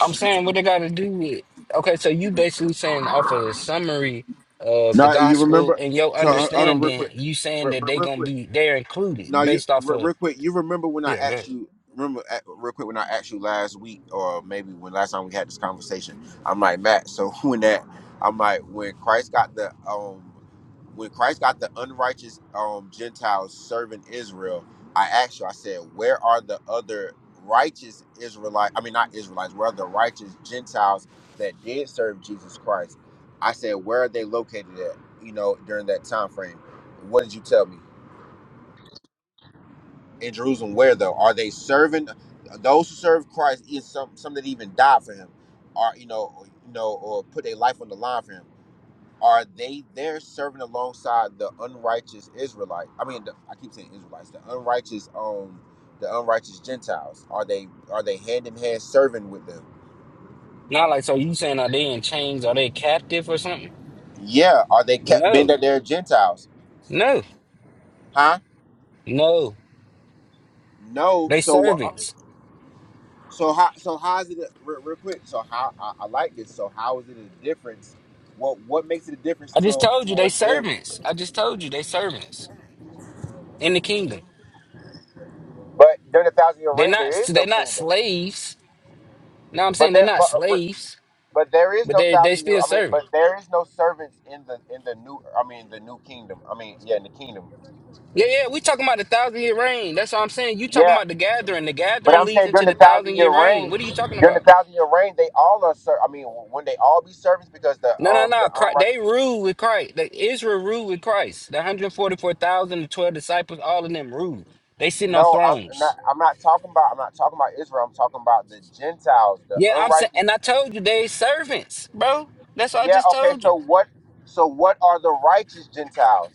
Speaker 2: I'm saying what they got to do with. Okay, so you basically saying off of the summary of the
Speaker 4: Now you
Speaker 2: gospel
Speaker 4: remember?
Speaker 2: and your
Speaker 4: So hold on, real
Speaker 2: understanding,
Speaker 4: quick,
Speaker 2: you saying
Speaker 4: real,
Speaker 2: that they
Speaker 4: real
Speaker 2: gonna
Speaker 4: quick.
Speaker 2: be they're included
Speaker 4: Now you
Speaker 2: based off
Speaker 4: re-
Speaker 2: of
Speaker 4: real quick. You remember when I
Speaker 2: yeah,
Speaker 4: asked
Speaker 2: good.
Speaker 4: you? Remember a- real quick when I asked you last week, or maybe when last time we had this conversation. I'm like Matt. So when that, I'm like when Christ got the um, when Christ got the unrighteous um Gentiles serving Israel. I asked you. I said, where are the other righteous Israelites? I mean, not Israelites. Where are the righteous Gentiles that did serve Jesus Christ? I said, where are they located at? You know, during that time frame. What did you tell me? in Jerusalem where though? Are they serving those who serve Christ is some some that even died for him or you know you know or put their life on the line for him. Are they there serving alongside the unrighteous Israelite? I mean, the, I keep saying Israelites, the unrighteous um the unrighteous Gentiles. Are they are they hand in hand serving with them?
Speaker 2: Not like so you saying are they in chains? Are they captive or something?
Speaker 4: Yeah. Are they kept being
Speaker 2: No,
Speaker 4: that they're Gentiles?
Speaker 2: no,
Speaker 4: Huh?
Speaker 2: no.
Speaker 4: No.
Speaker 2: They
Speaker 4: So what?
Speaker 2: servants.
Speaker 4: So how so how is it a- real, real quick? So how I, I like this. So how is it a difference? What what makes it a difference
Speaker 2: I just
Speaker 4: to
Speaker 2: told you they
Speaker 4: towards them?
Speaker 2: servants. I just told you they servants in the kingdom.
Speaker 4: But during the thousand year
Speaker 2: They're
Speaker 4: reign, there
Speaker 2: not.
Speaker 4: is no
Speaker 2: They're not
Speaker 4: kingdom.
Speaker 2: slaves. No, I'm
Speaker 4: But
Speaker 2: saying they're
Speaker 4: there
Speaker 2: not
Speaker 4: but
Speaker 2: slaves
Speaker 4: but there is
Speaker 2: But
Speaker 4: no
Speaker 2: they they
Speaker 4: thousand year.
Speaker 2: still
Speaker 4: I mean, but
Speaker 2: serving.
Speaker 4: there is no servants in the in the new. I mean, the new kingdom. I mean, yeah, in the kingdom.
Speaker 2: Yeah, yeah, we talking about the thousand year reign. That's what I'm saying. You talking
Speaker 4: Yeah,
Speaker 2: about the gathering. The
Speaker 4: but
Speaker 2: gathering
Speaker 4: I'm
Speaker 2: leads
Speaker 4: saying during
Speaker 2: into
Speaker 4: the
Speaker 2: the thousand
Speaker 4: thousand year
Speaker 2: year reign.
Speaker 4: reign,
Speaker 2: What are you talking
Speaker 4: during the
Speaker 2: about?
Speaker 4: thousand year reign, they all are. Ser- I mean, when they all be servants, because the
Speaker 2: No, no,
Speaker 4: um the
Speaker 2: no. Chri-
Speaker 4: unrighteous.
Speaker 2: They rule with Christ. The Israel ruled with Christ. The 144,000, the 12 disciples, all of them rule. They sitting on
Speaker 4: No, I'm not.
Speaker 2: thrones.
Speaker 4: I'm not talking about. I'm not talking about Israel. I'm talking about the Gentiles, the
Speaker 2: Yeah, I'm saying,
Speaker 4: unrighteous.
Speaker 2: and I told you they servants, bro. That's what I
Speaker 4: Yeah.
Speaker 2: just
Speaker 4: Okay.
Speaker 2: told you.
Speaker 4: So what? So what are the righteous Gentiles?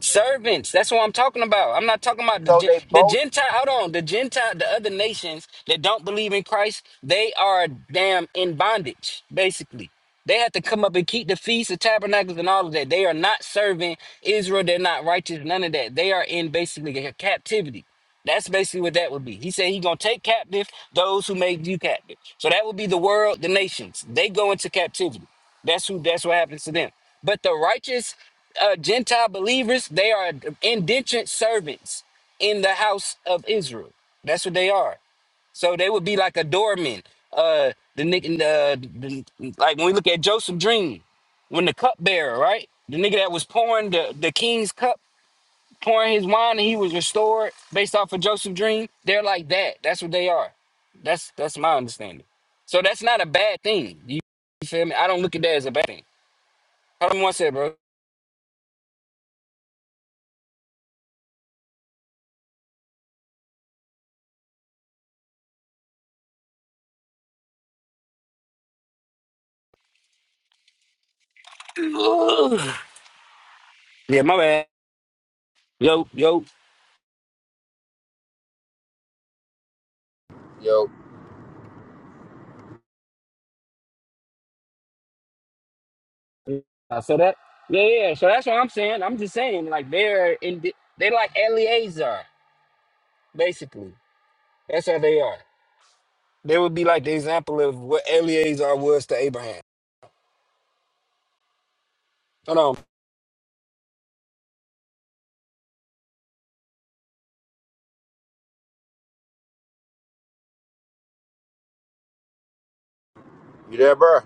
Speaker 2: Servants. That's what I'm talking about. I'm not talking about the
Speaker 4: So
Speaker 2: Gen-
Speaker 4: they
Speaker 2: the
Speaker 4: both.
Speaker 2: Gentile. Hold on, the Gentile, the other nations that don't believe in Christ, they are damn in bondage. Basically, they have to come up and keep the feasts, the tabernacles, and all of that. They are not serving Israel. They're not righteous. None of that. They are in basically a captivity. That's basically what that would be. He said he's gonna take captive those who made you captive. So that would be the world, the nations. They go into captivity. That's who. That's what happens to them. But the righteous uh, Gentile believers, they are indentured servants in the house of Israel. That's what they are. So they would be like a doorman. Uh, the nigga, uh, the, like when we look at Joseph Dream, when the cupbearer, right? The nigga that was pouring the, the king's cup pouring his wine and he was restored based off of Joseph's dream. They're like that. That's what they are. That's that's my understanding. So that's not a bad thing. You, you feel me? I don't look at that as a bad thing. Hold on one sec, bro. Ugh. yeah, my bad. Yo, yo.
Speaker 4: Yo,
Speaker 2: Yeah, yeah. So that's what I'm saying. I'm just saying, like they're in the, they like Eleazar, basically. That's how they are. They would be like the example of what Eleazar was to Abraham. Hold on.
Speaker 4: you there, bro?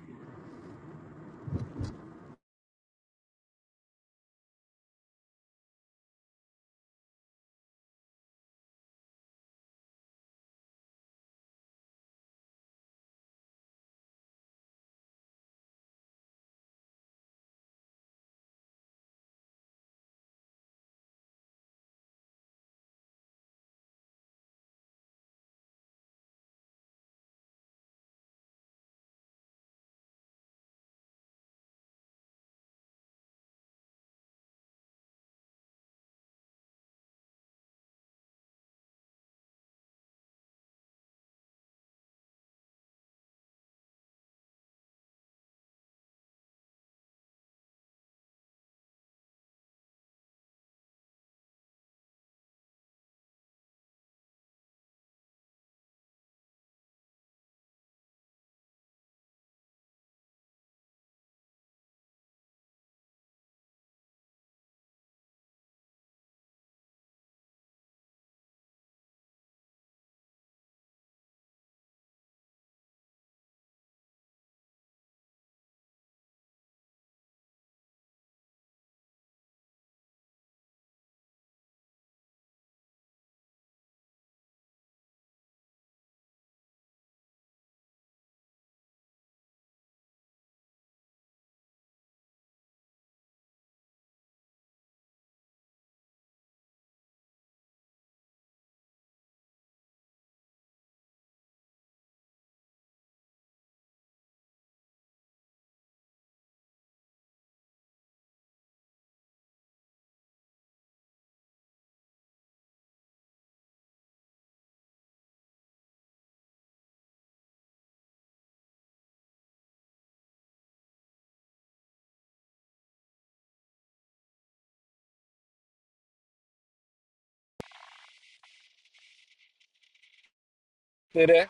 Speaker 2: See that?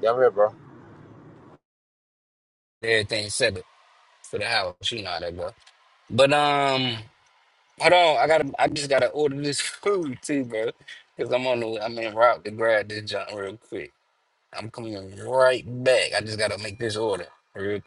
Speaker 4: Yeah, I'm here, bro.
Speaker 2: Everything settled for the house. You know how that go. But um. Hold on, I gotta. I just gotta order this food too, bro. Cause I'm on the. I'm in route to grab this junk real quick. I'm coming right back. I just gotta make this order. Real.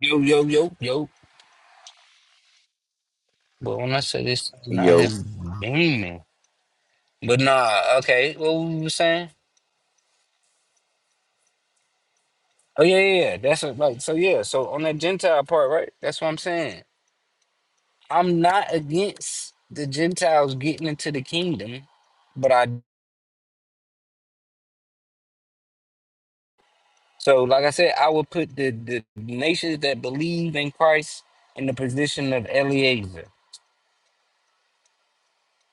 Speaker 2: Yo, yo, yo, yo. But when I say this, I
Speaker 4: Yo,
Speaker 2: had beaming. But nah, okay. What we were saying? Oh yeah, yeah, yeah. That's what, like so. Yeah, so on that Gentile part, right? That's what I'm saying. I'm not against the Gentiles getting into the kingdom, but I So, like I said, I would put the, the nations that believe in Christ in the position of Eliezer.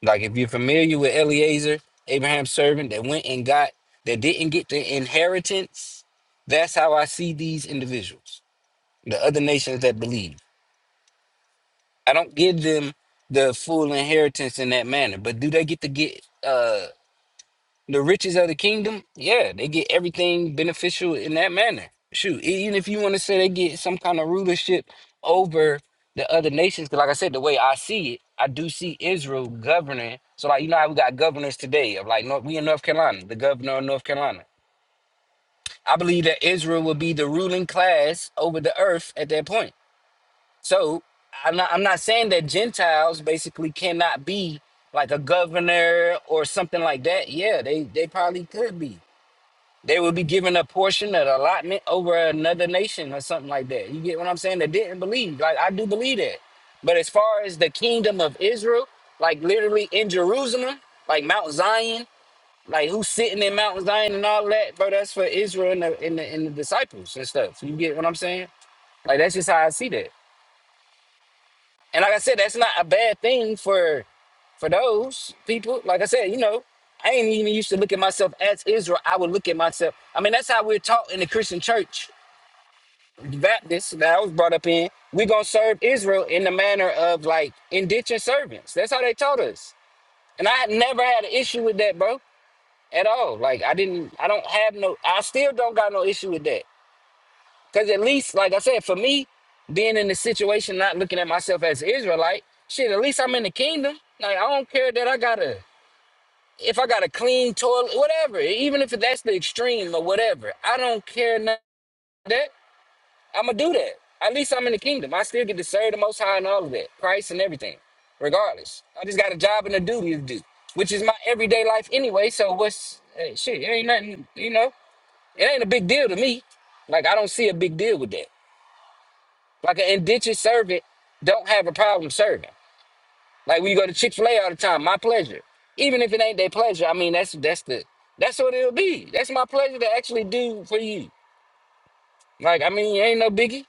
Speaker 2: Like, if you're familiar with Eliezer, Abraham's servant that went and got, that didn't get the inheritance, that's how I see these individuals, the other nations that believe. I don't give them the full inheritance in that manner, but do they get to get? uh, the riches of the kingdom, yeah, they get everything beneficial in that manner. Shoot, e-, even if you want to say they get some kind of rulership over the other nations, because like I said, the way I see it, I do see Israel governing. So, like, you know how we got governors today of like, North, we in North Carolina, the governor of North Carolina. I believe that Israel will be the ruling class over the earth at that point. So, I'm not, I'm not saying that Gentiles basically cannot be like a governor or something like that. Yeah, they, they probably could be they would be given a portion, an allotment over another nation or something like that. You get what I'm saying? They didn't believe. Like I do believe that. But as far as the kingdom of Israel, like literally in Jerusalem, like Mount Zion, like who's sitting in Mount Zion and all that, bro, that's for Israel and the, and the, and the disciples and stuff. You get what I'm saying? Like that's just how I see that. And like I said, that's not a bad thing for for those people. Like I said, you know, I ain't even used to look at myself as Israel. I would look at myself. I mean, that's how we're taught in the Christian church. that this that I was brought up in, we're gonna serve Israel in the manner of like indentured servants. That's how they taught us. And I had never had an issue with that, bro, at all. Like I didn't I don't have no I still don't got no issue with that. Cause at least, like I said, for me, being in the situation, not looking at myself as an Israelite, shit, at least I'm in the kingdom. Like I don't care that I gotta if I got a clean toilet, whatever, even if that's the extreme or whatever. I don't care none of that I'm gonna do that. At least I'm in the kingdom. I still get to serve the Most High and all of that, Christ and everything. Regardless, I just got a job and a duty to do, which is my everyday life anyway. So what's hey, shit? It ain't nothing, you know. It ain't a big deal to me. Like I don't see a big deal with that. Like an indentured servant don't have a problem serving. Like when you go to Chick Fil A all the time, my pleasure. Even if it ain't their pleasure, I mean that's that's the that's what it'll be. That's my pleasure to actually do for you. Like I mean, ain't no biggie.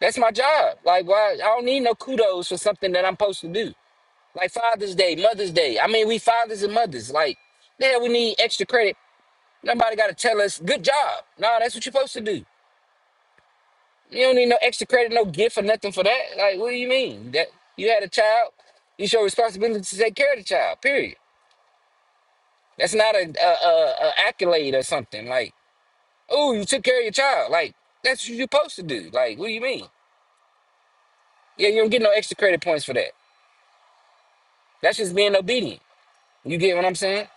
Speaker 2: That's my job. Like, why? I don't need no kudos for something that I'm supposed to do. Like Father's Day, Mother's Day. I mean, we fathers and mothers. Like, yeah, we need extra credit. Nobody got to tell us, good job. No, that's what you're supposed to do. You don't need no extra credit, no gift or nothing for that. Like, what do you mean? That you had a child, it's your responsibility to take care of the child. Period. That's not a, a, a, a accolade or something. Like, oh, you took care of your child. Like, that's what you're supposed to do. Like, what do you mean? Yeah, you don't get no extra credit points for that. That's just being obedient. You get what I'm saying?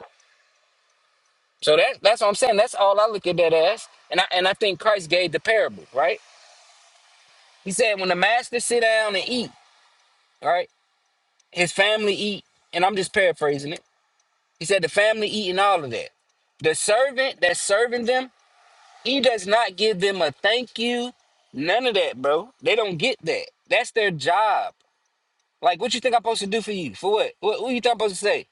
Speaker 2: So that that's what I'm saying. That's all I look at that as. And I and I think Christ gave the parable, right? He said when the master sit down and eat, right? His family eat, and I'm just paraphrasing it. He said the family eating all of that. The servant that's serving them, he does not give them a thank you. None of that, bro. They don't get that. That's their job. Like what you think I'm supposed to do for you? For what? What, what you think I'm supposed to say?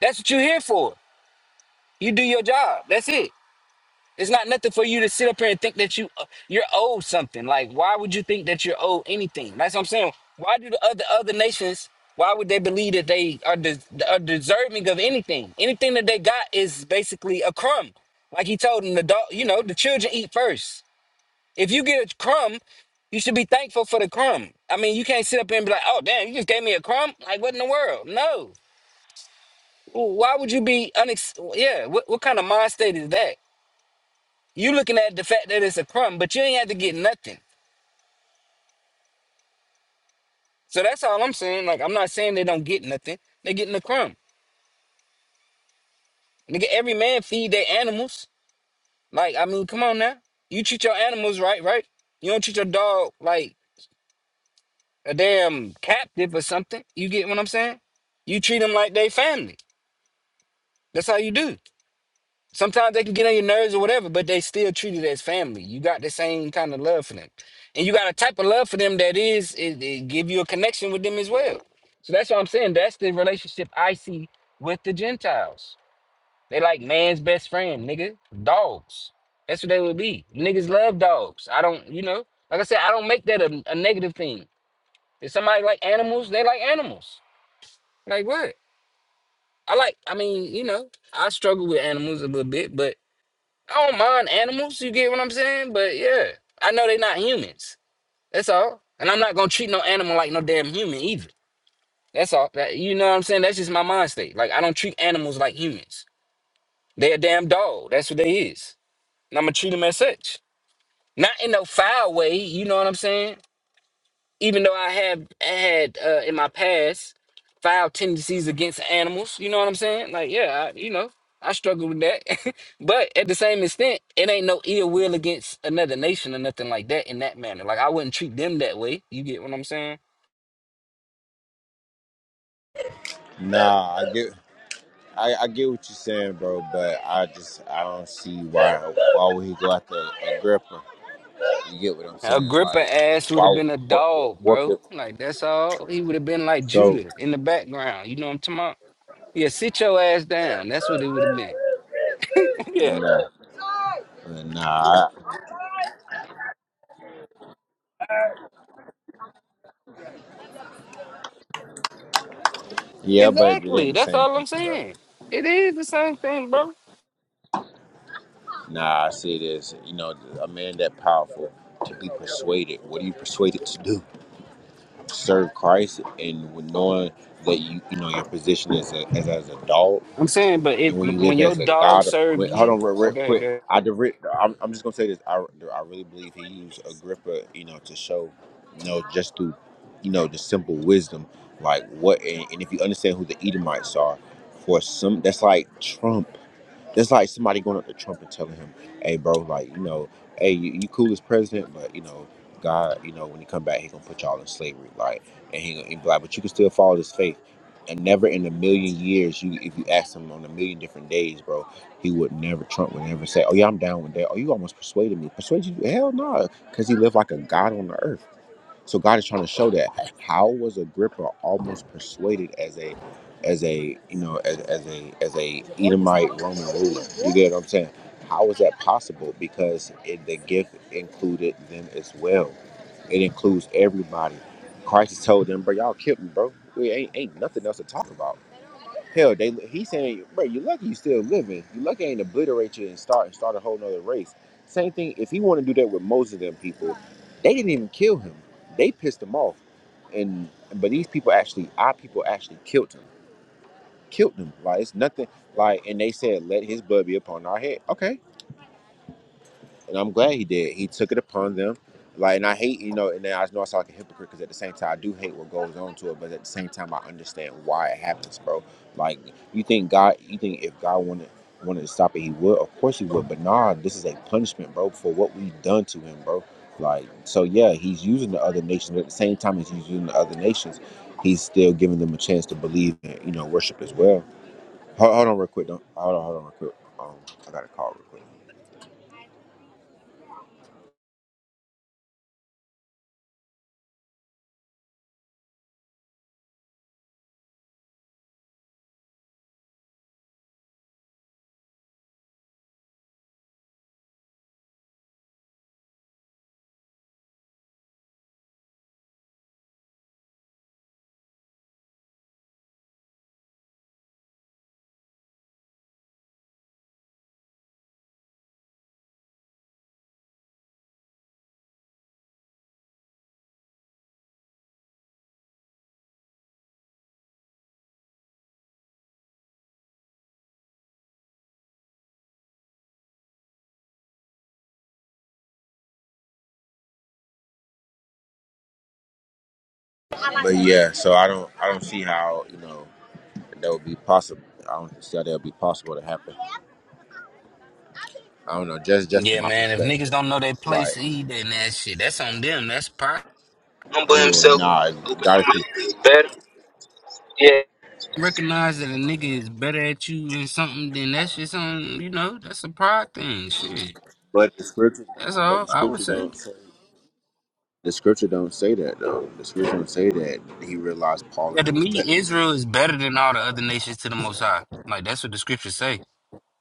Speaker 2: That's what you're here for. You do your job. That's it. It's not nothing for you to sit up here and think that you uh, you're owed something. Like, why would you think that you're owed anything? That's what I'm saying. Why do the other other nations? Why would they believe that they are, de- are deserving of anything? Anything that they got is basically a crumb. Like he told them, the dog, you know, the children eat first. If you get a crumb, you should be thankful for the crumb. I mean, you can't sit up here and be like, "Oh, damn, you just gave me a crumb." Like, what in the world? No. Why would you be unex? Yeah. What what kind of mind state is that? You looking at the fact that it's a crumb, but you ain't had to get nothing. So that's all I'm saying. Like I'm not saying they don't get nothing. They getting a crumb. Nigga, every man feed their animals. Like I mean, come on now. You treat your animals right, right? You don't treat your dog like a damn captive or something. You get what I'm saying? You treat them like they family. That's how you do. Sometimes they can get on your nerves or whatever, but they still treat it as family. You got the same kind of love for them, and you got a type of love for them that is it, it give you a connection with them as well. So that's what I'm saying. That's the relationship I see with the Gentiles. They like man's best friend, nigga. Dogs. That's what they would be. Niggas love dogs. I don't, you know, like I said, I don't make that a, a negative thing. If somebody like animals, they like animals. Like what? I like. I mean, you know, I struggle with animals a little bit, but I don't mind animals, you get what I'm saying? But yeah, I know they're not humans. That's all. And I'm not gonna treat no animal like no damn human either. That's all. That, you know what I'm saying? That's just my mind state. Like I don't treat animals like humans. they a damn dog. That's what they is. And I'm gonna treat them as such. Not in no foul way, you know what I'm saying? even though I have I had uh, in my past filed tendencies against animals, you know what I'm saying? Like, yeah, I, you know, I struggle with that. but at the same extent, it ain't no ill will against another nation or nothing like that in that manner. Like, I wouldn't treat them that way. You get what I'm saying?
Speaker 4: nah, I get, I, I get what you're saying, bro, but I just, I don't see why, why would he go after Agrippa? You get what I'm saying?
Speaker 2: Agrippa
Speaker 4: Like,
Speaker 2: ass would have
Speaker 4: why,
Speaker 2: been a
Speaker 4: what, what,
Speaker 2: dog,
Speaker 4: what could,
Speaker 2: bro. Like, that's all. He would have been like
Speaker 4: so,
Speaker 2: Judah in the background. You know what I'm talking about? Yeah, sit your ass down. That's what it would have been. yeah,
Speaker 4: nah, nah, I- yeah, but it ain't
Speaker 2: exactly.
Speaker 4: the
Speaker 2: That's
Speaker 4: same
Speaker 2: all
Speaker 4: thing,
Speaker 2: I'm
Speaker 4: bro.
Speaker 2: saying. It is the same thing, bro.
Speaker 4: Nah, I see this. You know, a man that powerful to be persuaded. What are you persuaded to do? Serve Christ, and with knowing that you, you know, your position as a, as as a dog,
Speaker 2: I'm saying, but
Speaker 4: and
Speaker 2: if
Speaker 4: when you live
Speaker 2: when your
Speaker 4: as a
Speaker 2: dog
Speaker 4: God.
Speaker 2: served
Speaker 4: Wait, hold
Speaker 2: you,
Speaker 4: on, real, real
Speaker 2: okay,
Speaker 4: quick.
Speaker 2: okay.
Speaker 4: I direct. I'm, I'm just gonna say this. I, I really believe he used Agrippa, you know, to show, you know, just through, you know, the simple wisdom, like what, and, and if you understand who the Edomites are, for some, that's like Trump. It's like somebody going up to Trump and telling him, "Hey, bro, like you know, hey, you, you cool as president, but you know, God, you know, when you come back, he gonna put y'all in slavery, like, and he, he be like, but you can still follow this faith." And never in a million years, you if you ask him on a million different days, bro, he would never Trump would never say, "Oh yeah, I'm down with that." Oh, you almost persuaded me. Persuaded you? Hell no, because he lived like a god on the earth. So God is trying to show that how was Agrippa almost persuaded as a as a you know as, as a as a Edomite Roman ruler. You get what I'm saying? How is that possible? Because it, the gift included them as well. It includes everybody. Christ has told them, bro, y'all killed me, bro. We ain't, ain't nothing else to talk about. Hell, they he's saying, bro, you lucky you still living. You lucky I ain't obliterate you and start and start a whole nother race. Same thing. If he want to do that with most of them people, they didn't even kill him. They pissed him off, and but these people actually, our people actually killed him, killed him. Like it's nothing. Like and they said, let his blood be upon our head. Okay and I'm glad he did. He took it upon them. Like, and I hate, you know, and then I know I sound like a hypocrite because at the same time I do hate what goes on to it, but at the same time I understand why it happens, bro. Like, you think God, you think if God wanted wanted to stop it, He would. Of course He would. But nah, this is a punishment, bro, for what we've done to Him, bro. Like, so yeah, He's using the other nations, but at the same time as He's using the other nations, He's still giving them a chance to believe and you know worship as well. Hold, hold on, real quick. Don't hold on, hold on, real quick. Um, I got a call real quick. But yeah, so I don't I don't see how you know that would be possible. I don't see how that would be possible to happen. I don't know, just just from
Speaker 2: Yeah,
Speaker 4: my
Speaker 2: man. If niggas
Speaker 4: perspective,
Speaker 2: don't know their place
Speaker 4: like
Speaker 2: to eat, then that shit, that's on them. That's pride.
Speaker 4: yeah, nah, God is.
Speaker 2: Recognize that a nigga is better at you in something, then that shit's on, you know, that's a pride thing. Shit.
Speaker 4: But the scripture,
Speaker 2: That's
Speaker 4: but
Speaker 2: all
Speaker 4: the
Speaker 2: I would
Speaker 4: scripture
Speaker 2: say.
Speaker 4: don't say the scripture don't say that though. The scripture don't say that he realized Paul
Speaker 2: Yeah,
Speaker 4: and that
Speaker 2: to
Speaker 4: was
Speaker 2: me,
Speaker 4: better than him.
Speaker 2: Israel is better than all the other nations to the Most High. Like, that's what the scriptures say.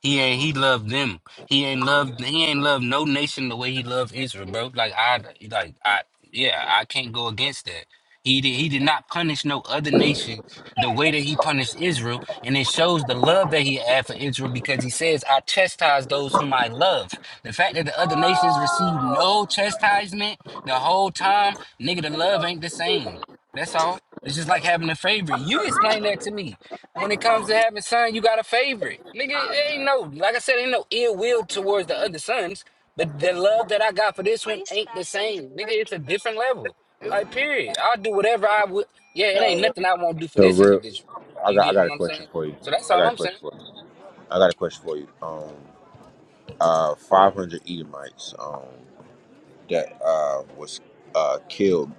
Speaker 2: He ain't he loved them. He ain't loved he ain't loved no nation the way he loved Israel, bro. Like I like I yeah, I can't go against that. He did he did not punish no other nation the way that he punished Israel, and it shows the love that he had for Israel because he says, I chastise those whom I love. The fact that the other nations received no chastisement the whole time, nigga, the love ain't the same. That's all. It's just like having a favorite. You explain that to me. When it comes to having son, you got a favorite. Nigga, there ain't no, like I said, ain't no ill will towards the other sons, but the love that I got for this one ain't the same. Nigga, it's a different level. Like, period. I'll do whatever I would. Yeah, it ain't nothing I won't do for
Speaker 4: So
Speaker 2: this
Speaker 4: real,
Speaker 2: individual.
Speaker 4: I
Speaker 2: You
Speaker 4: got I
Speaker 2: get
Speaker 4: got a
Speaker 2: what I'm
Speaker 4: question
Speaker 2: saying?
Speaker 4: for you.
Speaker 2: So that's
Speaker 4: I
Speaker 2: all
Speaker 4: got a
Speaker 2: I'm saying.
Speaker 4: question for you. I got a question for you. Um, uh, five hundred Edomites. Um. that uh, was uh, killed,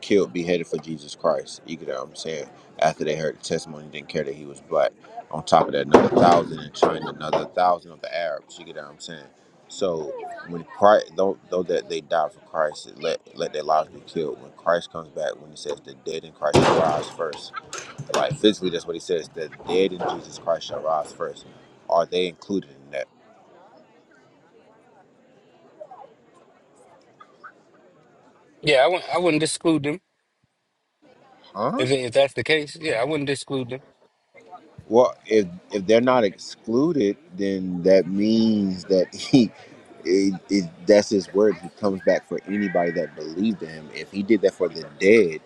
Speaker 4: killed, beheaded for Jesus Christ. You get what I'm saying? After they heard the testimony, didn't care that he was black. On top of that, another thousand in China, another thousand of the Arabs. You get what I'm saying? So when Christ, though, though that they died for Christ, let let their lives be killed. When Christ comes back, when he says the dead in Christ shall rise first, like physically, that's what he says. The dead in Jesus Christ shall rise first. Are they included in that?
Speaker 2: Yeah, I wouldn't, I wouldn't exclude them
Speaker 4: Huh?
Speaker 2: if, if that's the case. Yeah, I wouldn't exclude them.
Speaker 4: Well, if if they're not excluded, then that means that he, it, it, that's his word. He comes back for anybody that believed in him. If he did that for the dead,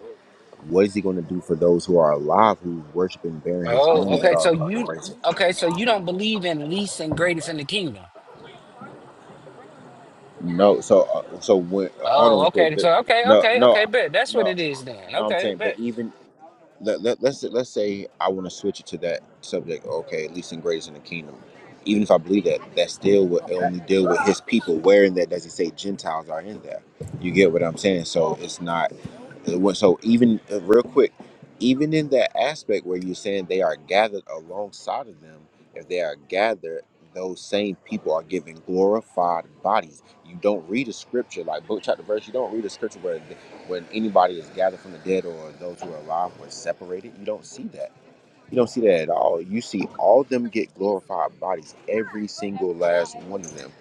Speaker 4: what is he going to do for those who are alive, who worship and bear his
Speaker 2: Oh,
Speaker 4: name, that
Speaker 2: okay.
Speaker 4: are
Speaker 2: So
Speaker 4: of other
Speaker 2: you,
Speaker 4: races?
Speaker 2: okay, so you don't believe in least and greatest in the kingdom.
Speaker 4: No. So, uh, so when hold on,
Speaker 2: Oh,
Speaker 4: real quick.
Speaker 2: okay.
Speaker 4: Just-
Speaker 2: So okay,
Speaker 4: No,
Speaker 2: okay, okay,
Speaker 4: no,
Speaker 2: bet. That's what
Speaker 4: no,
Speaker 2: it is then.
Speaker 4: no. I'm
Speaker 2: Okay,
Speaker 4: saying,
Speaker 2: bet.
Speaker 4: but even let, let, let's let's say I want to switch it to that subject. Okay, at least and greatest in the kingdom. Even if I believe that, that still would only deal with His people. Where in that does He say Gentiles are in there? You get what I'm saying? So it's not. Uh, So even uh, real quick, even in that aspect where you're saying they are gathered alongside of them, if they are gathered, those same people are given glorified bodies. You don't read a scripture like book chapter verse. You don't read a scripture where th- when anybody is gathered from the dead or those who are alive were separated. You don't see that. You don't see that at all. You see all of them get glorified bodies, every single last one of them.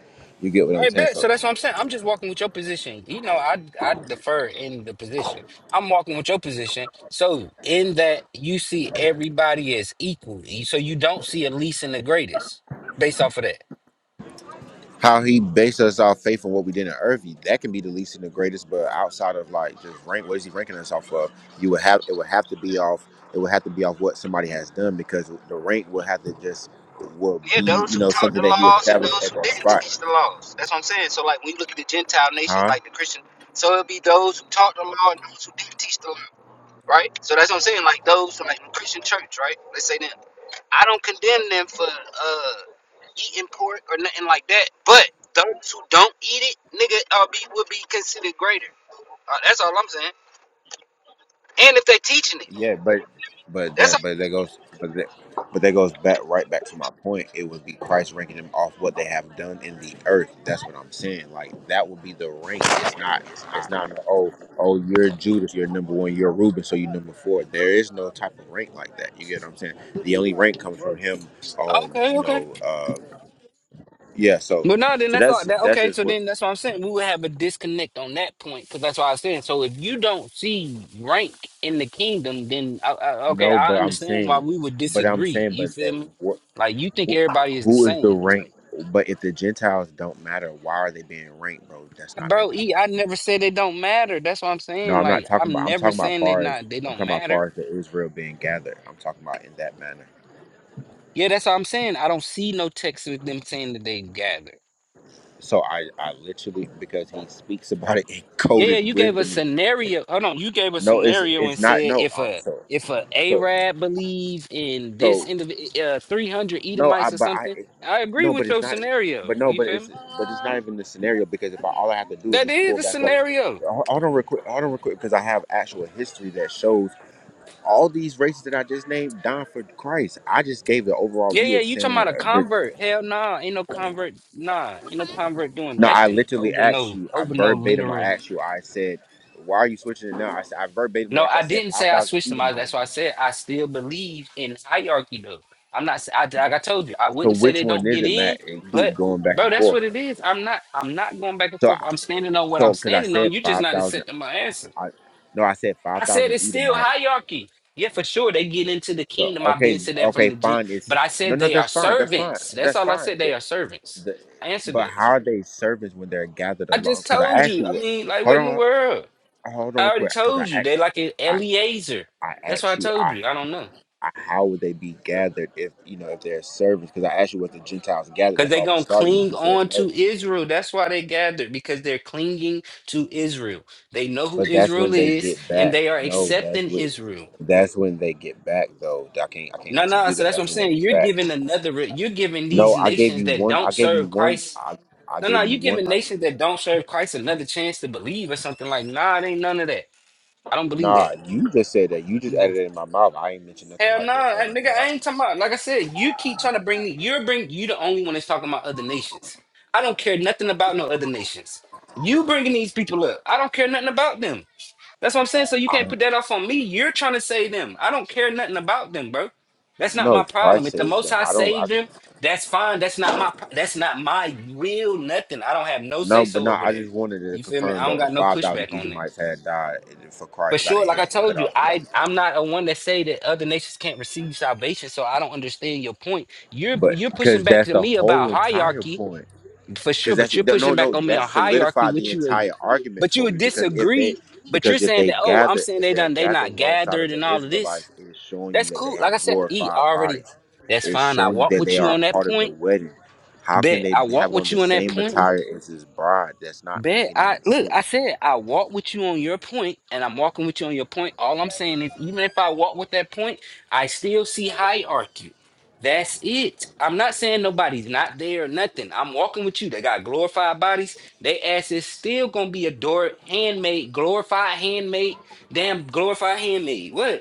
Speaker 4: You get what I'm
Speaker 2: I
Speaker 4: saying?
Speaker 2: bet.
Speaker 4: So
Speaker 2: So that's what I'm saying. I'm just walking with your position. You know, I I defer in the position. I'm walking with your position. So in that you see everybody as equal. So you don't see a least and the greatest based off of that.
Speaker 4: how he based us off faith on what we did on earth, that can be the least and the greatest. But outside of like just rank, what is he ranking us off of? You would have it would have to be off. It would have to be off what somebody has done because the rank will have to just will
Speaker 2: Yeah,
Speaker 4: be
Speaker 2: those
Speaker 4: you
Speaker 2: who
Speaker 4: know
Speaker 2: taught
Speaker 4: something
Speaker 2: the
Speaker 4: that he
Speaker 2: laws and
Speaker 4: established
Speaker 2: those
Speaker 4: at
Speaker 2: who
Speaker 4: that
Speaker 2: didn't
Speaker 4: spot.
Speaker 2: teach the laws. That's what I'm saying. So, like, when you look at the Gentile nations,
Speaker 4: huh?
Speaker 2: like the Christian, so it'll be those who taught the law and those who didn't teach the law, right? So that's what I'm saying. Like those, like the Christian church, right? Let's say them. I don't condemn them for uh eating pork or nothing like that. But those who don't eat it, nigga, uh, be, would be considered greater. Uh, that's all I'm saying. And if they teaching it,
Speaker 4: Yeah, but but
Speaker 2: that's
Speaker 4: that but that goes but that but that goes back right back to my point. It would be Christ ranking them off what they have done in the earth. That's what I'm saying. Like that would be the rank. It's not it's not no, oh oh you're Judas, you're number one, you're Reuben, so you're number four. There is no type of rank like that. You get what I'm saying? The only rank comes from him
Speaker 2: all.
Speaker 4: um,
Speaker 2: Okay,
Speaker 4: you
Speaker 2: okay.
Speaker 4: know, uh yeah, so
Speaker 2: But no, then
Speaker 4: so
Speaker 2: that's all.
Speaker 4: that's
Speaker 2: That
Speaker 4: that's
Speaker 2: okay.
Speaker 4: just
Speaker 2: So
Speaker 4: what
Speaker 2: then that's what I'm saying. We would have a disconnect on that point because that's what I was saying. So if you don't see rank in the kingdom, then I, I, okay,
Speaker 4: no,
Speaker 2: I
Speaker 4: but I'm
Speaker 2: understand why
Speaker 4: saying
Speaker 2: we would
Speaker 4: but I'm
Speaker 2: disagree.
Speaker 4: saying
Speaker 2: You
Speaker 4: but that
Speaker 2: feel me? Like you think everybody is the
Speaker 4: Who is
Speaker 2: same.
Speaker 4: the
Speaker 2: like.
Speaker 4: rank? But if the Gentiles don't matter, why are they being ranked, bro? That's not
Speaker 2: Bro,
Speaker 4: making any.
Speaker 2: E, I never said they don't matter. That's what I'm
Speaker 4: No,
Speaker 2: saying.
Speaker 4: I'm not
Speaker 2: Like,
Speaker 4: talking about.
Speaker 2: I'm
Speaker 4: I'm
Speaker 2: never
Speaker 4: talking about
Speaker 2: saying they
Speaker 4: far as
Speaker 2: not they
Speaker 4: I'm
Speaker 2: don't
Speaker 4: talking about
Speaker 2: matter.
Speaker 4: far as the Israel being gathered. I'm talking about in that manner.
Speaker 2: Yeah, that's what I'm saying. I don't see no text with them saying that they gather.
Speaker 4: So I, I literally because he speaks about it in
Speaker 2: Yeah, yeah,
Speaker 4: coded
Speaker 2: you gave a
Speaker 4: wisdom.
Speaker 2: scenario. Hold on, you gave a
Speaker 4: No, it's
Speaker 2: scenario
Speaker 4: it's
Speaker 2: and
Speaker 4: not.
Speaker 2: said
Speaker 4: No,
Speaker 2: if
Speaker 4: um,
Speaker 2: a
Speaker 4: so
Speaker 2: if a
Speaker 4: so
Speaker 2: Arab believe in this
Speaker 4: so
Speaker 2: individual uh, 300
Speaker 4: no. I
Speaker 2: Edomites or
Speaker 4: but I
Speaker 2: something. I agree
Speaker 4: no, but
Speaker 2: with
Speaker 4: it's
Speaker 2: your
Speaker 4: not.
Speaker 2: scenario.
Speaker 4: But no,
Speaker 2: You
Speaker 4: but
Speaker 2: feel
Speaker 4: it's
Speaker 2: me?
Speaker 4: but it's not even the scenario because if I, all I have to do is
Speaker 2: That
Speaker 4: just
Speaker 2: is
Speaker 4: pull
Speaker 2: the
Speaker 4: back up,
Speaker 2: scenario.
Speaker 4: hold hold on real quick, hold on real quick because I have actual history that shows all these races that I just named died for Christ. I just gave the overall
Speaker 2: Yeah,
Speaker 4: view
Speaker 2: yeah,
Speaker 4: of
Speaker 2: you talking
Speaker 4: saying
Speaker 2: about a
Speaker 4: uh, this.
Speaker 2: convert. Hell nah, ain't no convert. Nah, ain't no convert doing
Speaker 4: No, I
Speaker 2: nothing
Speaker 4: literally
Speaker 2: over
Speaker 4: asked
Speaker 2: no
Speaker 4: you. I
Speaker 2: over no
Speaker 4: verbatim. I
Speaker 2: literal.
Speaker 4: asked you. I said, "Why are you switching it now?" I said, "I verbatimly
Speaker 2: No,
Speaker 4: asked you." I
Speaker 2: I
Speaker 4: said,
Speaker 2: didn't say I
Speaker 4: 5,000
Speaker 2: switched them. I,
Speaker 4: Edomites."
Speaker 2: that's why I said I still believe in hierarchy, though. I'm not. s- I, like I told you, I
Speaker 4: So
Speaker 2: wouldn't say
Speaker 4: which
Speaker 2: they
Speaker 4: one
Speaker 2: don't
Speaker 4: is
Speaker 2: get
Speaker 4: it,
Speaker 2: in,
Speaker 4: Matt? And keep
Speaker 2: but
Speaker 4: going back
Speaker 2: bro,
Speaker 4: and
Speaker 2: that's
Speaker 4: forth.
Speaker 2: what it is. I'm not. I'm not going back and
Speaker 4: So,
Speaker 2: forth.
Speaker 4: I
Speaker 2: I'm standing on what
Speaker 4: so
Speaker 2: I'm
Speaker 4: because I
Speaker 2: standing on.
Speaker 4: said
Speaker 2: You just
Speaker 4: five
Speaker 2: not
Speaker 4: thousand.
Speaker 2: accepting my answer.
Speaker 4: I no, I said
Speaker 2: I
Speaker 4: five
Speaker 2: said
Speaker 4: thousand
Speaker 2: it's still
Speaker 4: Edomites.
Speaker 2: hierarchy. Yeah, for sure they get into the
Speaker 4: So
Speaker 2: kingdom. i been
Speaker 4: okay,
Speaker 2: said that from
Speaker 4: okay,
Speaker 2: the gym,
Speaker 4: fine. It's
Speaker 2: but I
Speaker 4: no,
Speaker 2: said
Speaker 4: no.
Speaker 2: they are
Speaker 4: That's fine. That's fine.
Speaker 2: servants. That's
Speaker 4: That's
Speaker 2: all I
Speaker 4: fine.
Speaker 2: said. They
Speaker 4: The,
Speaker 2: are servants.
Speaker 4: the,
Speaker 2: I answered
Speaker 4: but
Speaker 2: that.
Speaker 4: how are they servants when they're gathered
Speaker 2: I
Speaker 4: along?
Speaker 2: just
Speaker 4: Because I
Speaker 2: told
Speaker 4: asked
Speaker 2: you.
Speaker 4: you
Speaker 2: I
Speaker 4: what.
Speaker 2: mean, like
Speaker 4: Hold
Speaker 2: what in the
Speaker 4: on.
Speaker 2: world?
Speaker 4: hold on
Speaker 2: I
Speaker 4: real
Speaker 2: already
Speaker 4: quick because
Speaker 2: told
Speaker 4: I
Speaker 2: you. They
Speaker 4: asked,
Speaker 2: like an
Speaker 4: I
Speaker 2: Eliezer.
Speaker 4: I
Speaker 2: That's what
Speaker 4: asked
Speaker 2: I
Speaker 4: you,
Speaker 2: told
Speaker 4: I,
Speaker 2: you. I don't know.
Speaker 4: I how would they be gathered if you know if there's service? Because I asked you what the Gentiles gathered.
Speaker 2: Because
Speaker 4: That's
Speaker 2: they're
Speaker 4: why we
Speaker 2: going to
Speaker 4: started. with.
Speaker 2: cling
Speaker 4: You said
Speaker 2: on
Speaker 4: no,
Speaker 2: to Israel. That's why they gathered, because they're clinging to Israel. They know
Speaker 4: but
Speaker 2: who
Speaker 4: that's when
Speaker 2: Israel
Speaker 4: they
Speaker 2: is
Speaker 4: get
Speaker 2: and
Speaker 4: back.
Speaker 2: they are
Speaker 4: No, that's
Speaker 2: accepting
Speaker 4: what.
Speaker 2: Israel.
Speaker 4: That's when they get back though. I can't I can't
Speaker 2: No,
Speaker 4: let you
Speaker 2: no,
Speaker 4: do
Speaker 2: so
Speaker 4: that.
Speaker 2: that's what
Speaker 4: That's
Speaker 2: I'm
Speaker 4: when they
Speaker 2: saying.
Speaker 4: get
Speaker 2: You're
Speaker 4: back.
Speaker 2: giving another, re- you're giving these
Speaker 4: No, I gave
Speaker 2: nations
Speaker 4: you
Speaker 2: that
Speaker 4: one.
Speaker 2: don't
Speaker 4: I gave you
Speaker 2: serve
Speaker 4: one.
Speaker 2: Christ.
Speaker 4: I I
Speaker 2: No,
Speaker 4: gave
Speaker 2: no,
Speaker 4: you
Speaker 2: you're
Speaker 4: one.
Speaker 2: giving
Speaker 4: I,
Speaker 2: nations that don't serve Christ another chance to believe or something like, nah, it ain't none of that. I don't believe
Speaker 4: nah, you just said that. You just
Speaker 2: that.
Speaker 4: added it in my mouth. I ain't mentioned nothing
Speaker 2: Hell no,
Speaker 4: like that
Speaker 2: nah, I-
Speaker 4: ever
Speaker 2: nigga,
Speaker 4: in my
Speaker 2: I
Speaker 4: life.
Speaker 2: ain't talking about. Like I said, you keep trying to bring me. You're bring. You the only one that's talking about other nations. I don't care nothing about no other nations. You bringing these people up. I don't care nothing about them. That's what I'm saying. So you can't
Speaker 4: I,
Speaker 2: put that off on me. You're trying to save them. I don't care nothing about them, bro. That's not
Speaker 4: no,
Speaker 2: my problem.
Speaker 4: Christ
Speaker 2: If the
Speaker 4: saves
Speaker 2: Most
Speaker 4: them.
Speaker 2: High
Speaker 4: I don't. I,
Speaker 2: saved them, that's fine. That's not my. pro- That's not my real nothing. I don't have no
Speaker 4: No,
Speaker 2: say
Speaker 4: but
Speaker 2: so
Speaker 4: no,
Speaker 2: over
Speaker 4: I
Speaker 2: that.
Speaker 4: just wanted to
Speaker 2: You feel me?
Speaker 4: confirm
Speaker 2: I
Speaker 4: though
Speaker 2: don't
Speaker 4: if
Speaker 2: got no
Speaker 4: 5,000
Speaker 2: pushback on that.
Speaker 4: Edomites had died and for
Speaker 2: For
Speaker 4: Christ got a
Speaker 2: sure, like
Speaker 4: head
Speaker 2: I
Speaker 4: cut
Speaker 2: told you,
Speaker 4: off the body.
Speaker 2: I I'm not a one that say that other nations can't receive salvation. So I don't understand your point. You're
Speaker 4: But
Speaker 2: you're pushing
Speaker 4: because
Speaker 2: back
Speaker 4: that's
Speaker 2: to
Speaker 4: the
Speaker 2: me
Speaker 4: whole
Speaker 2: about
Speaker 4: entire
Speaker 2: hierarchy
Speaker 4: point.
Speaker 2: for sure,
Speaker 4: Because that's
Speaker 2: but you're
Speaker 4: no,
Speaker 2: pushing back
Speaker 4: no,
Speaker 2: on me
Speaker 4: that
Speaker 2: on hierarchy,
Speaker 4: solidified the
Speaker 2: which you would,
Speaker 4: entire argument
Speaker 2: but you
Speaker 4: for me.
Speaker 2: would
Speaker 4: Because if they,
Speaker 2: disagree. But you're
Speaker 4: because if
Speaker 2: saying
Speaker 4: they
Speaker 2: that oh, I'm
Speaker 4: gather,
Speaker 2: saying
Speaker 4: if
Speaker 2: they
Speaker 4: they're
Speaker 2: done they
Speaker 4: gathered
Speaker 2: not
Speaker 4: alongside of
Speaker 2: gathered
Speaker 4: the
Speaker 2: and all of this.
Speaker 4: Israelites, it is showing you
Speaker 2: That's
Speaker 4: that they
Speaker 2: cool. Like I
Speaker 4: have
Speaker 2: said, E
Speaker 4: glorified
Speaker 2: already.
Speaker 4: bodies.
Speaker 2: That's
Speaker 4: It's
Speaker 2: fine. I
Speaker 4: showing you
Speaker 2: walk
Speaker 4: that
Speaker 2: with
Speaker 4: they
Speaker 2: you
Speaker 4: are
Speaker 2: on
Speaker 4: a
Speaker 2: that
Speaker 4: part of the
Speaker 2: point.
Speaker 4: wedding. How can
Speaker 2: Bet
Speaker 4: they
Speaker 2: I walk
Speaker 4: have on
Speaker 2: with
Speaker 4: the
Speaker 2: you on that
Speaker 4: same
Speaker 2: point.
Speaker 4: attire as his bride? That's not
Speaker 2: Bet
Speaker 4: making
Speaker 2: I
Speaker 4: any
Speaker 2: look, I
Speaker 4: sense.
Speaker 2: said I walk with you on your point, and I'm walking with you on your point. All I'm saying is even if I walk with that point, I still see hierarchy. That's it. I'm not saying nobody's not there or nothing. I'm walking with you. They got glorified bodies. They ass is still gonna be adored, handmade, glorified, handmade, damn glorified handmade. What?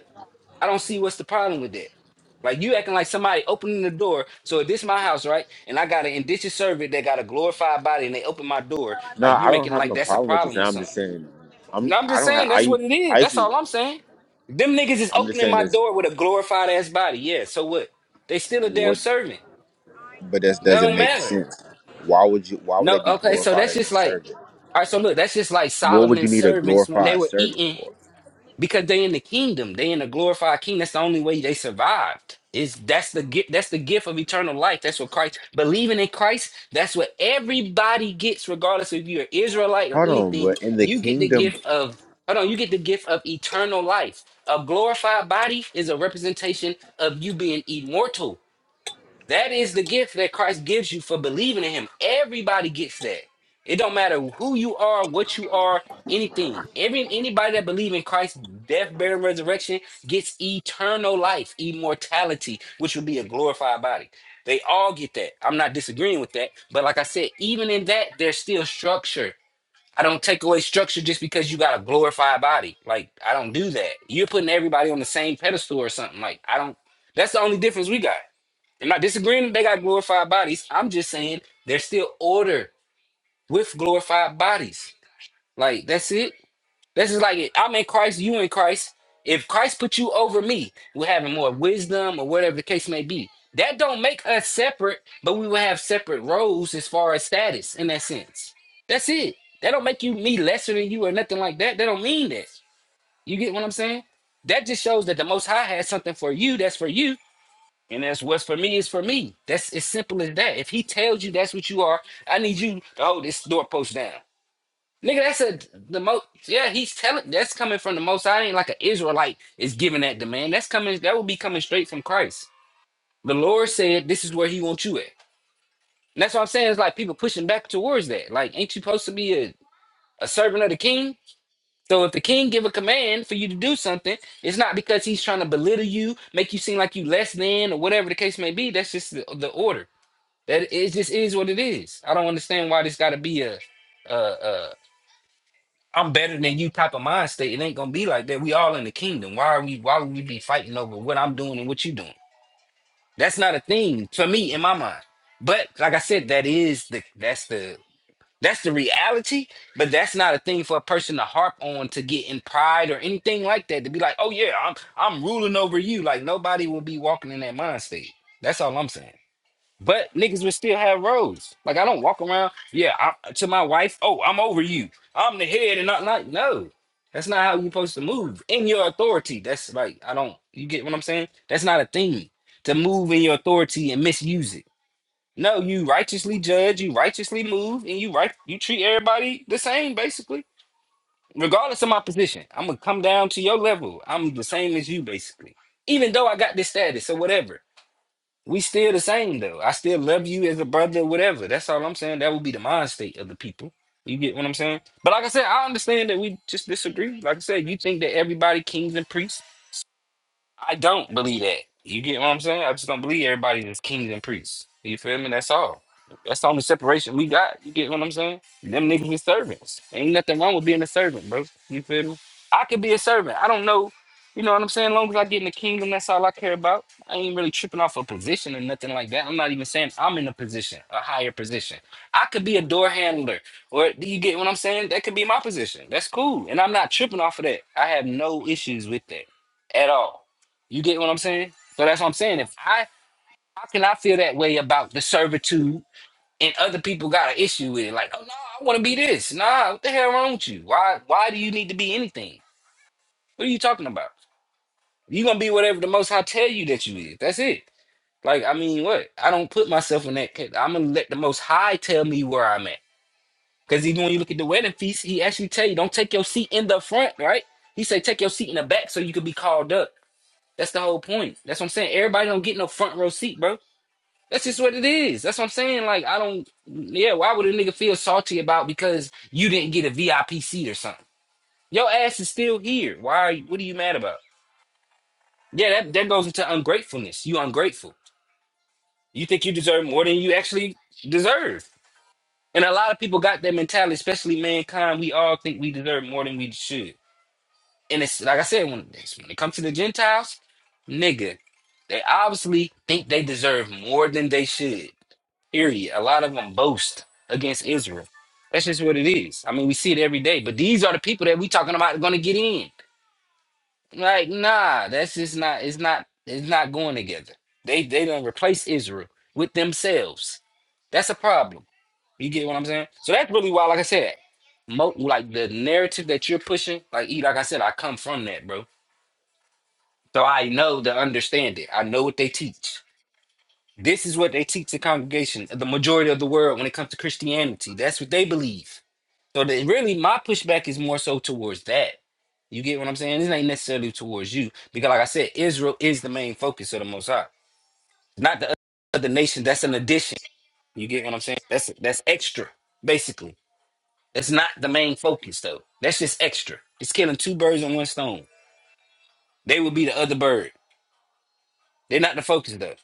Speaker 2: I don't see what's the problem with that. Like you acting like somebody opening the door. So if this my house, right? And I got an indigenous servant that got a glorified body and they open my door,
Speaker 4: No,
Speaker 2: like you
Speaker 4: I don't
Speaker 2: making it
Speaker 4: have
Speaker 2: like
Speaker 4: no
Speaker 2: that's a
Speaker 4: problem with you
Speaker 2: problem
Speaker 4: saying.
Speaker 2: or
Speaker 4: I'm just
Speaker 2: something.
Speaker 4: saying, I'm.
Speaker 2: No, I'm
Speaker 4: I
Speaker 2: just
Speaker 4: don't have.
Speaker 2: saying
Speaker 4: I.
Speaker 2: that's what it
Speaker 4: I
Speaker 2: is.
Speaker 4: used
Speaker 2: That's
Speaker 4: to.
Speaker 2: all I'm saying. Them niggas is
Speaker 4: I'm just
Speaker 2: opening
Speaker 4: saying
Speaker 2: my
Speaker 4: this.
Speaker 2: door with a glorified ass body. Yeah, so what? They still a damn
Speaker 4: What?
Speaker 2: servant.
Speaker 4: But this
Speaker 2: That
Speaker 4: doesn't
Speaker 2: don't
Speaker 4: make
Speaker 2: matter.
Speaker 4: sense. Why would you? Why would they
Speaker 2: No,
Speaker 4: be
Speaker 2: okay, so
Speaker 4: glorified
Speaker 2: that's
Speaker 4: as a
Speaker 2: just like
Speaker 4: servant?
Speaker 2: all right, so look, that's just like
Speaker 4: What would you
Speaker 2: Solomon's
Speaker 4: need a
Speaker 2: servants when they
Speaker 4: glorified
Speaker 2: were
Speaker 4: servant
Speaker 2: eating.
Speaker 4: for?
Speaker 2: because they in the kingdom they in the glorified king that's the only way they survived is that's the gift that's the gift of eternal life that's what christ believing in christ that's what everybody gets regardless if you're israelite or
Speaker 4: Hold on,
Speaker 2: anything
Speaker 4: but in the
Speaker 2: you get the
Speaker 4: kingdom.
Speaker 2: gift of hold on you get the gift of eternal life a glorified body is a representation of you being immortal that is the gift that Christ gives you for believing in him. Everybody gets that. It don't matter who you are, what you are, anything. Every anybody that believes in Christ's death, burial, and resurrection gets eternal life, immortality, which will be a glorified body. They all get that. I'm not disagreeing with that. But like I said, even in that, there's still structure. I don't take away structure just because you got a glorified body. Like I don't do that. You're putting everybody on the same pedestal or something. Like I don't that's the only difference we got. I'm not disagreeing that they got glorified bodies. I'm just saying there's still order with glorified bodies. Like that's it. This is like I'm in Christ, you in Christ. If Christ put you over me, we're having more wisdom or whatever the case may be. That don't make us separate, but we will have separate roles as far as status in that sense. That's it. That don't make you me lesser than you or nothing like that. That don't mean that. You get what I'm saying? That just shows that the Most High has something for you that's for you, and that's what's for me is for me. That's as simple as that. If he tells you that's what you are, I need you to hold this door post down. Nigga, that's a the most yeah, he's telling that's coming from the most I ain't like an Israelite is giving that demand. That's coming that would be coming straight from Christ. The Lord said this is where he wants you at. And that's what I'm saying, It's like people pushing back towards that. Like, ain't you supposed to be a, a servant of the king? So if the king give a command for you to do something, it's not because he's trying to belittle you, make you seem like you less than or whatever the case may be. That's just the, the order. That it just is what it is. I don't understand why this got to be a, a, a I'm better than you type of mind state. It ain't gonna be like that. We all in the kingdom. Why are we? Why would we be fighting over what I'm doing and what you doing? That's not a thing for me in my mind. But like I said, that is the that's the that's the reality. But that's not a thing for a person to harp on to get in pride or anything like that. To be like, oh yeah, I'm I'm ruling over you. Like nobody will be walking in that mind state. That's all I'm saying. But niggas would still have roads. Like I don't walk around, yeah, I, to my wife, oh, I'm over you. I'm the head and not like no. That's not how you're supposed to move in your authority. That's like I don't you get what I'm saying? That's not a thing to move in your authority and misuse it. No, you righteously judge, you righteously move, and you right you treat everybody the same basically. Regardless of my position, I'm gonna come down to your level. I'm the same as you basically. Even though I got this status or whatever. We still the same though. I still love you as a brother, whatever. That's all I'm saying. That would be the mind state of the people. You get what I'm saying? But like I said, I understand that we just disagree. Like I said, you think that everybody kings and priests. I don't believe that. You get what I'm saying? I just don't believe everybody is kings and priests. You feel me? That's all. That's the only separation we got. You get what I'm saying? Them niggas is servants. Ain't nothing wrong with being a servant, bro. You feel me? I could be a servant. I don't know. You know what I'm saying? As long as I get in the kingdom, that's all I care about. I ain't really tripping off a position or nothing like that. I'm not even saying I'm in a position, a higher position. I could be a door handler. Or do you get what I'm saying? That could be my position. That's cool. And I'm not tripping off of that. I have no issues with that at all. You get what I'm saying? So that's what I'm saying. If I how can I feel that way about the servitude and other people got an issue with it? Like, oh no, I want to be this. Nah, what the hell wrong with you? Why why do you need to be anything? What are you talking about? you gonna be whatever the most high tell you that you is. That's it. Like, I mean what? I don't put myself in that ca- I'm gonna let the most high tell me where I'm at. Cause even when you look at the wedding feast, he actually tell you don't take your seat in the front, right? He say take your seat in the back so you could be called up. That's the whole point. That's what I'm saying. Everybody don't get no front row seat, bro. That's just what it is. That's what I'm saying. Like, I don't, yeah, why would a nigga feel salty about because you didn't get a VIP seat or something? Your ass is still here. Why are you, what are you mad about? Yeah, that, that goes into ungratefulness. You ungrateful. You think you deserve more than you actually deserve. And a lot of people got that mentality, especially mankind. We all think we deserve more than we should. And it's like I said, when, when it comes to the Gentiles, nigga, they obviously think they deserve more than they should Period. A lot of them boast against Israel. That's just what it is. I mean, we see it every day. But these are the people that we talking about going to get in. Like, nah, that's just not. It's not. It's not going together. They they don't replace Israel with themselves. That's a problem. You get what I'm saying? So that's really why, like I said, mo- like the narrative that you're pushing, like E, like I said, I come from that, bro. So I know to understand it. I know what they teach. This is what they teach the congregation, the majority of the world, when it comes to Christianity. That's what they believe. So that really, my pushback is more so towards that. You get what I'm saying? This ain't necessarily towards you because, like I said, Israel is the main focus of the Most High, not the other nation. That's an addition. You get what I'm saying? That's that's extra, basically. That's not the main focus though. That's just extra. It's killing two birds in one stone. They will be the other bird. They're not the focus though.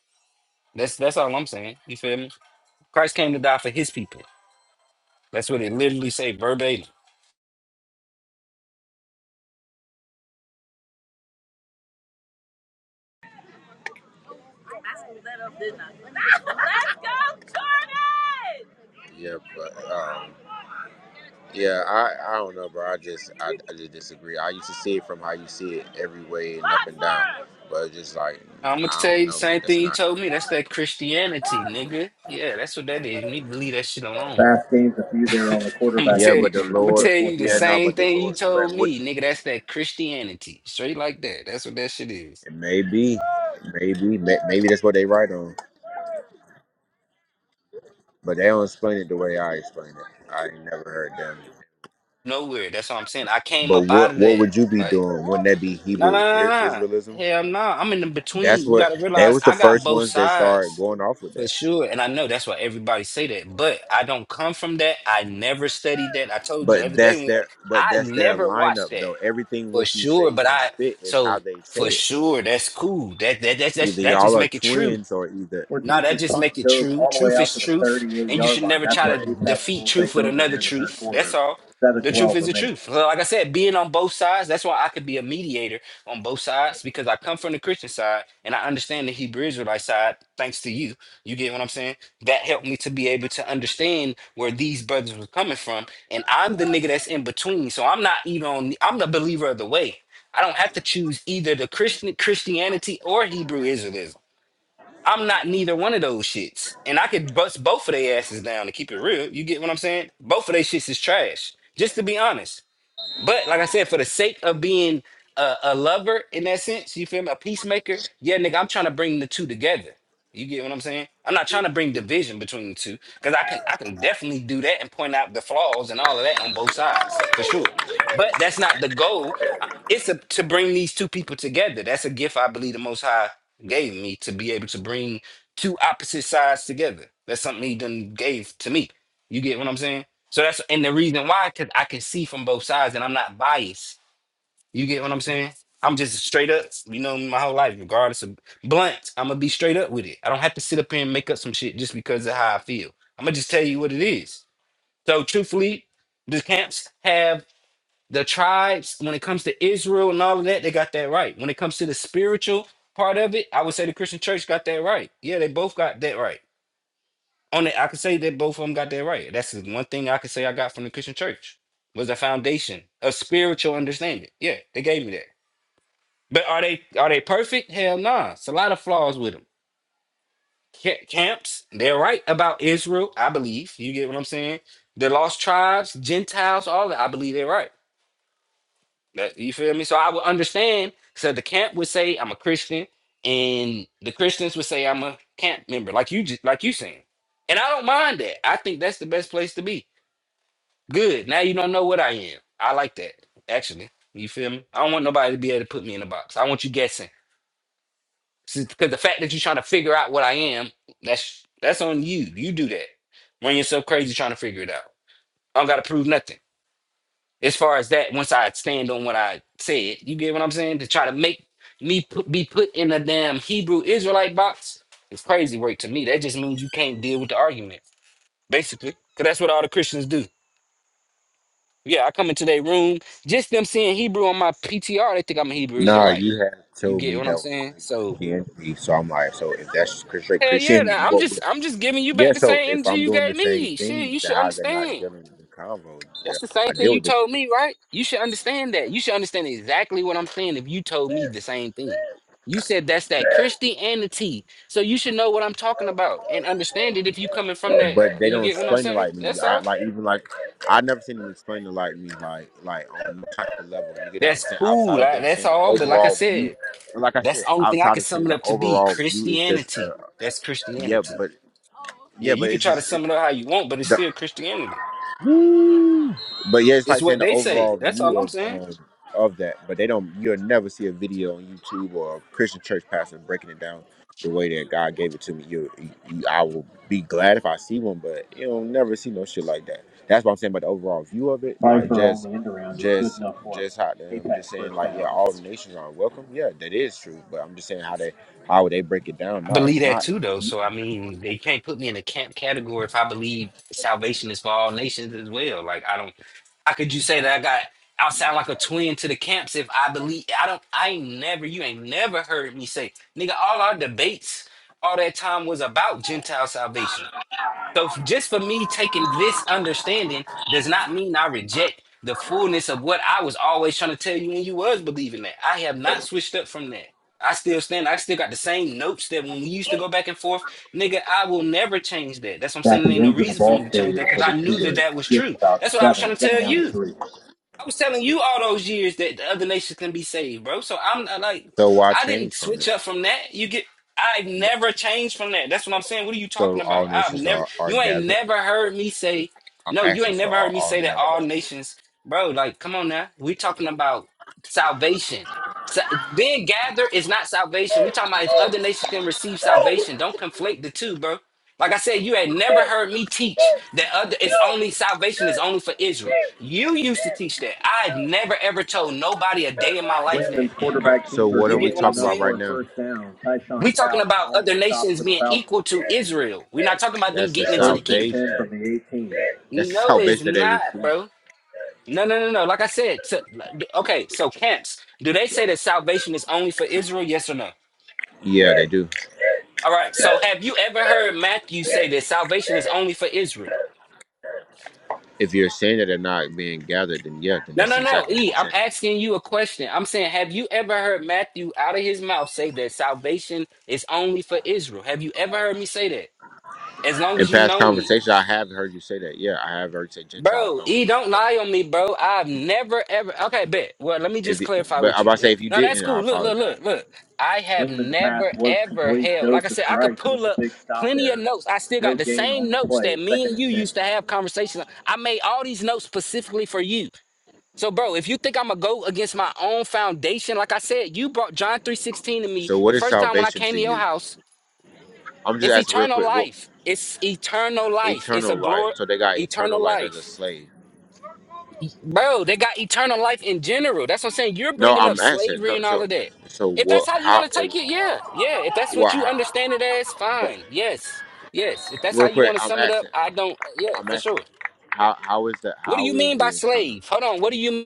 Speaker 2: That's that's all I'm saying. You feel me? Christ came to die for His people. That's what it literally say verbatim.
Speaker 4: I screwed that up, didn't I? Let's go, Jordan! Yeah, but um, yeah, I I don't know, bro. I just I, I just disagree. I used to see it from how you see it every way and up and down, but it's just like
Speaker 2: I'm gonna
Speaker 4: I
Speaker 2: tell
Speaker 4: don't
Speaker 2: you the
Speaker 4: know, man.
Speaker 2: same
Speaker 4: That's
Speaker 2: thing you
Speaker 4: not.
Speaker 2: told me. That's that Christianity, nigga. Yeah, that's what that is. You need to leave that shit alone.
Speaker 4: Fast games, a few there on the
Speaker 2: I'm gonna
Speaker 4: quarterback Yeah,
Speaker 2: tell you.
Speaker 4: but the over
Speaker 2: I'm gonna
Speaker 4: Lord,
Speaker 2: tell
Speaker 4: field, fourth
Speaker 2: you the
Speaker 4: yeah, down. no,
Speaker 2: same
Speaker 4: but the
Speaker 2: thing you
Speaker 4: Lord, but
Speaker 2: told
Speaker 4: what?
Speaker 2: me, nigga. That's that Christianity, straight like that. That's what that shit is.
Speaker 4: Maybe, maybe, may- maybe that's what they write on, but they don't explain it the way I explain it. I ain't never heard them.
Speaker 2: Nowhere. That's what I'm saying. I came
Speaker 4: But
Speaker 2: up out
Speaker 4: what
Speaker 2: of
Speaker 4: what
Speaker 2: that.
Speaker 4: would you be
Speaker 2: like.
Speaker 4: doing? Wouldn't that be
Speaker 2: No, no,
Speaker 4: Hebrew
Speaker 2: no,
Speaker 4: I-
Speaker 2: no.
Speaker 4: Israelism?
Speaker 2: Hell no. I'm in the
Speaker 4: That's
Speaker 2: between. You
Speaker 4: what
Speaker 2: gotta
Speaker 4: they
Speaker 2: realize
Speaker 4: was the
Speaker 2: I got
Speaker 4: first
Speaker 2: both
Speaker 4: ones that started
Speaker 2: sides
Speaker 4: going off with
Speaker 2: for
Speaker 4: that.
Speaker 2: sure. And I know that's why everybody say that. But I don't come from that. I never studied that. I told you the
Speaker 4: But
Speaker 2: other day,
Speaker 4: that's
Speaker 2: man,
Speaker 4: their but
Speaker 2: I
Speaker 4: that's their
Speaker 2: never
Speaker 4: lineup
Speaker 2: watched that
Speaker 4: though. Everything
Speaker 2: for
Speaker 4: what you
Speaker 2: sure.
Speaker 4: say
Speaker 2: But
Speaker 4: is
Speaker 2: I
Speaker 4: spit is how
Speaker 2: so
Speaker 4: they say
Speaker 2: for
Speaker 4: it.
Speaker 2: sure that's cool. That that that that,
Speaker 4: Either
Speaker 2: that
Speaker 4: y'all
Speaker 2: just
Speaker 4: are
Speaker 2: make it true.
Speaker 4: twins or either. Where
Speaker 2: No, that
Speaker 4: Jesus'
Speaker 2: just make
Speaker 4: punt
Speaker 2: it
Speaker 4: goes
Speaker 2: true.
Speaker 4: all the way
Speaker 2: Truth
Speaker 4: out
Speaker 2: is
Speaker 4: to the
Speaker 2: truth,
Speaker 4: 38
Speaker 2: and you
Speaker 4: yard
Speaker 2: should
Speaker 4: line.
Speaker 2: never
Speaker 4: That's
Speaker 2: try to
Speaker 4: where Apex
Speaker 2: defeat
Speaker 4: will
Speaker 2: truth
Speaker 4: take
Speaker 2: with
Speaker 4: over here
Speaker 2: another
Speaker 4: in the third
Speaker 2: truth. That's
Speaker 4: quarter.
Speaker 2: all.
Speaker 4: 7
Speaker 2: The truth
Speaker 4: 12
Speaker 2: is the
Speaker 4: remaining.
Speaker 2: truth. So like I said, being on both sides, that's why I could be a mediator on both sides because I come from the Christian side and I understand the Hebrew Israelite side thanks to you. You get what I'm saying? That helped me to be able to understand where these brothers were coming from. And I'm the nigga that's in between. So I'm not even on, I'm the believer of the way. I don't have to choose either the Christian Christianity or Hebrew Israelism. I'm not neither one of those shits. And I could bust both of their asses down to keep it real. You get what I'm saying? Both of their shits is trash. Just to be honest. But like I said, for the sake of being a, a lover in that sense, you feel me? A peacemaker, yeah, nigga, I'm trying to bring the two together. You get what I'm saying? I'm not trying to bring division between the two because I can I can definitely do that and point out the flaws and all of that on both sides for sure. But that's not the goal. I- It's a, to bring these two people together. That's a gift I believe the Most High gave me to be able to bring two opposite sides together. That's something He done gave to me. You get what I'm saying? So that's and the reason why, because I can see from both sides and I'm not biased. You get what I'm saying? I'm just straight up, you know, my whole life, regardless of blunt, I'm gonna be straight up with it. I don't have to sit up here and make up some shit just because of how I feel. I'm gonna just tell you what it is. So truthfully, the camps have the tribes when it comes to Israel and all of that, they got that right. When it comes to the spiritual part of it, I would say the Christian church got that right. Yeah, they both got that right. On it, I could say that both of them got that right. That's the one thing I could say I got from the Christian church was the foundation of spiritual understanding. Yeah, they gave me that. But are they are they perfect? Hell nah. It's a lot of flaws with them. Ca- Camps, they're right about Israel, I believe. You get what I'm saying? The lost tribes, Gentiles, all that. I believe they're right. That, you feel me? So I would understand. So the camp would say I'm a Christian, and the Christians would say I'm a camp member, like you just like you saying. And I don't mind that. I think that's the best place to be Good. Now you don't know what I am. I like that. Actually, you feel me? I don't want nobody to be able to put me in a box. I want you guessing. Because the fact that you're trying to figure out what I am, that's that's on you. You do that. Run yourself crazy trying to figure it out. I don't got to prove nothing. As far as that, once I stand on what I said, you get what I'm saying? To try to make me put, be put in a damn Hebrew Israelite box, it's crazy work to me. That just means you can't deal with the argument, basically. Because that's what all the Christians do. Yeah, I come into their room. Just them seeing Hebrew on my PTR, they think I'm a Hebrew
Speaker 4: Nah,
Speaker 2: Israelite.
Speaker 4: you had
Speaker 2: You
Speaker 4: told
Speaker 2: get
Speaker 4: me
Speaker 2: what
Speaker 4: that
Speaker 2: I'm
Speaker 4: was
Speaker 2: saying?
Speaker 4: straight
Speaker 2: So
Speaker 4: Christianity. So I'm like, so if that's straight
Speaker 2: hell yeah,
Speaker 4: Christianity,
Speaker 2: nah, I'm
Speaker 4: what?
Speaker 2: just
Speaker 4: would-
Speaker 2: I'm just giving you
Speaker 4: Yeah.
Speaker 2: back the
Speaker 4: So
Speaker 2: same
Speaker 4: if
Speaker 2: energy
Speaker 4: I'm
Speaker 2: you
Speaker 4: doing the
Speaker 2: gave
Speaker 4: same
Speaker 2: me. Shit,
Speaker 4: thing,
Speaker 2: you
Speaker 4: then
Speaker 2: should
Speaker 4: how's that not
Speaker 2: understand.
Speaker 4: dealing with the convo?
Speaker 2: That's the same thing you told me, right? You should understand that. You should understand exactly what I'm saying if you told me the same thing. You said that's that Christianity. So you should know what I'm talking about and understand it if you coming from
Speaker 4: but
Speaker 2: that.
Speaker 4: they
Speaker 2: You
Speaker 4: don't
Speaker 2: get what I'm
Speaker 4: explain it
Speaker 2: saying?
Speaker 4: like me.
Speaker 2: That's
Speaker 4: I
Speaker 2: all.
Speaker 4: like even like I never seen them explain it like me, like like on no type of level. You get what I'm
Speaker 2: That's
Speaker 4: saying? Outside
Speaker 2: cool.
Speaker 4: of
Speaker 2: I,
Speaker 4: them
Speaker 2: that's
Speaker 4: seeing the
Speaker 2: all. But like I
Speaker 4: overall view,
Speaker 2: said,
Speaker 4: and like I
Speaker 2: That's
Speaker 4: said,
Speaker 2: the only thing I
Speaker 4: outside
Speaker 2: can
Speaker 4: of seeing
Speaker 2: sum it
Speaker 4: the
Speaker 2: up to be
Speaker 4: overall view is just uh
Speaker 2: Christianity. That's
Speaker 4: yeah,
Speaker 2: Christianity.
Speaker 4: but
Speaker 2: Yeah,
Speaker 4: yeah, but
Speaker 2: you can
Speaker 4: it's
Speaker 2: try to
Speaker 4: just it,
Speaker 2: sum it up how you want, but it's
Speaker 4: the
Speaker 2: still Christianity.
Speaker 4: Woo! But yeah, it's
Speaker 2: It's
Speaker 4: like saying
Speaker 2: what
Speaker 4: the
Speaker 2: they say.
Speaker 4: overall
Speaker 2: That's
Speaker 4: view
Speaker 2: all I'm
Speaker 4: of
Speaker 2: saying.
Speaker 4: um of that. But they don't. You'll never see a video on YouTube or a Christian church pastor breaking it down the way that God gave it to me. You, you, you- I will be glad if I see one, but you'll never see no shit like that. That's what I'm saying. But the overall view of it, like just, just, just how them Apex just saying like yeah, down. all nations are welcome. Yeah, that is true. But I'm just saying how they how they break it down.
Speaker 2: I
Speaker 4: No,
Speaker 2: believe
Speaker 4: it's
Speaker 2: that
Speaker 4: not.
Speaker 2: too, though.
Speaker 4: You-
Speaker 2: So I mean, they can't put me in a camp category if I believe salvation is for all nations as well. Like I don't. How could you say that I got? I sound like a twin to the camps if I believe. I don't. I ain't never. You ain't never heard me say, nigga. All our debates, all that time was about Gentile salvation. So just for me taking this understanding does not mean I reject the fullness of what I was always trying to tell you when you was believing that. I have not switched up from that. I still stand. I still got the same notes that when we used to go back and forth, nigga. I will never change that. That's what I'm
Speaker 4: Back
Speaker 2: saying. There ain't no
Speaker 4: into the
Speaker 2: reason for me
Speaker 4: ball
Speaker 2: to change
Speaker 4: area
Speaker 2: that because
Speaker 4: for the
Speaker 2: I knew that
Speaker 4: Cougars.
Speaker 2: that was
Speaker 4: Get
Speaker 2: true.
Speaker 4: about
Speaker 2: That's what I was
Speaker 4: seven,
Speaker 2: trying to
Speaker 4: second
Speaker 2: tell
Speaker 4: down to
Speaker 2: you.
Speaker 4: three.
Speaker 2: I was telling you all those years that the other nations can be saved, bro. So I'm not like,
Speaker 4: So why
Speaker 2: I didn't
Speaker 4: change from it?
Speaker 2: switch up from that. You get, I've never changed from that. That's what I'm saying. What are you
Speaker 4: So
Speaker 2: talking
Speaker 4: all
Speaker 2: about? I've
Speaker 4: nations
Speaker 2: never,
Speaker 4: are, are
Speaker 2: you ain't
Speaker 4: gathered.
Speaker 2: never heard me say,
Speaker 4: I'm
Speaker 2: no, you
Speaker 4: asking,
Speaker 2: ain't
Speaker 4: so
Speaker 2: never
Speaker 4: are
Speaker 2: heard me
Speaker 4: all
Speaker 2: say that all
Speaker 4: nations.
Speaker 2: nations, bro. Like, come on now. we talking about salvation. So, being gathered is not salvation. we talking about if other nations can receive salvation. Don't conflate the two, bro. Like I said, you had never heard me teach that other it's only salvation is only for Israel. You used to teach that. I had never ever told nobody a day in my life that
Speaker 4: Ravens
Speaker 2: ever.
Speaker 4: quarterback So Cooper what
Speaker 2: You
Speaker 4: are we
Speaker 2: get
Speaker 4: gains
Speaker 2: what I'm
Speaker 4: talking enough
Speaker 2: saying?
Speaker 4: about for right for a now? first down. Tyshawn
Speaker 2: We talking
Speaker 4: Couch
Speaker 2: about
Speaker 4: on the
Speaker 2: other
Speaker 4: stop
Speaker 2: nations
Speaker 4: for the
Speaker 2: being
Speaker 4: Falcons.
Speaker 2: equal to Israel. We're not talking about them
Speaker 4: That's the
Speaker 2: getting into the
Speaker 4: First and 10
Speaker 2: kingdom.
Speaker 4: salvation. ten from the 18. That's the
Speaker 2: No,
Speaker 4: salvation
Speaker 2: it's
Speaker 4: that they
Speaker 2: not,
Speaker 4: receive.
Speaker 2: bro. No, no, no, no. Like I said, so- okay. So camps, do they say that salvation is only for Israel? Yes or no?
Speaker 4: Yeah, they do.
Speaker 2: All right. So have you ever heard Matthew say that salvation is only for Israel?
Speaker 4: If you're saying that they're not being gathered, then yeah, then
Speaker 2: No,
Speaker 4: that's
Speaker 2: no, no.
Speaker 4: exactly what
Speaker 2: E,
Speaker 4: they're
Speaker 2: I'm
Speaker 4: saying.
Speaker 2: asking you a question. I'm saying, have you ever heard Matthew out of his mouth say that salvation is only for Israel? Have you ever heard me say that? As long
Speaker 4: In
Speaker 2: as you
Speaker 4: past
Speaker 2: know me.
Speaker 4: conversations, I have heard you say that. Yeah, I have heard you say Gentiles
Speaker 2: Bro,
Speaker 4: don't.
Speaker 2: E, don't lie on me, bro. I've never ever. Okay, bet. Well, let me
Speaker 4: If
Speaker 2: just
Speaker 4: you,
Speaker 2: clarify
Speaker 4: but I'm
Speaker 2: with
Speaker 4: about
Speaker 2: you.
Speaker 4: to say
Speaker 2: Eh,
Speaker 4: if you
Speaker 2: No, that's
Speaker 4: didn't, I
Speaker 2: cool. Look, look,
Speaker 4: apologize.
Speaker 2: look, look. I have
Speaker 4: Lingman's pass
Speaker 2: never
Speaker 4: was
Speaker 2: ever
Speaker 4: complete.
Speaker 2: held. Like I
Speaker 4: Joseph
Speaker 2: said, I could
Speaker 4: Grice with
Speaker 2: pull
Speaker 4: the
Speaker 2: up
Speaker 4: big stop
Speaker 2: plenty of
Speaker 4: there.
Speaker 2: notes. I still
Speaker 4: No
Speaker 2: got the
Speaker 4: gain on
Speaker 2: same
Speaker 4: the
Speaker 2: notes
Speaker 4: play.
Speaker 2: that me
Speaker 4: Second
Speaker 2: and you
Speaker 4: and 10.
Speaker 2: used to have conversations. on. I made all these notes specifically for you. So, bro, if you think I'm gonna go against my own foundation, like I said, you brought John 3:16 to me
Speaker 4: So
Speaker 2: the
Speaker 4: what is
Speaker 2: first time when I
Speaker 4: salvation
Speaker 2: came
Speaker 4: to
Speaker 2: to your
Speaker 4: you?
Speaker 2: house.
Speaker 4: I'm just
Speaker 2: It's
Speaker 4: asking real
Speaker 2: eternal
Speaker 4: quick. What
Speaker 2: life. It's eternal life. It's a
Speaker 4: eternal life?
Speaker 2: glory,
Speaker 4: So they got eternal
Speaker 2: eternal
Speaker 4: life as a
Speaker 2: life.
Speaker 4: slave.
Speaker 2: E- Bro, they got eternal life in general. That's what I'm saying. You're
Speaker 4: No,
Speaker 2: bringing up
Speaker 4: I'm asking.
Speaker 2: slavery
Speaker 4: No,
Speaker 2: and all
Speaker 4: so
Speaker 2: of that.
Speaker 4: so
Speaker 2: If that's
Speaker 4: what?
Speaker 2: how you
Speaker 4: How?
Speaker 2: want to
Speaker 4: If,
Speaker 2: take it, yeah, yeah. If that's
Speaker 4: well,
Speaker 2: what you
Speaker 4: how,
Speaker 2: understand it as,
Speaker 4: but
Speaker 2: fine. Yes, yes. If that's how
Speaker 4: real
Speaker 2: you
Speaker 4: quick,
Speaker 2: want to
Speaker 4: I'm
Speaker 2: sum it up,
Speaker 4: asking. I'm,
Speaker 2: I don't. Yeah,
Speaker 4: I'm
Speaker 2: for
Speaker 4: asking.
Speaker 2: sure.
Speaker 4: How how is the
Speaker 2: What do you
Speaker 4: how is
Speaker 2: mean by
Speaker 4: the eternal?
Speaker 2: slave? Hold on. What do you?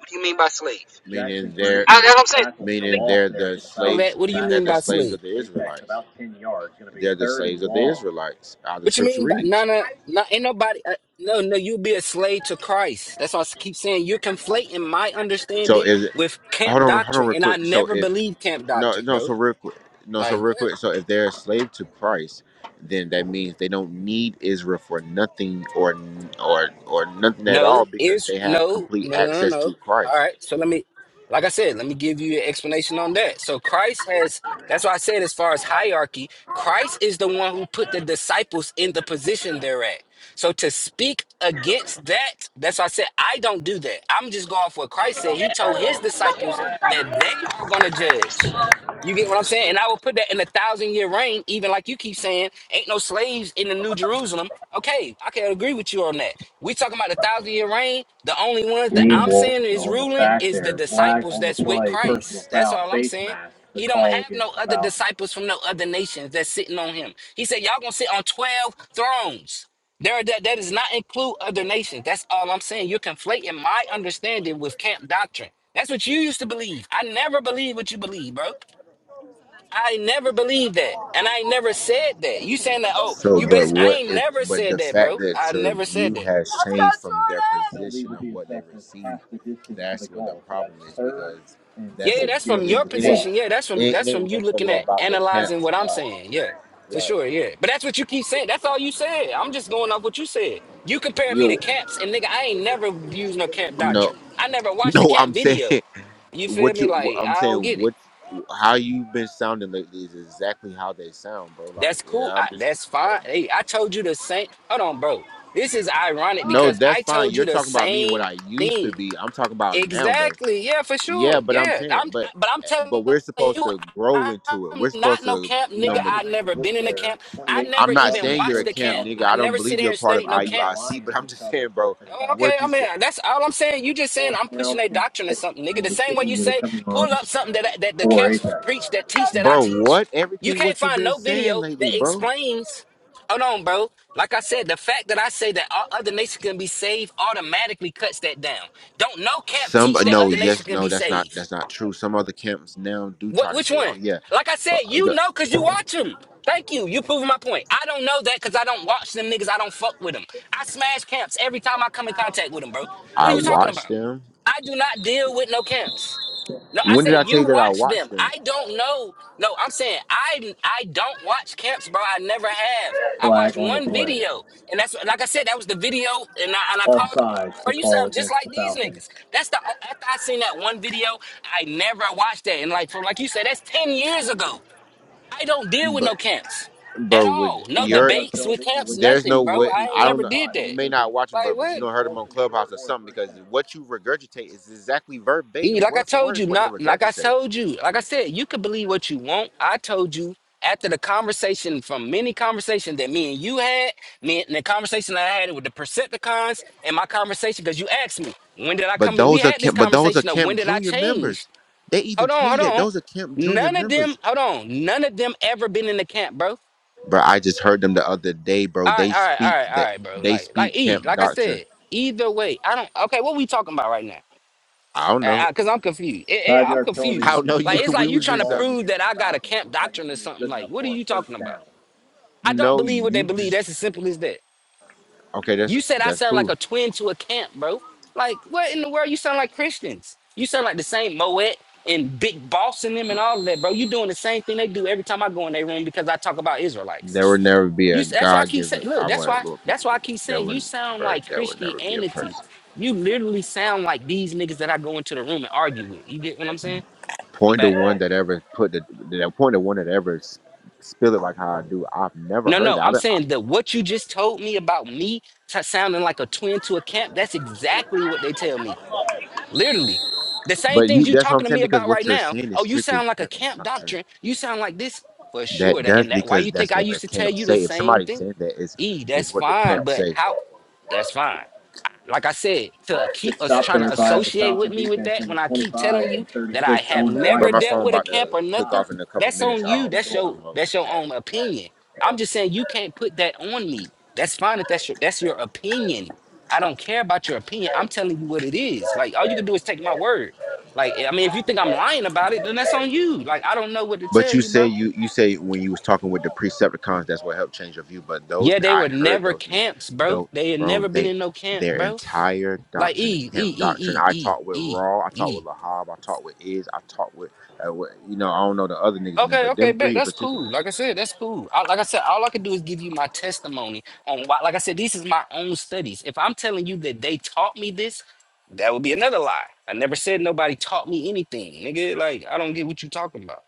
Speaker 2: What do you mean by slave?
Speaker 4: meaning they're
Speaker 2: I, That's what I'm saying.
Speaker 4: meaning they're the
Speaker 2: all of
Speaker 4: slaves,
Speaker 2: that. What do you
Speaker 4: meaning they're
Speaker 2: mean
Speaker 4: the
Speaker 2: by
Speaker 4: slaves of
Speaker 2: slave?
Speaker 4: the Israelites. They're the slaves of the Israelites. How the
Speaker 2: What you
Speaker 4: scripture
Speaker 2: mean by
Speaker 4: reads.
Speaker 2: no, no, no? Ain't nobody. Uh, no, no. You be a slave to Christ. That's why I keep saying you're conflating my
Speaker 4: So
Speaker 2: understanding
Speaker 4: is it,
Speaker 2: with
Speaker 4: hold
Speaker 2: camp
Speaker 4: on, hold on,
Speaker 2: doctrine,
Speaker 4: real
Speaker 2: and I
Speaker 4: quick. So
Speaker 2: never
Speaker 4: if
Speaker 2: believed camp
Speaker 4: no,
Speaker 2: doctrine,
Speaker 4: no, so
Speaker 2: bro.
Speaker 4: real quick, no, so
Speaker 2: Like,
Speaker 4: real quick. So if they're a slave to Christ, then that means they don't need Israel for nothing or or or nothing at all
Speaker 2: No,
Speaker 4: because
Speaker 2: is
Speaker 4: they have
Speaker 2: no,
Speaker 4: complete
Speaker 2: no, no, no,
Speaker 4: access
Speaker 2: no.
Speaker 4: to
Speaker 2: All
Speaker 4: Christ.
Speaker 2: right. So let me, like I said, let me give you an explanation on that. So Christ has, that's why I said, as far as hierarchy, Christ is the one who put the disciples in the position they're at. So to speak against that, that's why I said, I don't do that. I'm just going for what Christ said. He told his disciples that they are going to judge. You get what I'm saying? And I will put that in a thousand year reign, even like you keep saying, ain't no slaves in the New Jerusalem. Okay, I can agree with you on that. We talking about the thousand year reign. The only ones that
Speaker 4: Liam
Speaker 2: I'm saying
Speaker 4: Wilson
Speaker 2: is
Speaker 4: on the
Speaker 2: ruling
Speaker 4: sack
Speaker 2: is the
Speaker 4: there. Flag
Speaker 2: disciples
Speaker 4: on the
Speaker 2: that's with
Speaker 4: play, personal
Speaker 2: Christ. That's
Speaker 4: foul,
Speaker 2: all I'm
Speaker 4: face
Speaker 2: saying.
Speaker 4: mask, the
Speaker 2: He don't
Speaker 4: call
Speaker 2: have no
Speaker 4: against the
Speaker 2: other
Speaker 4: Falcons.
Speaker 2: disciples from no other nations that's sitting on him. He said, Y'all gonna sit on 12 thrones. There that that does not include other nations. That's all I'm saying. You're conflating my understanding with camp doctrine. That's what you used to believe. I never believe what you believe, bro. I never believed that, and I never said that. You saying that? Oh,
Speaker 4: So,
Speaker 2: you
Speaker 4: but
Speaker 2: bas
Speaker 4: what
Speaker 2: I ain't
Speaker 4: if,
Speaker 2: never
Speaker 4: but the
Speaker 2: said that,
Speaker 4: fact
Speaker 2: bro.
Speaker 4: that
Speaker 2: I
Speaker 4: your
Speaker 2: never
Speaker 4: view
Speaker 2: said that.
Speaker 4: has changed from their So these position would of be the what they exact received, half the distance to the that's what the goal. So that's problem that's is third because and
Speaker 2: Yeah,
Speaker 4: that's a,
Speaker 2: yeah,
Speaker 4: six
Speaker 2: that's
Speaker 4: here it,
Speaker 2: from your
Speaker 4: from the it 12. ain't,
Speaker 2: position. Yeah, that's from
Speaker 4: it, it
Speaker 2: that's from
Speaker 4: ain't
Speaker 2: you
Speaker 4: necessarily
Speaker 2: looking at
Speaker 4: about the
Speaker 2: analyzing
Speaker 4: camps,
Speaker 2: what I'm
Speaker 4: like,
Speaker 2: saying. Yeah, for
Speaker 4: like,
Speaker 2: sure. Yeah, but that's what you keep saying. That's all you said. I'm just going off what you said. You compared me to
Speaker 4: you
Speaker 2: camps, and nigga, I ain't never used no camp
Speaker 4: no,
Speaker 2: doctrine. I never watched a
Speaker 4: no, I'm
Speaker 2: camp video.
Speaker 4: saying
Speaker 2: You feel
Speaker 4: what
Speaker 2: me?
Speaker 4: you,
Speaker 2: Like
Speaker 4: I'm
Speaker 2: I
Speaker 4: saying
Speaker 2: don't get it.
Speaker 4: what, how you've been sounding lately is exactly how they sound, bro. Like,
Speaker 2: That's cool.
Speaker 4: yeah, I'm
Speaker 2: I,
Speaker 4: just
Speaker 2: that's fine. Hey, I told you the same. Hold on, bro. This is ironic
Speaker 4: No,
Speaker 2: because
Speaker 4: that's
Speaker 2: I
Speaker 4: fine.
Speaker 2: told
Speaker 4: You're
Speaker 2: you the
Speaker 4: talking about me and what
Speaker 2: same
Speaker 4: I used to
Speaker 2: thing.
Speaker 4: be. I'm talking about now though.
Speaker 2: Exactly. Yeah, for
Speaker 4: Yeah,
Speaker 2: sure.
Speaker 4: but I'm
Speaker 2: Yeah.
Speaker 4: saying,
Speaker 2: I'm.
Speaker 4: but
Speaker 2: But I'm
Speaker 4: eh,
Speaker 2: telling
Speaker 4: but we're supposed
Speaker 2: you,
Speaker 4: to grow into it.
Speaker 2: I'm
Speaker 4: We're supposed
Speaker 2: not no
Speaker 4: to,
Speaker 2: camp
Speaker 4: you
Speaker 2: nigga.
Speaker 4: know, but
Speaker 2: I never been in a camp. I never
Speaker 4: I'm not
Speaker 2: even
Speaker 4: saying you're
Speaker 2: watched
Speaker 4: a
Speaker 2: the
Speaker 4: camp
Speaker 2: camp.
Speaker 4: nigga.
Speaker 2: I
Speaker 4: I don't
Speaker 2: never sit
Speaker 4: believe you're
Speaker 2: here
Speaker 4: a
Speaker 2: and
Speaker 4: part of
Speaker 2: studied no camps.
Speaker 4: IUIC, but I'm just saying, bro,
Speaker 2: Oh, Okay,
Speaker 4: what
Speaker 2: I
Speaker 4: you
Speaker 2: mean
Speaker 4: said.
Speaker 2: that's all I'm saying. You just saying I'm pushing a doctrine or something, nigga. The same way you say pull up something that that the camps preach that teach that I
Speaker 4: Bro,
Speaker 2: teach.
Speaker 4: what?
Speaker 2: You
Speaker 4: Everything
Speaker 2: can't
Speaker 4: what you've
Speaker 2: find
Speaker 4: been
Speaker 2: no
Speaker 4: saying
Speaker 2: video that
Speaker 4: lately, bro.
Speaker 2: explains. Hold on, bro. Like I said, the fact that I say that all other nations can be saved automatically cuts that down. Don't no camp
Speaker 4: Some
Speaker 2: teach that
Speaker 4: no,
Speaker 2: other nations
Speaker 4: yes,
Speaker 2: can
Speaker 4: no,
Speaker 2: be
Speaker 4: that's not
Speaker 2: saved.
Speaker 4: that's not true. Some other camps now do try
Speaker 2: What?
Speaker 4: to
Speaker 2: Which
Speaker 4: say,
Speaker 2: one?
Speaker 4: oh yeah.
Speaker 2: Like I said, you know, cause you watch them. Thank you. You proving my point. I don't know that because I don't watch them niggas. I don't fuck with them. I smash camps every time I come in contact with them, bro. What
Speaker 4: I
Speaker 2: are you talking
Speaker 4: watched
Speaker 2: about?
Speaker 4: them.
Speaker 2: I do not deal with no camps. No, I
Speaker 4: When did I
Speaker 2: said
Speaker 4: tell
Speaker 2: you
Speaker 4: you that I
Speaker 2: watch
Speaker 4: watched
Speaker 2: them.
Speaker 4: them?
Speaker 2: I don't know. No, I'm saying I I don't watch camps, bro. I never have. I watched
Speaker 4: Flag on the
Speaker 2: one
Speaker 4: play.
Speaker 2: video, and that's like I said, that was the video, and I and I called.
Speaker 4: Offsides, the
Speaker 2: Bro, you
Speaker 4: call
Speaker 2: sound just
Speaker 4: against the
Speaker 2: like these
Speaker 4: Falcons.
Speaker 2: niggas. That's the after I seen that one video, I never watched that. And like for like you said, that's ten years ago. I don't deal with
Speaker 4: But
Speaker 2: no camps at
Speaker 4: bro, with
Speaker 2: all. No
Speaker 4: your Started
Speaker 2: debates with
Speaker 4: building,
Speaker 2: camps,
Speaker 4: which there's no
Speaker 2: nothing, bro.
Speaker 4: way. was
Speaker 2: I
Speaker 4: I
Speaker 2: ain't
Speaker 4: don't
Speaker 2: never
Speaker 4: know.
Speaker 2: did
Speaker 4: spot You
Speaker 2: that.
Speaker 4: may not watch them, bro,
Speaker 2: Like
Speaker 4: but you for
Speaker 2: what?
Speaker 4: don't heard them on Clubhouse or something because what you regurgitate is exactly
Speaker 2: E,
Speaker 4: verbatim,
Speaker 2: Like I
Speaker 4: word for word,
Speaker 2: told you,
Speaker 4: is what they
Speaker 2: not like I
Speaker 4: regurgitate.
Speaker 2: told you, like I said, you could believe what you want. I told you after the conversation from many conversations that me and you had, me and the conversation I had with the Percepticons and my conversation, because you asked me, when did I
Speaker 4: But
Speaker 2: come in? We
Speaker 4: those are
Speaker 2: had this
Speaker 4: Camp, but those are
Speaker 2: conversation of when
Speaker 4: Camp
Speaker 2: did I
Speaker 4: Junior
Speaker 2: change?
Speaker 4: members. They even
Speaker 2: Hold
Speaker 4: tell
Speaker 2: on, hold
Speaker 4: you that
Speaker 2: on.
Speaker 4: those are Camp Junior
Speaker 2: None of
Speaker 4: members,
Speaker 2: them, hold on, none of them ever been in the camp, bro. All
Speaker 4: bro. I just heard them the other day, bro.
Speaker 2: right,
Speaker 4: They
Speaker 2: all right, all right,
Speaker 4: speak
Speaker 2: all
Speaker 4: that
Speaker 2: right, bro.
Speaker 4: they
Speaker 2: Like, like
Speaker 4: speak
Speaker 2: E,
Speaker 4: Camp
Speaker 2: like I
Speaker 4: doctrine.
Speaker 2: said, either way, I don't okay, what we talking about right now?
Speaker 4: I don't know.
Speaker 2: Because I'm confused. Yeah, yeah,
Speaker 4: Five
Speaker 2: I'm
Speaker 4: yard penalty How
Speaker 2: confused.
Speaker 4: on no the you?
Speaker 2: Like, it's like
Speaker 4: We
Speaker 2: you
Speaker 4: was
Speaker 2: trying
Speaker 4: just
Speaker 2: to
Speaker 4: uh, call
Speaker 2: prove
Speaker 4: against
Speaker 2: that
Speaker 4: the
Speaker 2: I got a
Speaker 4: Falcons.
Speaker 2: camp
Speaker 4: Looks like it's
Speaker 2: doctrine or
Speaker 4: going to be
Speaker 2: something.
Speaker 4: good
Speaker 2: Like,
Speaker 4: enough
Speaker 2: what are
Speaker 4: for a
Speaker 2: you
Speaker 4: first
Speaker 2: talking about?
Speaker 4: down.
Speaker 2: I don't
Speaker 4: no
Speaker 2: believe what they
Speaker 4: you
Speaker 2: believe.
Speaker 4: just
Speaker 2: That's as simple as that.
Speaker 4: okay. That's
Speaker 2: You said I
Speaker 4: that's
Speaker 2: sound like
Speaker 4: cool.
Speaker 2: a twin to a camp, bro. Like, what in the world? You sound like Christians. You sound like the same Moet and Big Boss and them and all of that, bro. You doing the same thing they do every time I go in their room because I talk about
Speaker 4: There
Speaker 2: Israelites.
Speaker 4: would never be
Speaker 2: You.
Speaker 4: a
Speaker 2: s- That's why I
Speaker 4: God
Speaker 2: keep
Speaker 4: given.
Speaker 2: saying. Look,
Speaker 4: I
Speaker 2: that's
Speaker 4: want a
Speaker 2: why.
Speaker 4: little piece
Speaker 2: That's
Speaker 4: of
Speaker 2: why I
Speaker 4: it.
Speaker 2: keep
Speaker 4: That
Speaker 2: saying you
Speaker 4: would
Speaker 2: sound
Speaker 4: bro,
Speaker 2: like
Speaker 4: that would never be a
Speaker 2: Christianity.
Speaker 4: person.
Speaker 2: You literally sound like these niggas that I go into the room and argue with. You get what I'm saying?
Speaker 4: Point to
Speaker 2: But
Speaker 4: one that ever put the that point to one that ever s- spill it like how I do. I've never
Speaker 2: no,
Speaker 4: heard
Speaker 2: no,
Speaker 4: that. I
Speaker 2: I'm
Speaker 4: don't- I-
Speaker 2: saying that what you just told me about me t- sounding like a twin to a camp, that's exactly what they tell me. Literally. The same
Speaker 4: but you
Speaker 2: things you
Speaker 4: that's what I'm
Speaker 2: talking to
Speaker 4: saying
Speaker 2: me
Speaker 4: because
Speaker 2: about right
Speaker 4: what you're
Speaker 2: now.
Speaker 4: saying is
Speaker 2: Oh, you
Speaker 4: strictly
Speaker 2: sound like a
Speaker 4: camp
Speaker 2: camp
Speaker 4: doctrine.
Speaker 2: doctrine. You sound like this for
Speaker 4: That
Speaker 2: sure. That,
Speaker 4: does
Speaker 2: and that why
Speaker 4: because
Speaker 2: you think
Speaker 4: that's
Speaker 2: I
Speaker 4: what the
Speaker 2: used to tell
Speaker 4: camp
Speaker 2: you the
Speaker 4: say. If
Speaker 2: same
Speaker 4: somebody's
Speaker 2: thing?
Speaker 4: saying that is
Speaker 2: E, that's
Speaker 4: is what the
Speaker 2: fine,
Speaker 4: camp
Speaker 2: but
Speaker 4: say.
Speaker 2: how that's fine. like I said, to
Speaker 4: Good
Speaker 2: keep us
Speaker 4: stop
Speaker 2: trying
Speaker 4: there
Speaker 2: to
Speaker 4: by the
Speaker 2: associate
Speaker 4: Falcon
Speaker 2: with me with
Speaker 4: defense,
Speaker 2: that
Speaker 4: number
Speaker 2: when I keep
Speaker 4: 25
Speaker 2: telling you
Speaker 4: and
Speaker 2: that I
Speaker 4: 36,
Speaker 2: have
Speaker 4: Owen But White. But
Speaker 2: never
Speaker 4: my
Speaker 2: dealt
Speaker 4: phone Um,
Speaker 2: with a
Speaker 4: about
Speaker 2: camp
Speaker 4: to
Speaker 2: or
Speaker 4: click
Speaker 2: nothing,
Speaker 4: off in a couple
Speaker 2: that's
Speaker 4: minutes.
Speaker 2: on
Speaker 4: I don't
Speaker 2: you. That's
Speaker 4: it's
Speaker 2: your
Speaker 4: on low.
Speaker 2: that's your own opinion. I'm just saying you can't put that on me. That's fine if that's your that's your opinion. I don't care about your opinion. I'm telling you what it is. Like all you can do is take my word. Like I mean, if you think I'm lying about it, then that's on you. Like I don't know what to
Speaker 4: But
Speaker 2: tell
Speaker 4: you
Speaker 2: you,
Speaker 4: say
Speaker 2: bro.
Speaker 4: you you say when you was talking with the Precepticons, that's what helped change your view. But those
Speaker 2: Yeah, they
Speaker 4: I
Speaker 2: were
Speaker 4: heard
Speaker 2: never
Speaker 4: those niggas
Speaker 2: camps, bro.
Speaker 4: though,
Speaker 2: They had
Speaker 4: bro.
Speaker 2: never been
Speaker 4: They
Speaker 2: in no camp,
Speaker 4: their
Speaker 2: bro.
Speaker 4: entire
Speaker 2: Like
Speaker 4: doctrine is
Speaker 2: E E
Speaker 4: camp doctrine.
Speaker 2: E E
Speaker 4: I
Speaker 2: E
Speaker 4: talked with
Speaker 2: E
Speaker 4: Raw, I talked
Speaker 2: E.
Speaker 4: with Lahab, I talked with Iz, I talked with, uh, with you know I don't know the other niggas in there,
Speaker 2: Okay,
Speaker 4: but
Speaker 2: okay,
Speaker 4: them
Speaker 2: bet
Speaker 4: three in
Speaker 2: that's
Speaker 4: particular.
Speaker 2: cool. Like I said, that's cool. I, like I said, all I can do is give you my testimony on why. Like I said, this is my own studies. If I'm telling you that they taught me this, that would be another lie. I never said nobody taught me anything, nigga. Like I don't get what you talking about.